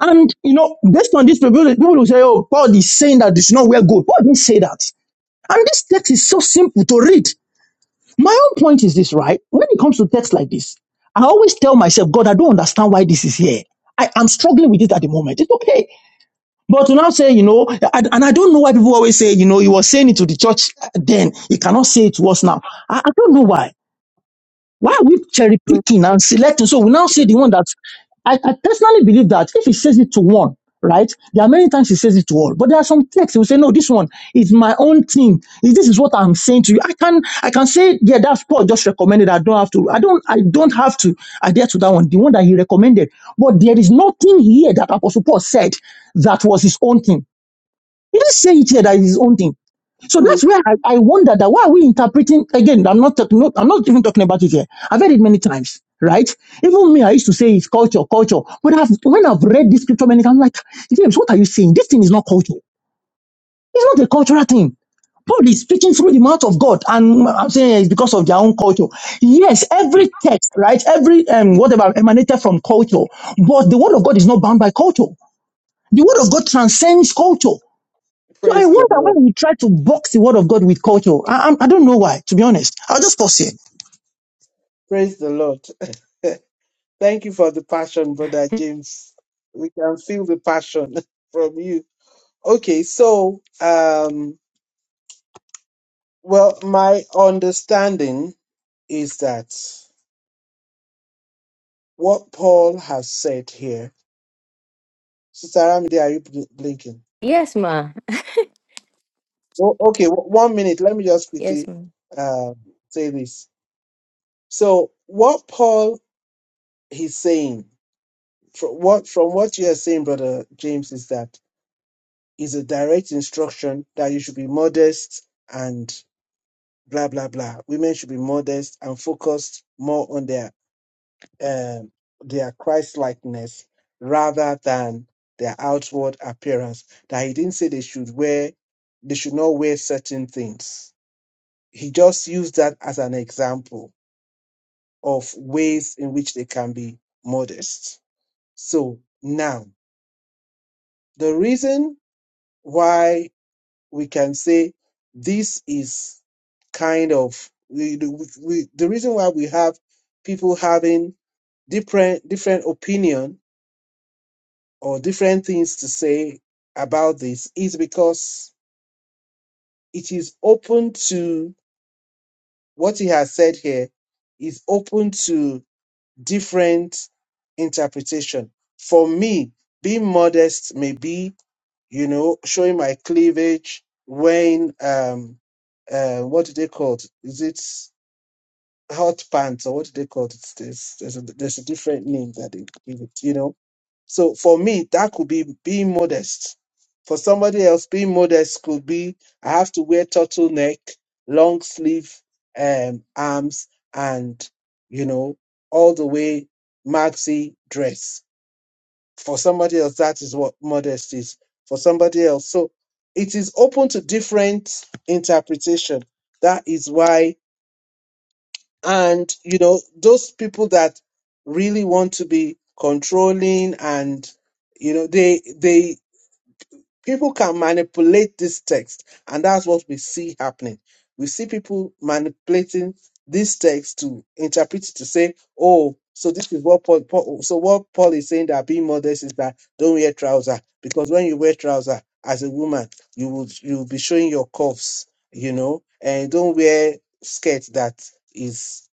And you know, based on this, people, people will say, "Oh, Paul is saying that you should not wear gold." Paul didn't say that. And this text is so simple to read. My own point is this, right? When it comes to texts like this, I always tell myself, "God, I don't understand why this is here. I am struggling with it at the moment. It's okay." But to now say, you know, and and I don't know why people always say, you know, he was saying it to the church then, he cannot say it to us now. I, I don't know why. Why are we cherry Praise picking and selecting? So we now the say the one Lord. that I, I personally believe that if he says it to one, right? There are many times he says it to all, but there are some texts he will say, "No, this one is my own thing. Is- This is what I'm saying to you. I can I can say, yeah, that's Paul just recommended. I don't have to. I don't. I don't have to adhere to that one. The one that he recommended. But there is nothing here that Apostle Paul said that was his own thing. He didn't say it here that is his own thing. So Praise, that's where I, I wonder that why are we interpreting again? I'm not talking. no, I'm not even talking about it here. I've heard it many times, right? Even me, I used to say it's culture, culture. But I've, when I've read this scripture many times, I'm like, James, what are you saying? This thing is not culture. It's not a cultural thing. Paul is speaking through the mouth of God, and I'm saying it's because of their own culture. Yes, every text, right? Every um, whatever emanated from culture, but the word of God is not bound by culture. The word of God transcends culture. So I praise the wonder Lord. when we try to box the word of God with culture. I, I, I don't know why, to be honest. I'll just pause here. Praise the Lord. Thank you for the passion, Brother James. We can feel the passion from you. Okay, so, um, well, my understanding is that what Paul has said here, Sister Ramide, are you bl- blinking? Yes, ma. Oh, okay, w- one minute. Let me just Yes, quickly ma. um, say this. So, what Paul is saying, from what from what you are saying, Brother James, is that is a direct instruction that you should be modest and blah blah blah. Women should be modest and focused more on their um their Christ likeness rather than their outward appearance. That he didn't say they should wear they should not wear certain things. He just used that as an example of ways in which they can be modest. So now the reason why we can say this is kind of we, we, we- the reason why we have people having different different opinion or different things to say about this is because it is open to what he has said here is open to different interpretation for me being modest may be. you know, showing my cleavage, wearing um, uh, what do they call it? Is it hot pants or what do they call it? There's there's a, there's a different name that they give it, you know. So for me, that could be being modest. For somebody else, being modest could be I have to wear turtleneck, long sleeve, um, arms, and you know, all the way maxi dress for somebody else, that is what modest is. For somebody else. So it is open to different interpretation. That is why, and you know, those people that really want to be controlling and you know, they they People can manipulate this text, and that's what we see happening. We see people manipulating this text to interpret it to say, "Oh, so this is what Paul, Paul so what Paul is saying that being modest is that don't wear trouser because when you wear trouser as a woman, you would you will be showing your cuffs, you know, and don't wear skirt that is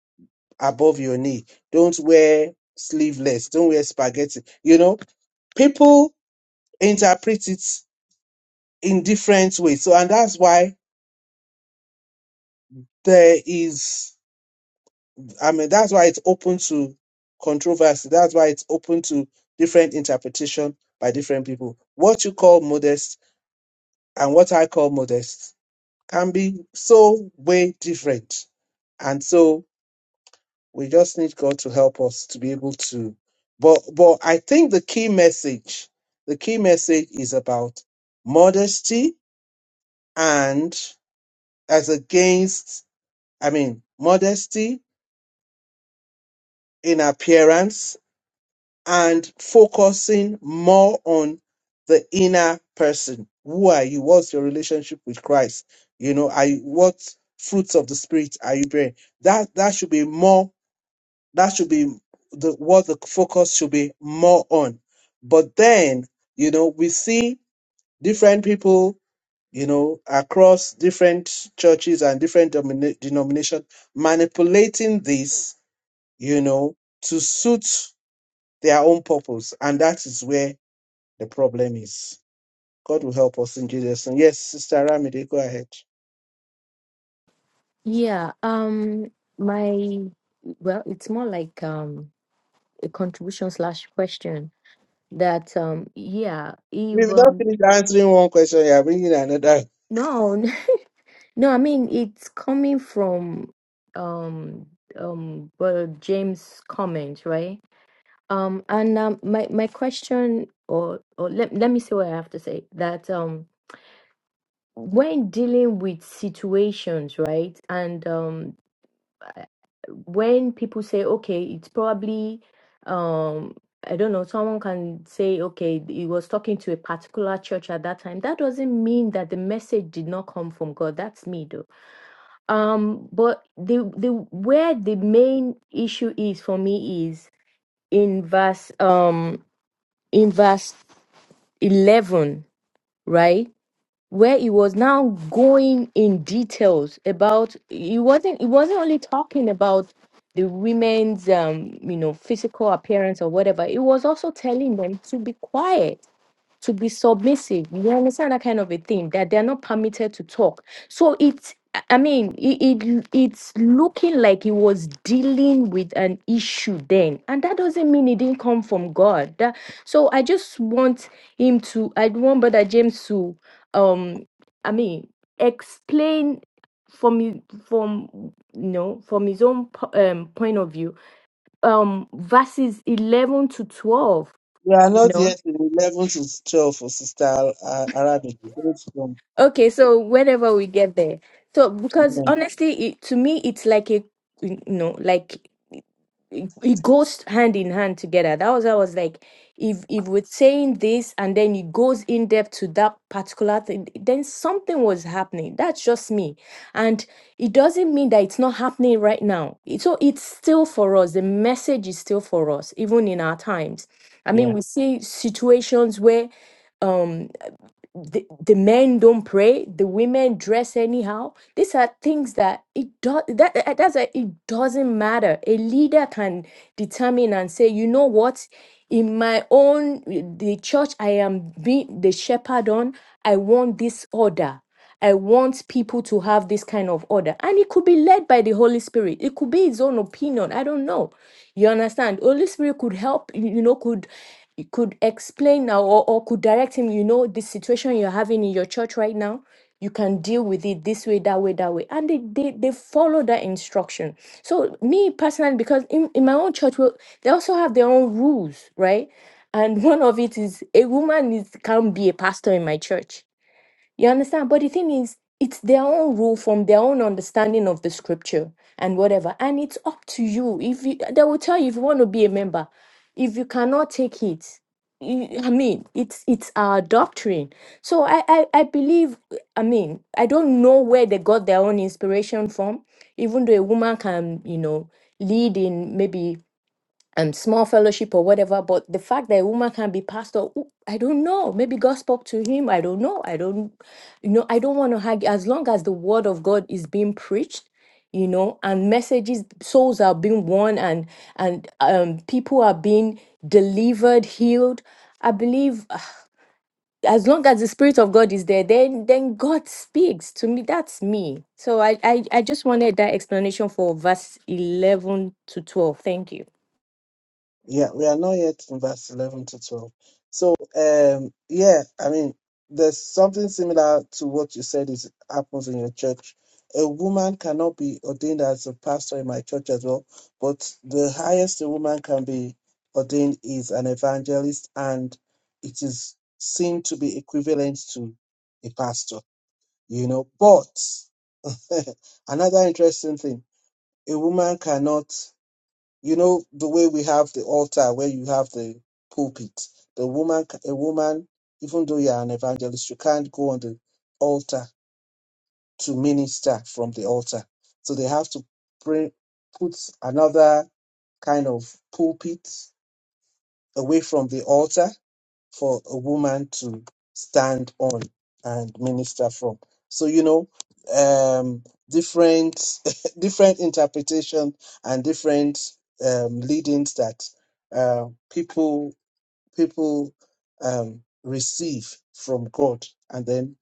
above your knee. Don't wear sleeveless. Don't wear spaghetti. You know, people interpret it in different ways. So, and that's why there is, I mean, that's why it's open to controversy. That's why it's open to different interpretation by different people. What you call modest and what I call modest can be so way different. And so we just need God to help us to be able to. But, but I think the key message, the key message is about modesty and as against, I mean, modesty in appearance and focusing more on the inner person. Who are you? What's your relationship with Christ? You know, are you, what fruits of the spirit are you bearing? That that should be more. That should be the what the focus should be more on. But then, you know, we see different people, you know, across different churches and different denomina- denomination manipulating this, you know, to suit their own purpose, and that is where the problem is. God will help us in Jesus' name. Yes, Sister Ramide, go ahead. Yeah, um, my well, it's more like um a contribution slash question that um yeah, if We've not um finished answering one question. You are bringing another. no no, I mean it's coming from um um well James' comment, right? Um and um my my question or or let let me see what I have to say that um when dealing with situations, right? And um when people say okay it's probably um i don't know someone can say okay he was talking to a particular church at that time that doesn't mean that the message did not come from god that's me though um but the the where the main issue is for me is in verse um in verse 11 right where he was now going in details about he wasn't he wasn't only talking about the women's um you know physical appearance or whatever it was also telling them to be quiet to be submissive. You understand that kind of a thing that they're not permitted to talk. So it's I I mean, it, it it's looking like he was dealing with an issue then, and that doesn't mean it didn't come from God. That, so I just want him to. I want Brother James to, um, I mean, explain from his- from you know from his own po- um point of view, um, verses eleven to twelve. We are You not know. yet in 11 to 12 for Sister Ar- Ar- Aramide. Go to them. Okay, so whenever we get there. So because Yeah. honestly, it, to me, it's like a you know, like it, it it goes hand in hand together. That was I was like, if if we're saying this and then it goes in depth to that particular thing, then something was happening. That's just me, and it doesn't mean that it's not happening right now. It- So it's still for us. The message is still for us, even in our times. I yeah. mean, we see situations where. um, the, the men don't pray the women dress anyhow these are things that it does that that- that's a, it doesn't matter a leader can determine and say you know what in my own the church i am being the shepherd on i want this order I want people to have this kind of order. And it could be led by the Holy Spirit. It could be his own opinion. I don't know. You understand? Holy Spirit could help, you know, could it could explain now or, or could direct him, you know, the situation you're having in your church right now. You can deal with it this way, that way, that way. And they they, they follow that instruction. So me personally, because in, in my own church, well, they also have their own rules, right? And one of it is a woman is can't be a pastor in my church you understand? But the thing is, it's their own rule from their own understanding of the scripture and whatever. And it's up to you. If you, they will tell you if you want to be a member, if you cannot take it, you- I mean, it's it's our doctrine. So I, I I believe. I mean, I don't know where they got their own inspiration from. Even though a woman can, you know, lead in maybe and small fellowship or whatever. But the fact that a woman can be pastor, oo- I don't know. Maybe God spoke to him. I don't know. I don't, you know, I don't want to argue. As long as the word of God is being preached, you know, and messages, souls are being won, and and um, people are being delivered, healed. I believe ah, as long as the spirit of God is there, then then God speaks to me. That's me. So I I, I just wanted that explanation for verse eleven to twelve. Thank you. Yeah, we are not yet in verse 11 to 12. So, um, yeah, I mean, there's something similar to what you said is happens in your church. A woman cannot be ordained as a pastor in my church as well, but the highest a woman can be ordained is an evangelist, and it is seen to be equivalent to a pastor, you know. But another interesting thing, a woman cannot you know the way we have the altar where you have the pulpit the woman a woman even though you are an evangelist you can't go on the altar to minister from the altar so they have to bring put another kind of pulpit away from the altar for a woman to stand on and minister from. So you know, um, different different interpretation and different um, leadings that uh, people people um, receive from God, and then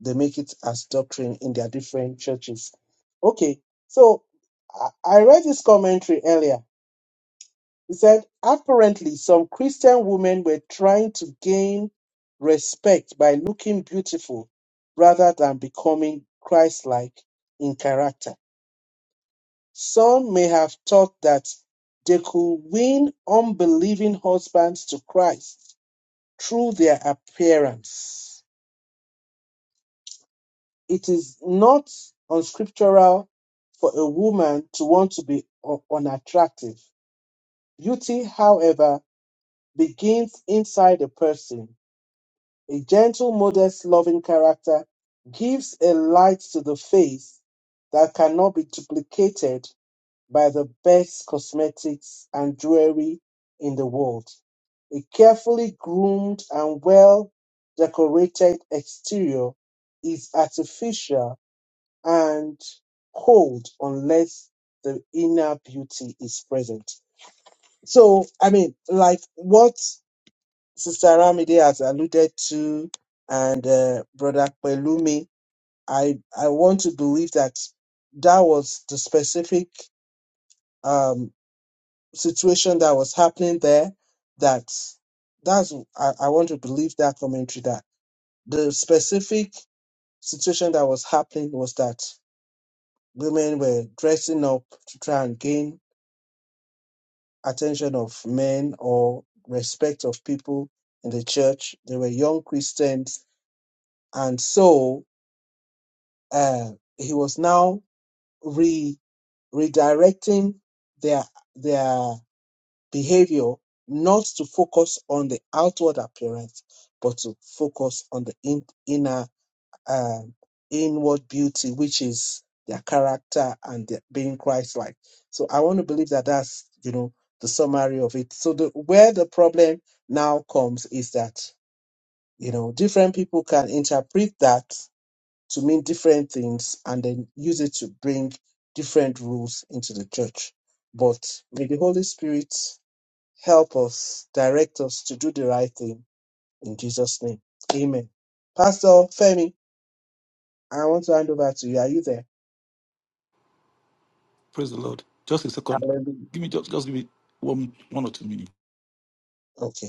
they make it as doctrine in their different churches. Okay, so I I read this commentary earlier he said, apparently, some Christian women were trying to gain respect by looking beautiful rather than becoming Christ like in character. Some may have thought that they could win unbelieving husbands to Christ through their appearance. It is not unscriptural for a woman to want to be u- unattractive. Beauty, however, begins inside a person A gentle, modest, loving character gives a light to the face that cannot be duplicated by the best cosmetics and jewelry in the world. A carefully groomed and well decorated exterior is artificial and cold unless the inner beauty is present. So, I mean, like what Sister Ramide has alluded to, and uh, Brother Pelumi, I, I want to believe that that was the specific um, situation that was happening there. That that's I, I want to believe that commentary that the specific situation that was happening was that women were dressing up to try and gain attention of men or respect of people in the church. They were young Christians, and so uh, he was now re redirecting their their behavior not to focus on the outward appearance but to focus on the in, inner um, inward beauty which is their character and their being christ like so i want to believe that that's you know the summary of it so the where the problem now comes is that you know different people can interpret that to mean different things and then use it to bring different rules into the church. But may the Holy Spirit help us, direct us to do the right thing in Jesus' name. Amen. Pastor Femi, I want to hand over to you. Are you there? Praise the Lord. Just a second. Hallelujah. Give me just just give me one one or two minutes. Okay.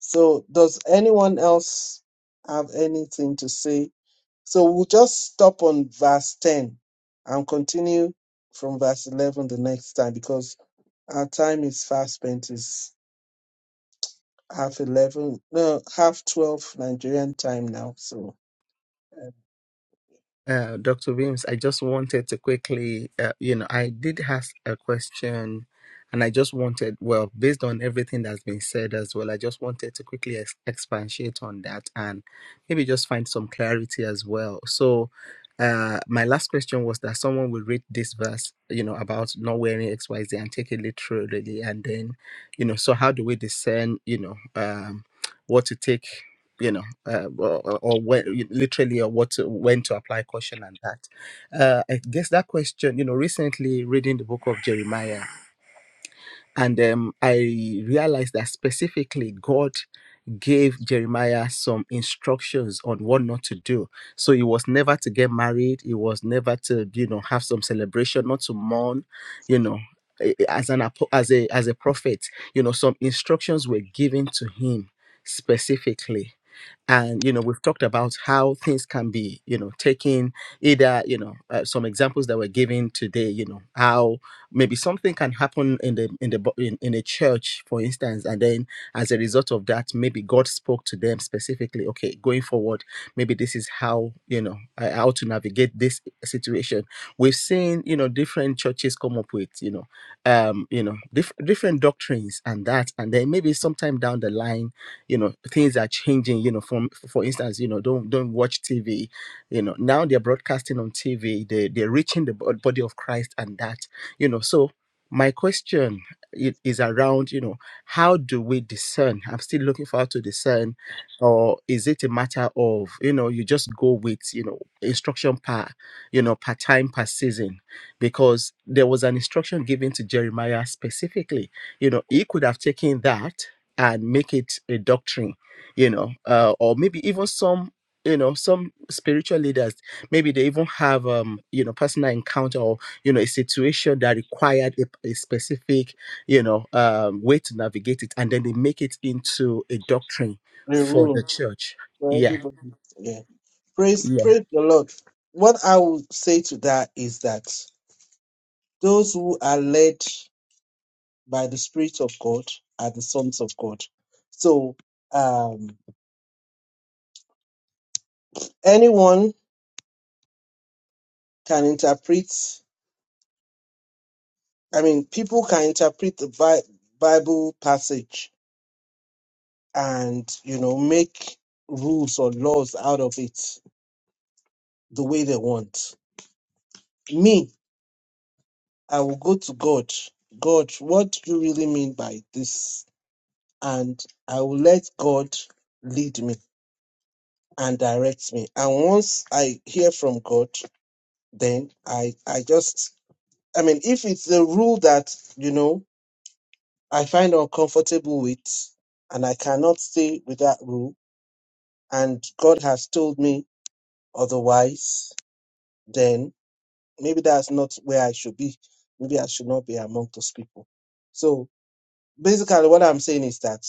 So, does anyone else have anything to say? So, we'll just stop on verse 10 and continue from verse 11 the next time because our time is fast spent. Is half 11, no, half 12 Nigerian time now. So uh, Uh, Dr. Williams, I just wanted to quickly, uh, you know, I did ask a question and I just wanted, well, based on everything that's been said as well, I just wanted to quickly ex- expatiate on that and maybe just find some clarity as well. So, uh, my last question was that someone will read this verse, you know, about not wearing XYZ and take it literally. And then, you know, so how do we discern, you know, um, what to take? you know, uh, or, or or where, literally or what to, when to apply caution and that. Uh, I guess that question, you know, recently reading the book of Jeremiah, and um, I realized that specifically God gave Jeremiah some instructions on what not to do. So he was never to get married. He was never to, you know, have some celebration, not to mourn, you know. eh, eh, As an apo- as a as a prophet, you know, some instructions were given to him specifically and you know we've talked about how things can be you know taken either you know uh, some examples that were given today you know how maybe something can happen in the in the bo- in, in a church for instance and then as a result of that maybe god spoke to them specifically okay going forward maybe this is how you know uh, how to navigate this situation we've seen you know different churches come up with you know um you know diff- different doctrines and that and then maybe sometime down the line you know things are changing you know from for instance you know don't don't watch tv you know now they're broadcasting on tv they, they're reaching the bod- body of christ and that you know so my question i- is around you know how do we discern i'm still looking for how to discern or is it a matter of you know you just go with you know instruction per you know per time per season because there was an instruction given to jeremiah specifically you know he could have taken that and make it a doctrine you know uh, or maybe even some you know some spiritual leaders maybe they even have um you know personal encounter or you know a situation that required a, a specific you know um way to navigate it and then they make it into a doctrine the for rule the church for yeah everybody. Yeah. Praise, yeah praise the Lord. What I would say to that is that those who are led by the Spirit of God are the sons of God. So um, anyone can interpret, I mean, people can interpret the Bi- Bible passage and, you know, make rules or laws out of it the way they want. Me, I will go to God. God, what do you really mean by this? And I will let God lead me and direct me. And once I hear from God, then I I just I mean, if it's a rule that you know I find uncomfortable with, and I cannot stay with that rule, and God has told me otherwise, then maybe that's not where I should be. Maybe I should not be among those people. So basically what i'm saying is that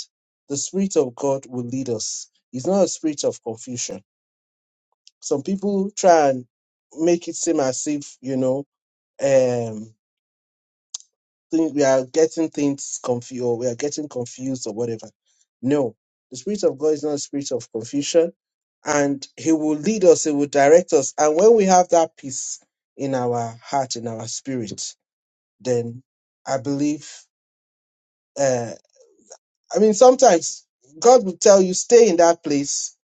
the spirit of god will lead us it's not a spirit of confusion some people try and make it seem as if you know um think we are getting things confused or we are getting confused or whatever no the spirit of god is not a spirit of confusion and he will lead us he will direct us and when we have that peace in our heart in our spirit then i believe uh, I mean, sometimes God will tell you, stay in that place.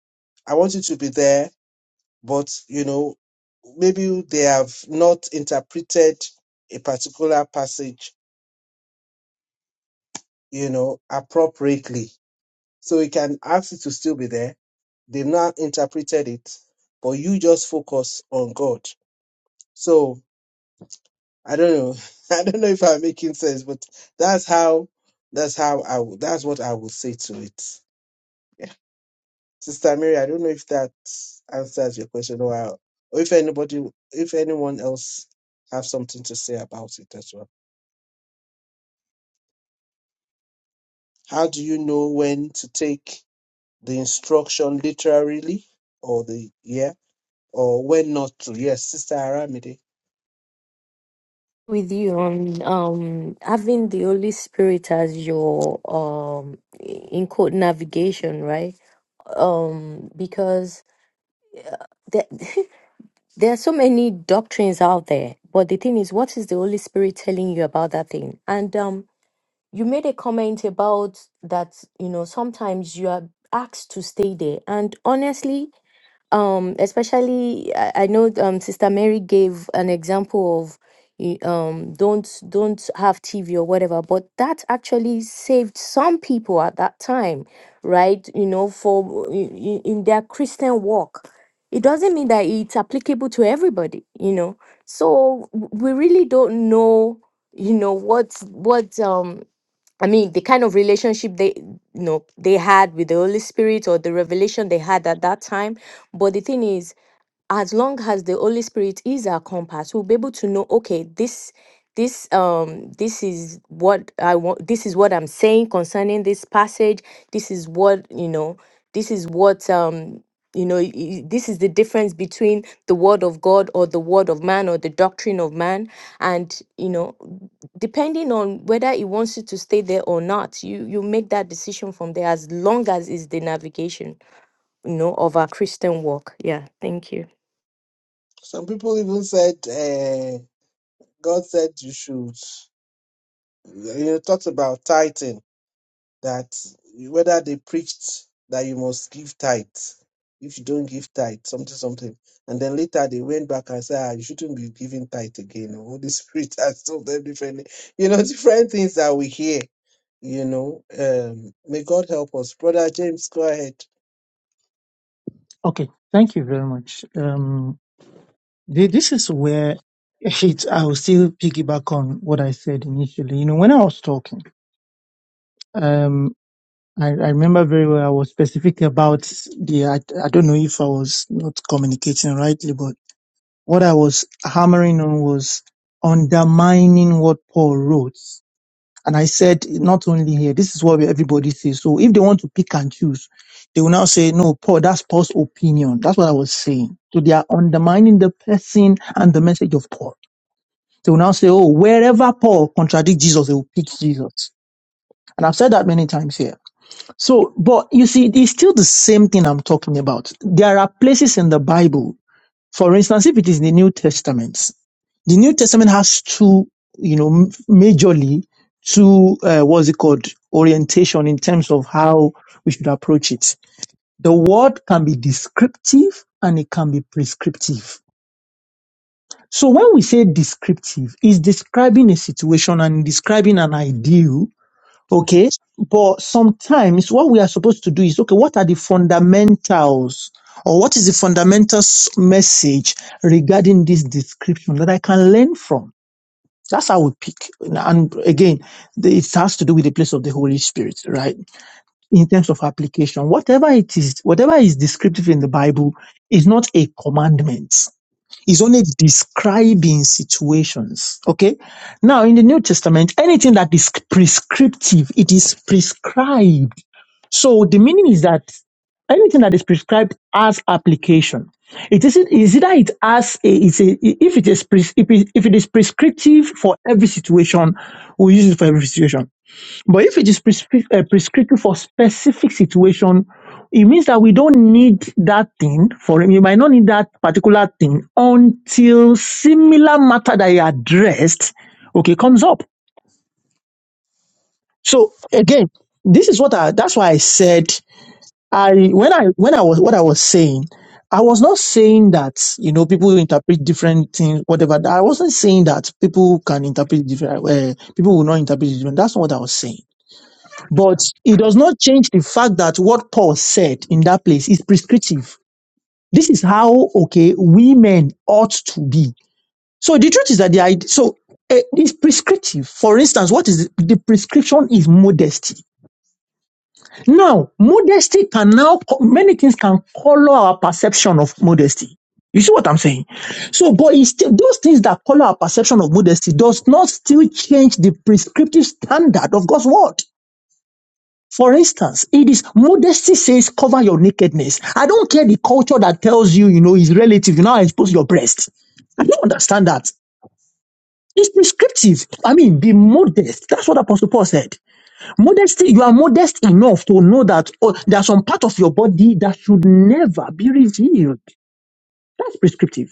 I want you to be there. But, you know, maybe they have not interpreted a particular passage, you know, appropriately. So he can ask you to still be there. They've not interpreted it, but you just focus on God. So I don't know. I don't know if I'm making sense, but that's how, that's how I, would- that's what I would say to it. Sister Mary, I don't know if that answers your question or, or if anybody, if anyone else have something to say about it as well. How do you know when to take the instruction literally or the, yeah, or when not to? Yes, Sister Aramide. with you on um having the Holy Spirit as your um in quote navigation, right? Um, because there there are so many doctrines out there, but the thing is, what is the Holy Spirit telling you about that thing? And um, you made a comment about that. You know, sometimes you are asked to stay there, and honestly um especially i, I know um sister mary gave an example of y- um don't don't have tv or whatever but that actually saved some people at that time right you know for in, in their christian walk it doesn't mean that it's applicable to everybody you know so w- we really don't know you know what what um I mean, the kind of relationship they you know they had with the Holy Spirit or the revelation they had at that time. But the thing is, as long as the Holy Spirit is our compass, we'll be able to know, okay, this this um this is what I want this is what I'm saying concerning this passage. This is what, you know, this is what um you know, y- y- this is the difference between the word of God or the word of man or the doctrine of man. And, you know, depending on whether it wants you to stay there or not you you make that decision from there as long as it's the navigation you know of our christian walk yeah thank you Some people even said, uh, God said you should, you know, talked about tithing. that whether they preached that you must give tithe if you don't give tithe something something and then later they went back and said ah, you shouldn't be giving tithe again or holy spirit has told them differently you know different things that we hear you know um may god help us brother james go ahead Okay, thank you very much. Um, thi- this is where it, I will still piggyback on what I said initially. You know, when I was talking, um, I, I remember very well I was specific about the, I, I don't know if I was not communicating rightly, but what I was hammering on was undermining what Paul wrote And I said, not only here, this is what everybody says. So if they want to pick and choose, they will now say, no, Paul, that's Paul's opinion. That's what I was saying. So they are undermining the person and the message of Paul. They will now say, oh, wherever Paul contradicts Jesus, they will pick Jesus. And I've said that many times here. So, but you see, it's still the same thing I'm talking about. There are places in the Bible, for instance, if it is in the New Testament, the New Testament has two, you know, m- majorly two, uh, what's it called, orientation in terms of how we should approach it. The word can be descriptive and it can be prescriptive. So when we say descriptive, it's describing a situation and describing an ideal, okay? But sometimes what we are supposed to do is, okay, what are the fundamentals or what is the fundamental s- message regarding this description that I can learn from? That's how we pick. And again, it has to do with the place of the Holy Spirit, right? In terms of application, whatever it is, whatever is descriptive in the Bible is not a commandment. It's only describing situations. Okay. Now, in the New Testament, anything that is prescriptive, it is prescribed so the meaning is that anything that is prescribed as application, it is is either it as a, it's a if it is pres, if, it, if it is prescriptive for every situation, we use it for every situation. But if it is prescri- uh, prescriptive for specific situation, it means that we don't need that thing for we might not need that particular thing until similar matter that you addressed, okay, comes up. So again, this is what I, that's why I said I when I when I was what I was saying, I was not saying that you know people interpret different things, whatever. I wasn't saying that people can interpret different. Uh, people will not interpret it different. That's not what I was saying. But it does not change the fact that what Paul said in that place is prescriptive. This is how okay women ought to be. So the truth is that the idea so. Uh, it's prescriptive. For instance, what is the the prescription is modesty now, modesty can now, many things can color our perception of modesty. You see what I'm saying? So, but it's still, those things that color our perception of modesty does not still change the prescriptive standard of God's word. For instance, it is modesty says cover your nakedness. I don't care the culture that tells you, you know, is relative, you now expose your breast. I don't understand that. It's prescriptive. I mean, be modest. That's what Apostle Paul said. Modesty, you are modest enough to know that oh, there are some part of your body that should never be revealed. That's prescriptive.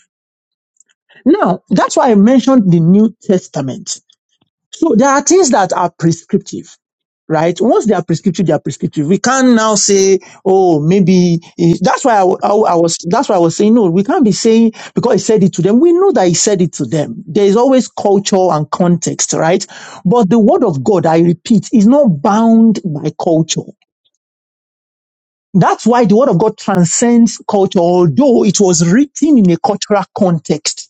Now, that's why I mentioned the New Testament. So there are things that are prescriptive, right? Once they are prescriptive, they are prescriptive. We can now say, oh, maybe eh, that's why I, wa- I wa- I was. That's why I was saying no. We can't be saying because he said it to them. We know that he said it to them. There is always culture and context, right? But the word of God, I repeat, is not bound by culture. That's why the word of God transcends culture, although it was written in a cultural context.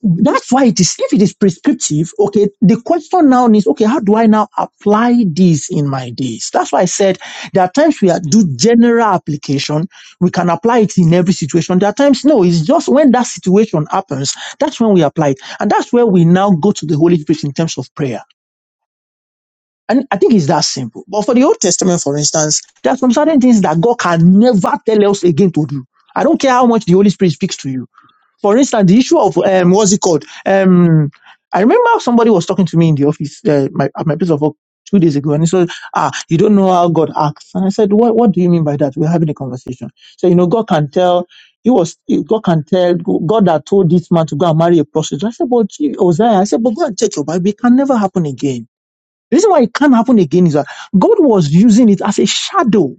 That's why it is, if it is prescriptive, okay, the question now is, okay, how do I now apply this in my days? That's why I said there are times we are, do general application. We can apply it in every situation. There are times, no, it's just when that situation happens, that's when we apply it. And that's where we now go to the Holy Spirit in terms of prayer. And I think it's that simple. But for the Old Testament, for instance, there are some certain things that God can never tell us again to do. I don't care how much the Holy Spirit speaks to you. For instance, the issue of um, what's it called? Um, I remember somebody was talking to me in the office, uh, my, at my place of work two days ago, and he said, "Ah, you don't know how God acts." And I said, "What? What do you mean by that?" We are having a conversation. So you know, God can tell. He was God can tell God that told this man to go and marry a prostitute. I said, "But gee, Hosea," I said, "But go and check your Bible. It can never happen again." The reason why it can't happen again is that God was using it as a shadow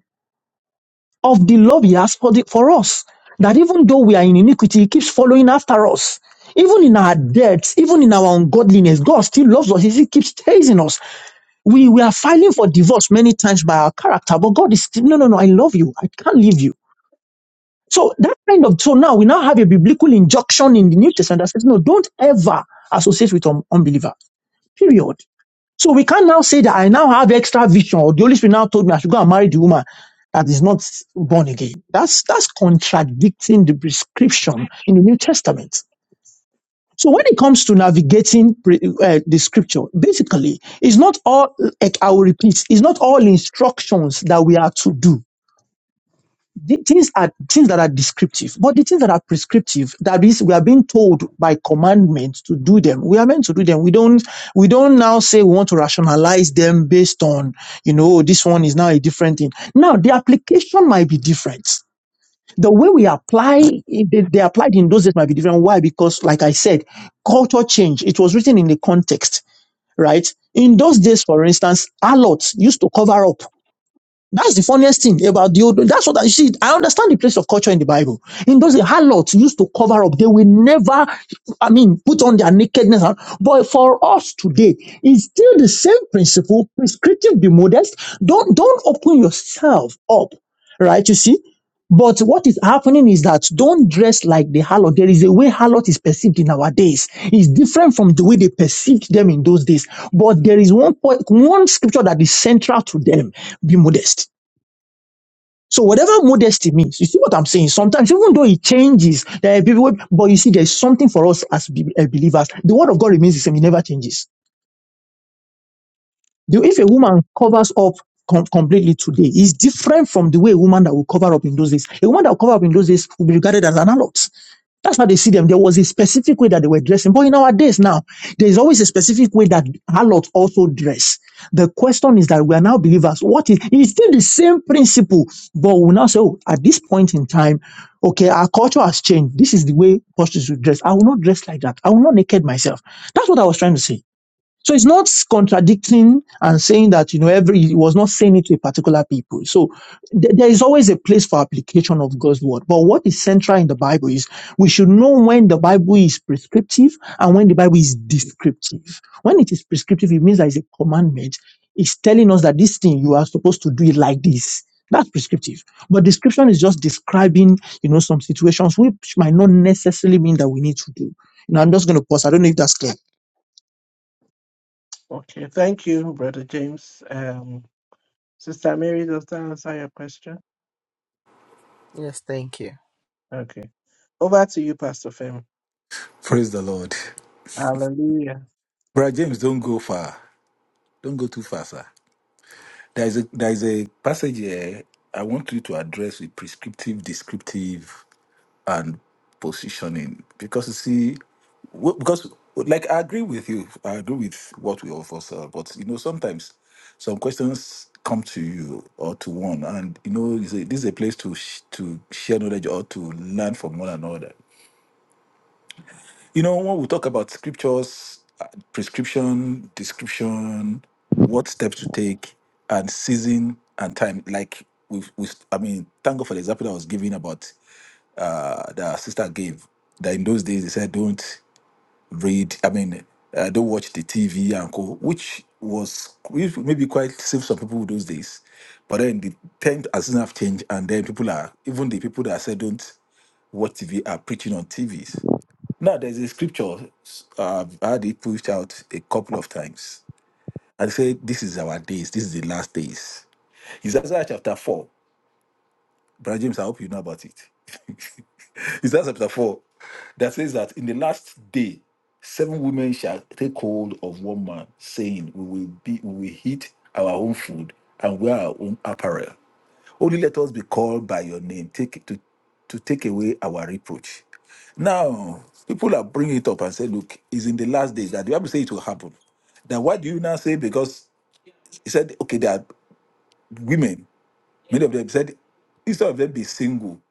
of the love He has for, the, for us. That even though we are in iniquity, He keeps following after us. Even in our debts, even in our ungodliness, God still loves us. He still keeps chasing us. We, we are filing for divorce many times by our character, but God is still, no, no, no, I love you. I can't leave you. So that kind of, so now we now have a biblical injunction in the New Testament that says, no, don't ever associate with un- unbeliever. Period. So we can't now say that I now have extra vision, or the Holy Spirit now told me I should go and marry the woman that is not born again. That's that's contradicting the prescription in the New Testament. So when it comes to navigating pre- uh, the scripture, basically, it's not all, like I will repeat, it's not all instructions that we are to do the things are things that are descriptive, but the things that are prescriptive, that is, we are being told by commandment to do them. We are meant to do them. We don't we don't now say we want to rationalize them based on, you know, "Oh, this one is now a different thing. Now the application might be different. The way we apply it- they, they applied in those days might be different. Why? Because, like I said, culture change. It was written in the context, right? In those days, for instance, allots used to cover up that's the funniest thing about the old. That's what I you see. I understand the place of culture in the Bible. In those days, harlots used to cover up. They will never, I mean, put on their nakedness. But for us today, it's still the same principle. Prescriptive, be modest. Don't don't open yourself up, right? You see. But what is happening is that don't dress like the harlot. There is a way harlot is perceived in our days. It's different from the way they perceived them in those days. But there is one point, one scripture that is central to them. Be modest so whatever modesty means, you see what I'm saying? Sometimes, even though it changes, there are people, but you see, there's something for us as be- eh, believers. The word of God remains the same. It never changes. The, if a woman covers up com- completely today, is different from the way a woman that will cover up in those days. A woman that will cover up in those days will be regarded as an adult. That's how they see them. There was a specific way that they were dressing. But in our days now, there is always a specific way that harlots also dress. The question is that we are now believers. What is, it's still the same principle, but we now say, oh, at this point in time, okay, our culture has changed. This is the way prostitutes should dress. I will not dress like that. I will not naked myself. That's what I was trying to say. So it's not contradicting and saying that, you know, every, he was not saying it to a particular people. So th- there is always a place for application of God's word. But what is central in the Bible is we should know when the Bible is prescriptive and when the Bible is descriptive. When it is prescriptive, it means that it's a commandment. It's telling us that this thing, you are supposed to do it like this. That's prescriptive. But description is just describing, you know, some situations which might not necessarily mean that we need to do. You know, I'm just going to pause. I don't know if that's clear. okay thank you brother james um sister mary does that answer your question yes thank you okay over to you pastor fem Praise the Lord. hallelujah Brother James, don't go far. Don't go too far, sir. There is a there is a passage here I want you to address with prescriptive, descriptive and positioning because you see w- because like i agree with you i agree with what we offer sir but you know sometimes some questions come to you or to one and you know you say this is a place to sh- to share knowledge or to learn from one another you know when we talk about scriptures uh, prescription description what steps to take and season and time like we we i mean thank god for the example that i was giving about uh, that sister gave that in those days they said don't read i mean uh, don't watch the tv and co which was which maybe quite safe some people those days but then the times as have changed and then people are even the people that said don't watch tv are preaching on tvs now there's a scripture uh, i've had it pushed out a couple of times and say this is our days this is the last days it's Isaiah chapter 4 brother james i hope you know about it Is that chapter 4? That says that in the last day, seven women shall take hold of one man, saying, We will be we will eat our own food and wear our own apparel. Only let us be called by your name, take to, to take away our reproach. Now, people are bringing it up and say, Look, it's in the last days that the Bible says it will happen. Then why do you now say because he said, Okay, there are women Many of them said, instead of them be single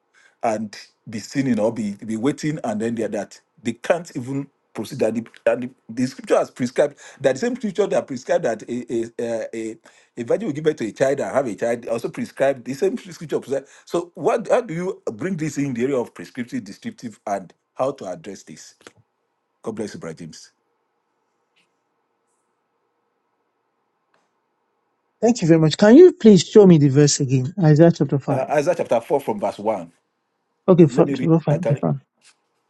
and be sinning or be, be waiting and then they're that, they can't even proceed. That the, that the, the scripture has prescribed, that the same scripture that prescribed that a, a, a, a a virgin will give birth to a child and have a child also prescribed, the same scripture prescribed. So what, how do you bring this in the area of prescriptive, descriptive, and how to address this? God bless you, Brother James. Thank you very much. Can you please show me the verse again? Isaiah chapter Uh, 5. Isaiah chapter 4 from verse 1. Okay, Let from me read. chapter 5. I that's can, fine.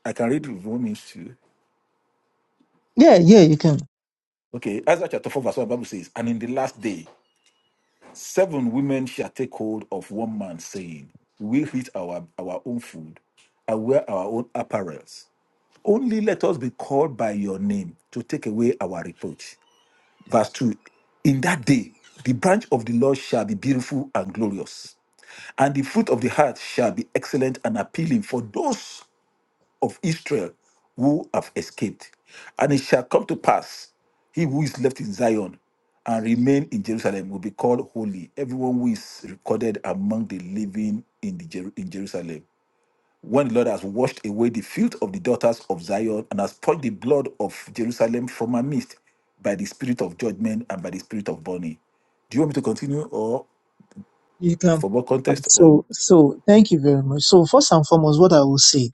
I can read Romans 2. Yeah, yeah, you can. Okay, Isaiah chapter 4, verse 1, the Bible says, And in the last day, seven women shall take hold of one man, saying, We eat our, our own food and wear our own apparels. Only let us be called by your name to take away our reproach. Verse Yes. 2 In that day, the branch of the Lord shall be beautiful and glorious, and the fruit of the heart shall be excellent and appealing for those of Israel who have escaped. And it shall come to pass, he who is left in Zion and remain in Jerusalem will be called holy. Everyone who is recorded among the living in, the Jer- in Jerusalem. When the Lord has washed away the filth of the daughters of Zion and has purged the blood of Jerusalem from her midst by the spirit of judgment and by the spirit of burning. Do you want me to continue or You can. for more context or So, so thank you very much. So first and foremost, what I will say,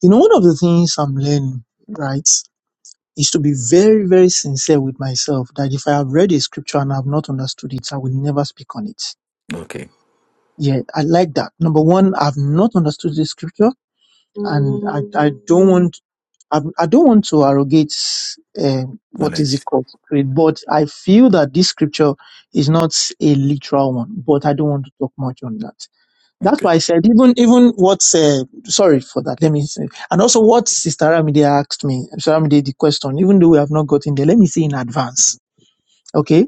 you know, one of the things I'm learning, right, is to be very, very sincere with myself that if I have read a scripture and I've not understood it, I will never speak on it. okay Yeah, I like that. Number one, I've not understood the scripture and I, I don't want I'm, I don't want to arrogate um, what is it knowledge? called grade, but I feel that this scripture is not a literal one. But I don't want to talk much on that. That's Okay. why I said even even what uh, sorry for that. Let me say, and also what Sister Ramide asked me, Sister Ramide, the question. Even though we have not gotten there, let me say in advance, okay,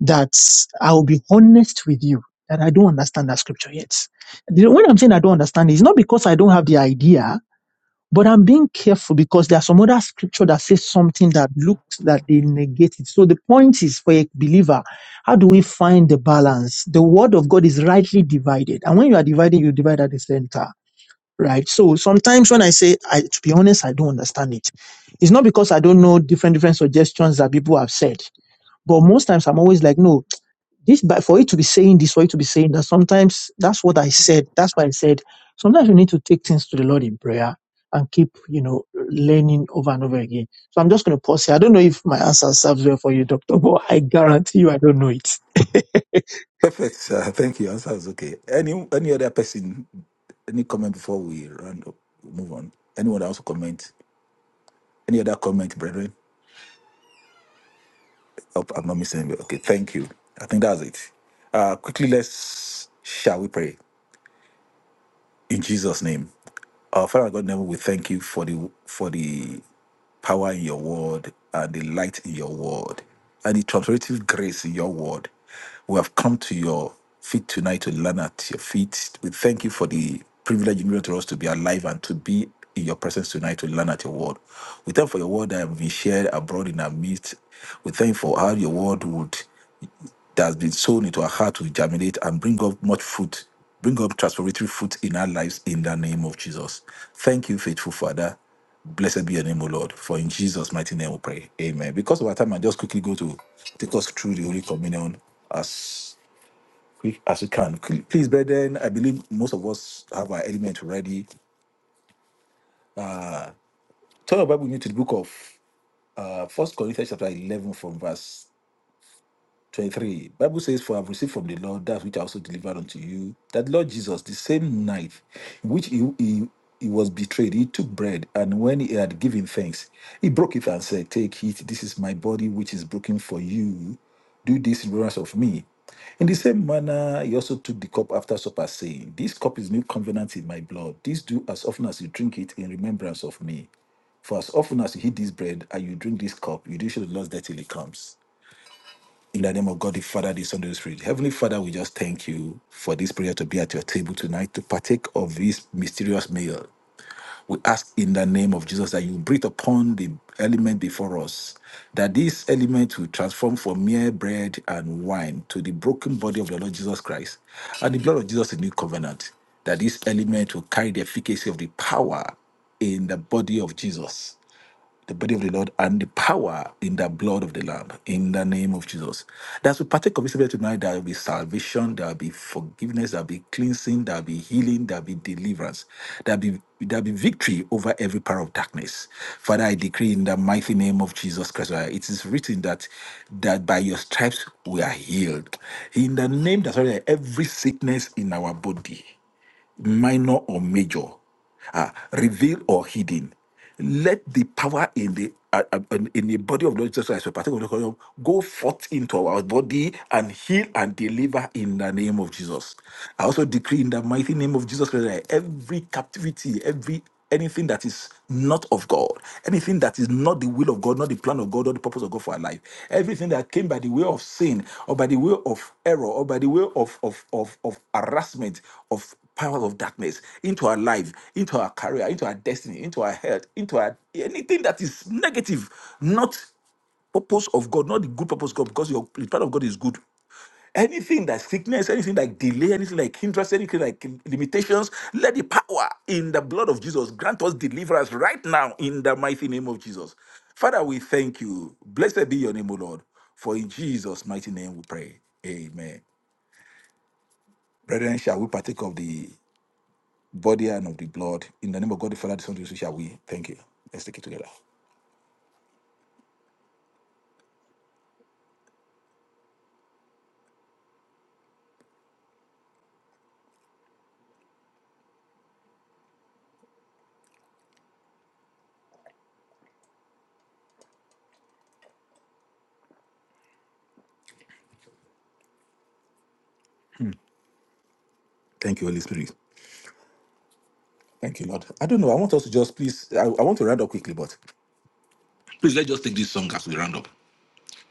that I will be honest with you that I don't understand that scripture yet. The- When I'm saying I don't understand, it's not because I don't have the idea but I'm being careful because there are some other scripture that says something that looks that they negate it. So the point is for a believer, how do we find the balance? The word of God is rightly divided. And when you are dividing, you divide at the center, right? So sometimes when I say, I, to be honest, I don't understand it. It's not because I don't know different, different suggestions that people have said. But most times I'm always like, no, this but for it to be saying this, for it to be saying that, sometimes that's what I said. That's why I said sometimes you need to take things to the Lord in prayer and keep, you know, learning over and over again. So I'm just gonna pause here. I don't know if my answer serves well for you, Doctor, but I guarantee you I don't know it. Perfect, sir. Thank you. Answer is okay. Any any other person? Any comment before we round up? Move on. Anyone else comment? Any other comment, brethren? Hope I'm not missing. anybody. Okay, thank you. I think that's it. Uh, quickly, let's shall we pray in Jesus' name. Our Father and God, in heaven, we thank you for the for the power in your word and the light in your word and the transformative grace in your word. We have come to your feet tonight to learn at your feet. We thank you for the privilege you give to us to be alive and to be in your presence tonight to learn at your word. We thank you for your word that has been shared abroad in our midst. We thank you for how your word would that has been sown into our heart to germinate and bring up much fruit, bring up transformative fruit in our lives in the name of Jesus. Thank you, faithful Father. Blessed be your name, O Lord. For in Jesus' mighty name we pray. Amen. Because of our time, I just quickly go to take us through the Holy Communion as quick as we can. Please, brethren, I believe most of us have our element already. Turn your Bible with me to the book of uh, First Corinthians chapter 11 from verse 23. Bible says, For I have received from the Lord that which I also delivered unto you, that the Lord Jesus, the same night in which he, he, he was betrayed, he took bread, and when he had given thanks, he broke it and said, 'Take Take it, this is my body which is broken for you. Do this in remembrance of me. In the same manner, he also took the cup after supper, saying, 'This cup is new covenant in my blood. This do as often as you drink it in remembrance of me. For as often as you eat this bread and you drink this cup, you do show the Lord's death till he comes. In the name of God, the Father, the Son, and the Holy Spirit. Heavenly Father, we just thank you for this prayer to be at your table tonight to partake of this mysterious meal. We ask in the name of Jesus that you breathe upon the element before us, that this element will transform from mere bread and wine to the broken body of the Lord Jesus Christ and the blood of Jesus in new covenant, that this element will carry the efficacy of the power in the body of Jesus the body of the Lord and the power in the blood of the Lamb, in the name of Jesus. That as we partake of this bread tonight, there will be salvation, there will be forgiveness, there will be cleansing, there will be healing, there will be deliverance, there will be there be victory over every power of darkness. Father, I decree in the mighty name of Jesus Christ. uh, It is written that that by your stripes we are healed. In the name that's already every sickness in our body minor or major, uh, revealed or hidden. Let the power in the uh, uh, in in the body of Lord Jesus Christ, the particular body go forth into our body and heal and deliver in the name of Jesus. I also decree in the mighty name of Jesus Christ that every captivity, every anything that is not of God, anything that is not the will of God, not the plan of God, or the purpose of God for our life, everything that came by the way of sin, or by the way of error, or by the way of of of, of harassment, of power of darkness into our life, into our career, into our destiny, into our health, into our anything that is negative, not purpose of God, not the good purpose of God, because your the plan of God is good. Anything that sickness, anything like delay, anything like hindrance, anything like limitations, let the power in the blood of Jesus grant us deliverance right now in the mighty name of Jesus. Father, we thank you. Blessed be your name, O Lord. For in Jesus' mighty name we pray. Amen. Brethren, shall we partake of the body and of the blood. In the name of God, the Father, the Son, the Holy Spirit, shall we. Thank you. Let's take it together. Thank you, Holy Spirit. Thank you, Lord. I don't know. I want us to just please. I, I want to round up quickly, but please let's just take this song as we round up.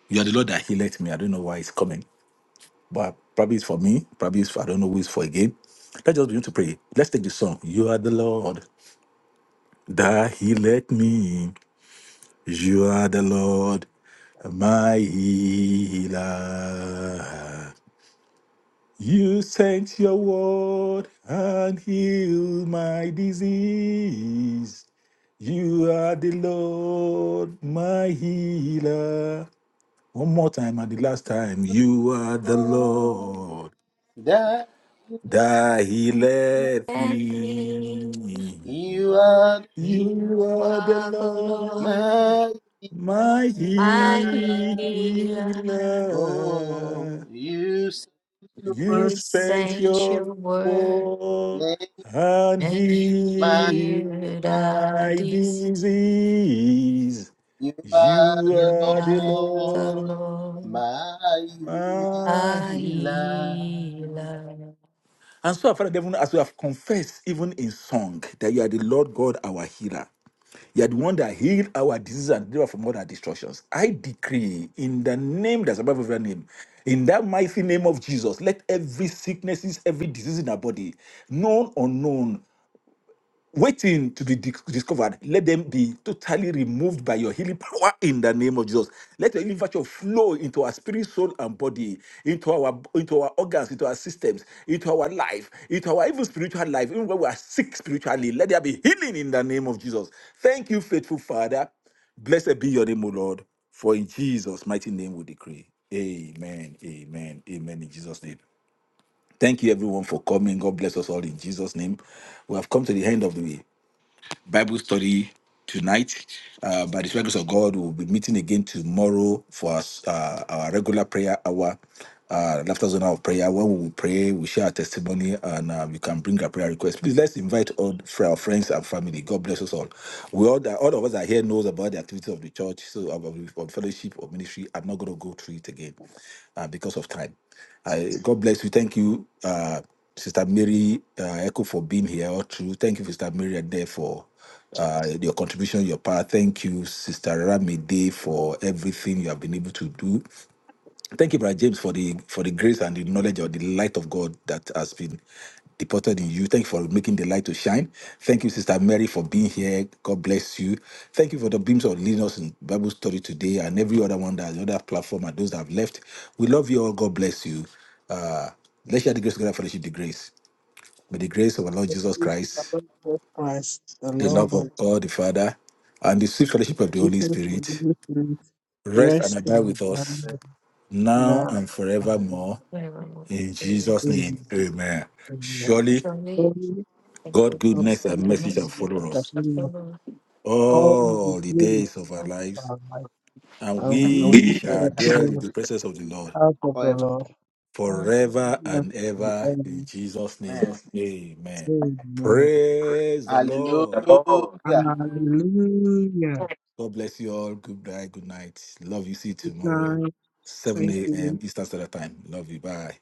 You are the Lord that He let me. I don't know why it's coming, but probably it's for me. Probably it's for, I don't know who it's for again. Let's just begin to pray. Let's take this song. You are the Lord that He let me. You are the Lord my healer. You sent your word and healed my disease. You are the Lord, my healer. One more time, and the last time, you are the Oh, Lord that that healeth Let me, me. you are You you are the are the Lord, Lord, my my my God. healer. healer. Oh, you said your You word You sent sent your your word word and and you healed healed our my disease. disease. You are You the You are the are the Lord, Lord, Lord, my my my healer. healer. healer. And so, our Father, even as we have confessed, even in song, that you are the Lord God, our healer. You are the one that healed our disease and delivered from all our destructions. I decree in the name that's above every name, in that mighty name of Jesus, let every sicknesses, every disease in our body, known or unknown, waiting to be dis- discovered, let them be totally removed by your healing power in the name of Jesus. Let your healing virtue flow into our spirit, soul, and body, into our into our organs, into our systems, into our life, into our even spiritual life, even when we are sick spiritually. Let there be healing in the name of Jesus. Thank you, faithful Father. Blessed be your name, O Lord. For in Jesus' mighty name we decree. Amen. Amen. Amen. In Jesus' name. Thank you, everyone, for coming. God bless us all in Jesus' name. We have come to the end of the week. Bible study tonight. Uh, by the grace of God, we'll be meeting again tomorrow for us, uh, our regular prayer hour, uh, laughter zone hour of prayer. Where we will pray, we share our testimony, and uh, you can bring a prayer request. Please let's invite all for our friends and family. God bless us all. We all all of us are here knows about the activity of the church, so of, of, of fellowship of ministry. I'm not going to go through it again uh, because of time. I, God bless you. Thank you, uh, Sister Mary uh, Echo, for being here all through. Thank you, Sister Mary Ade, for uh, your contribution, your power. Thank you, Sister Ramide, for everything you have been able to do. Thank you, Brother James, for the for the grace and the knowledge of the light of God that has been deposited in you. Thank you for making the light to shine. Thank you, Sister Mary, for being here. God bless you. Thank you for the beams of leading us in Bible study today and every other one that the other platform and those that have left. We love you all. God bless you. Uh, let's share the grace together, fellowship the grace. May the grace of our Lord Thank Jesus you, Christ, Lord Jesus Christ, the the And love love of the of God the Father, and the sweet fellowship of the Holy people to Spirit deliverance, rest and rest abide in with and us worship now now and and forevermore. Where are we? In Jesus' in name, amen. in the Surely Surely. glory Thank God' of goodness goodness and and the freedom mercy to shall mercy Jesus follow comes Christ, us the glory of upon all all the the all the days days days of our of of lives, our life. and And we we in shall have the house dwell of in been the the Lord presence of the Lord out of the forever. Lord. our life. forever and ever. In Amen. Jesus' name, Amen. amen. Amen. Praise the The Lord. Lord. Hallelujah. Hallelujah. God bless you all. Good night. Good night. Love you. See you Good tomorrow, night. 7 Thank you. a.m. Eastern Standard Time. Love you. Bye.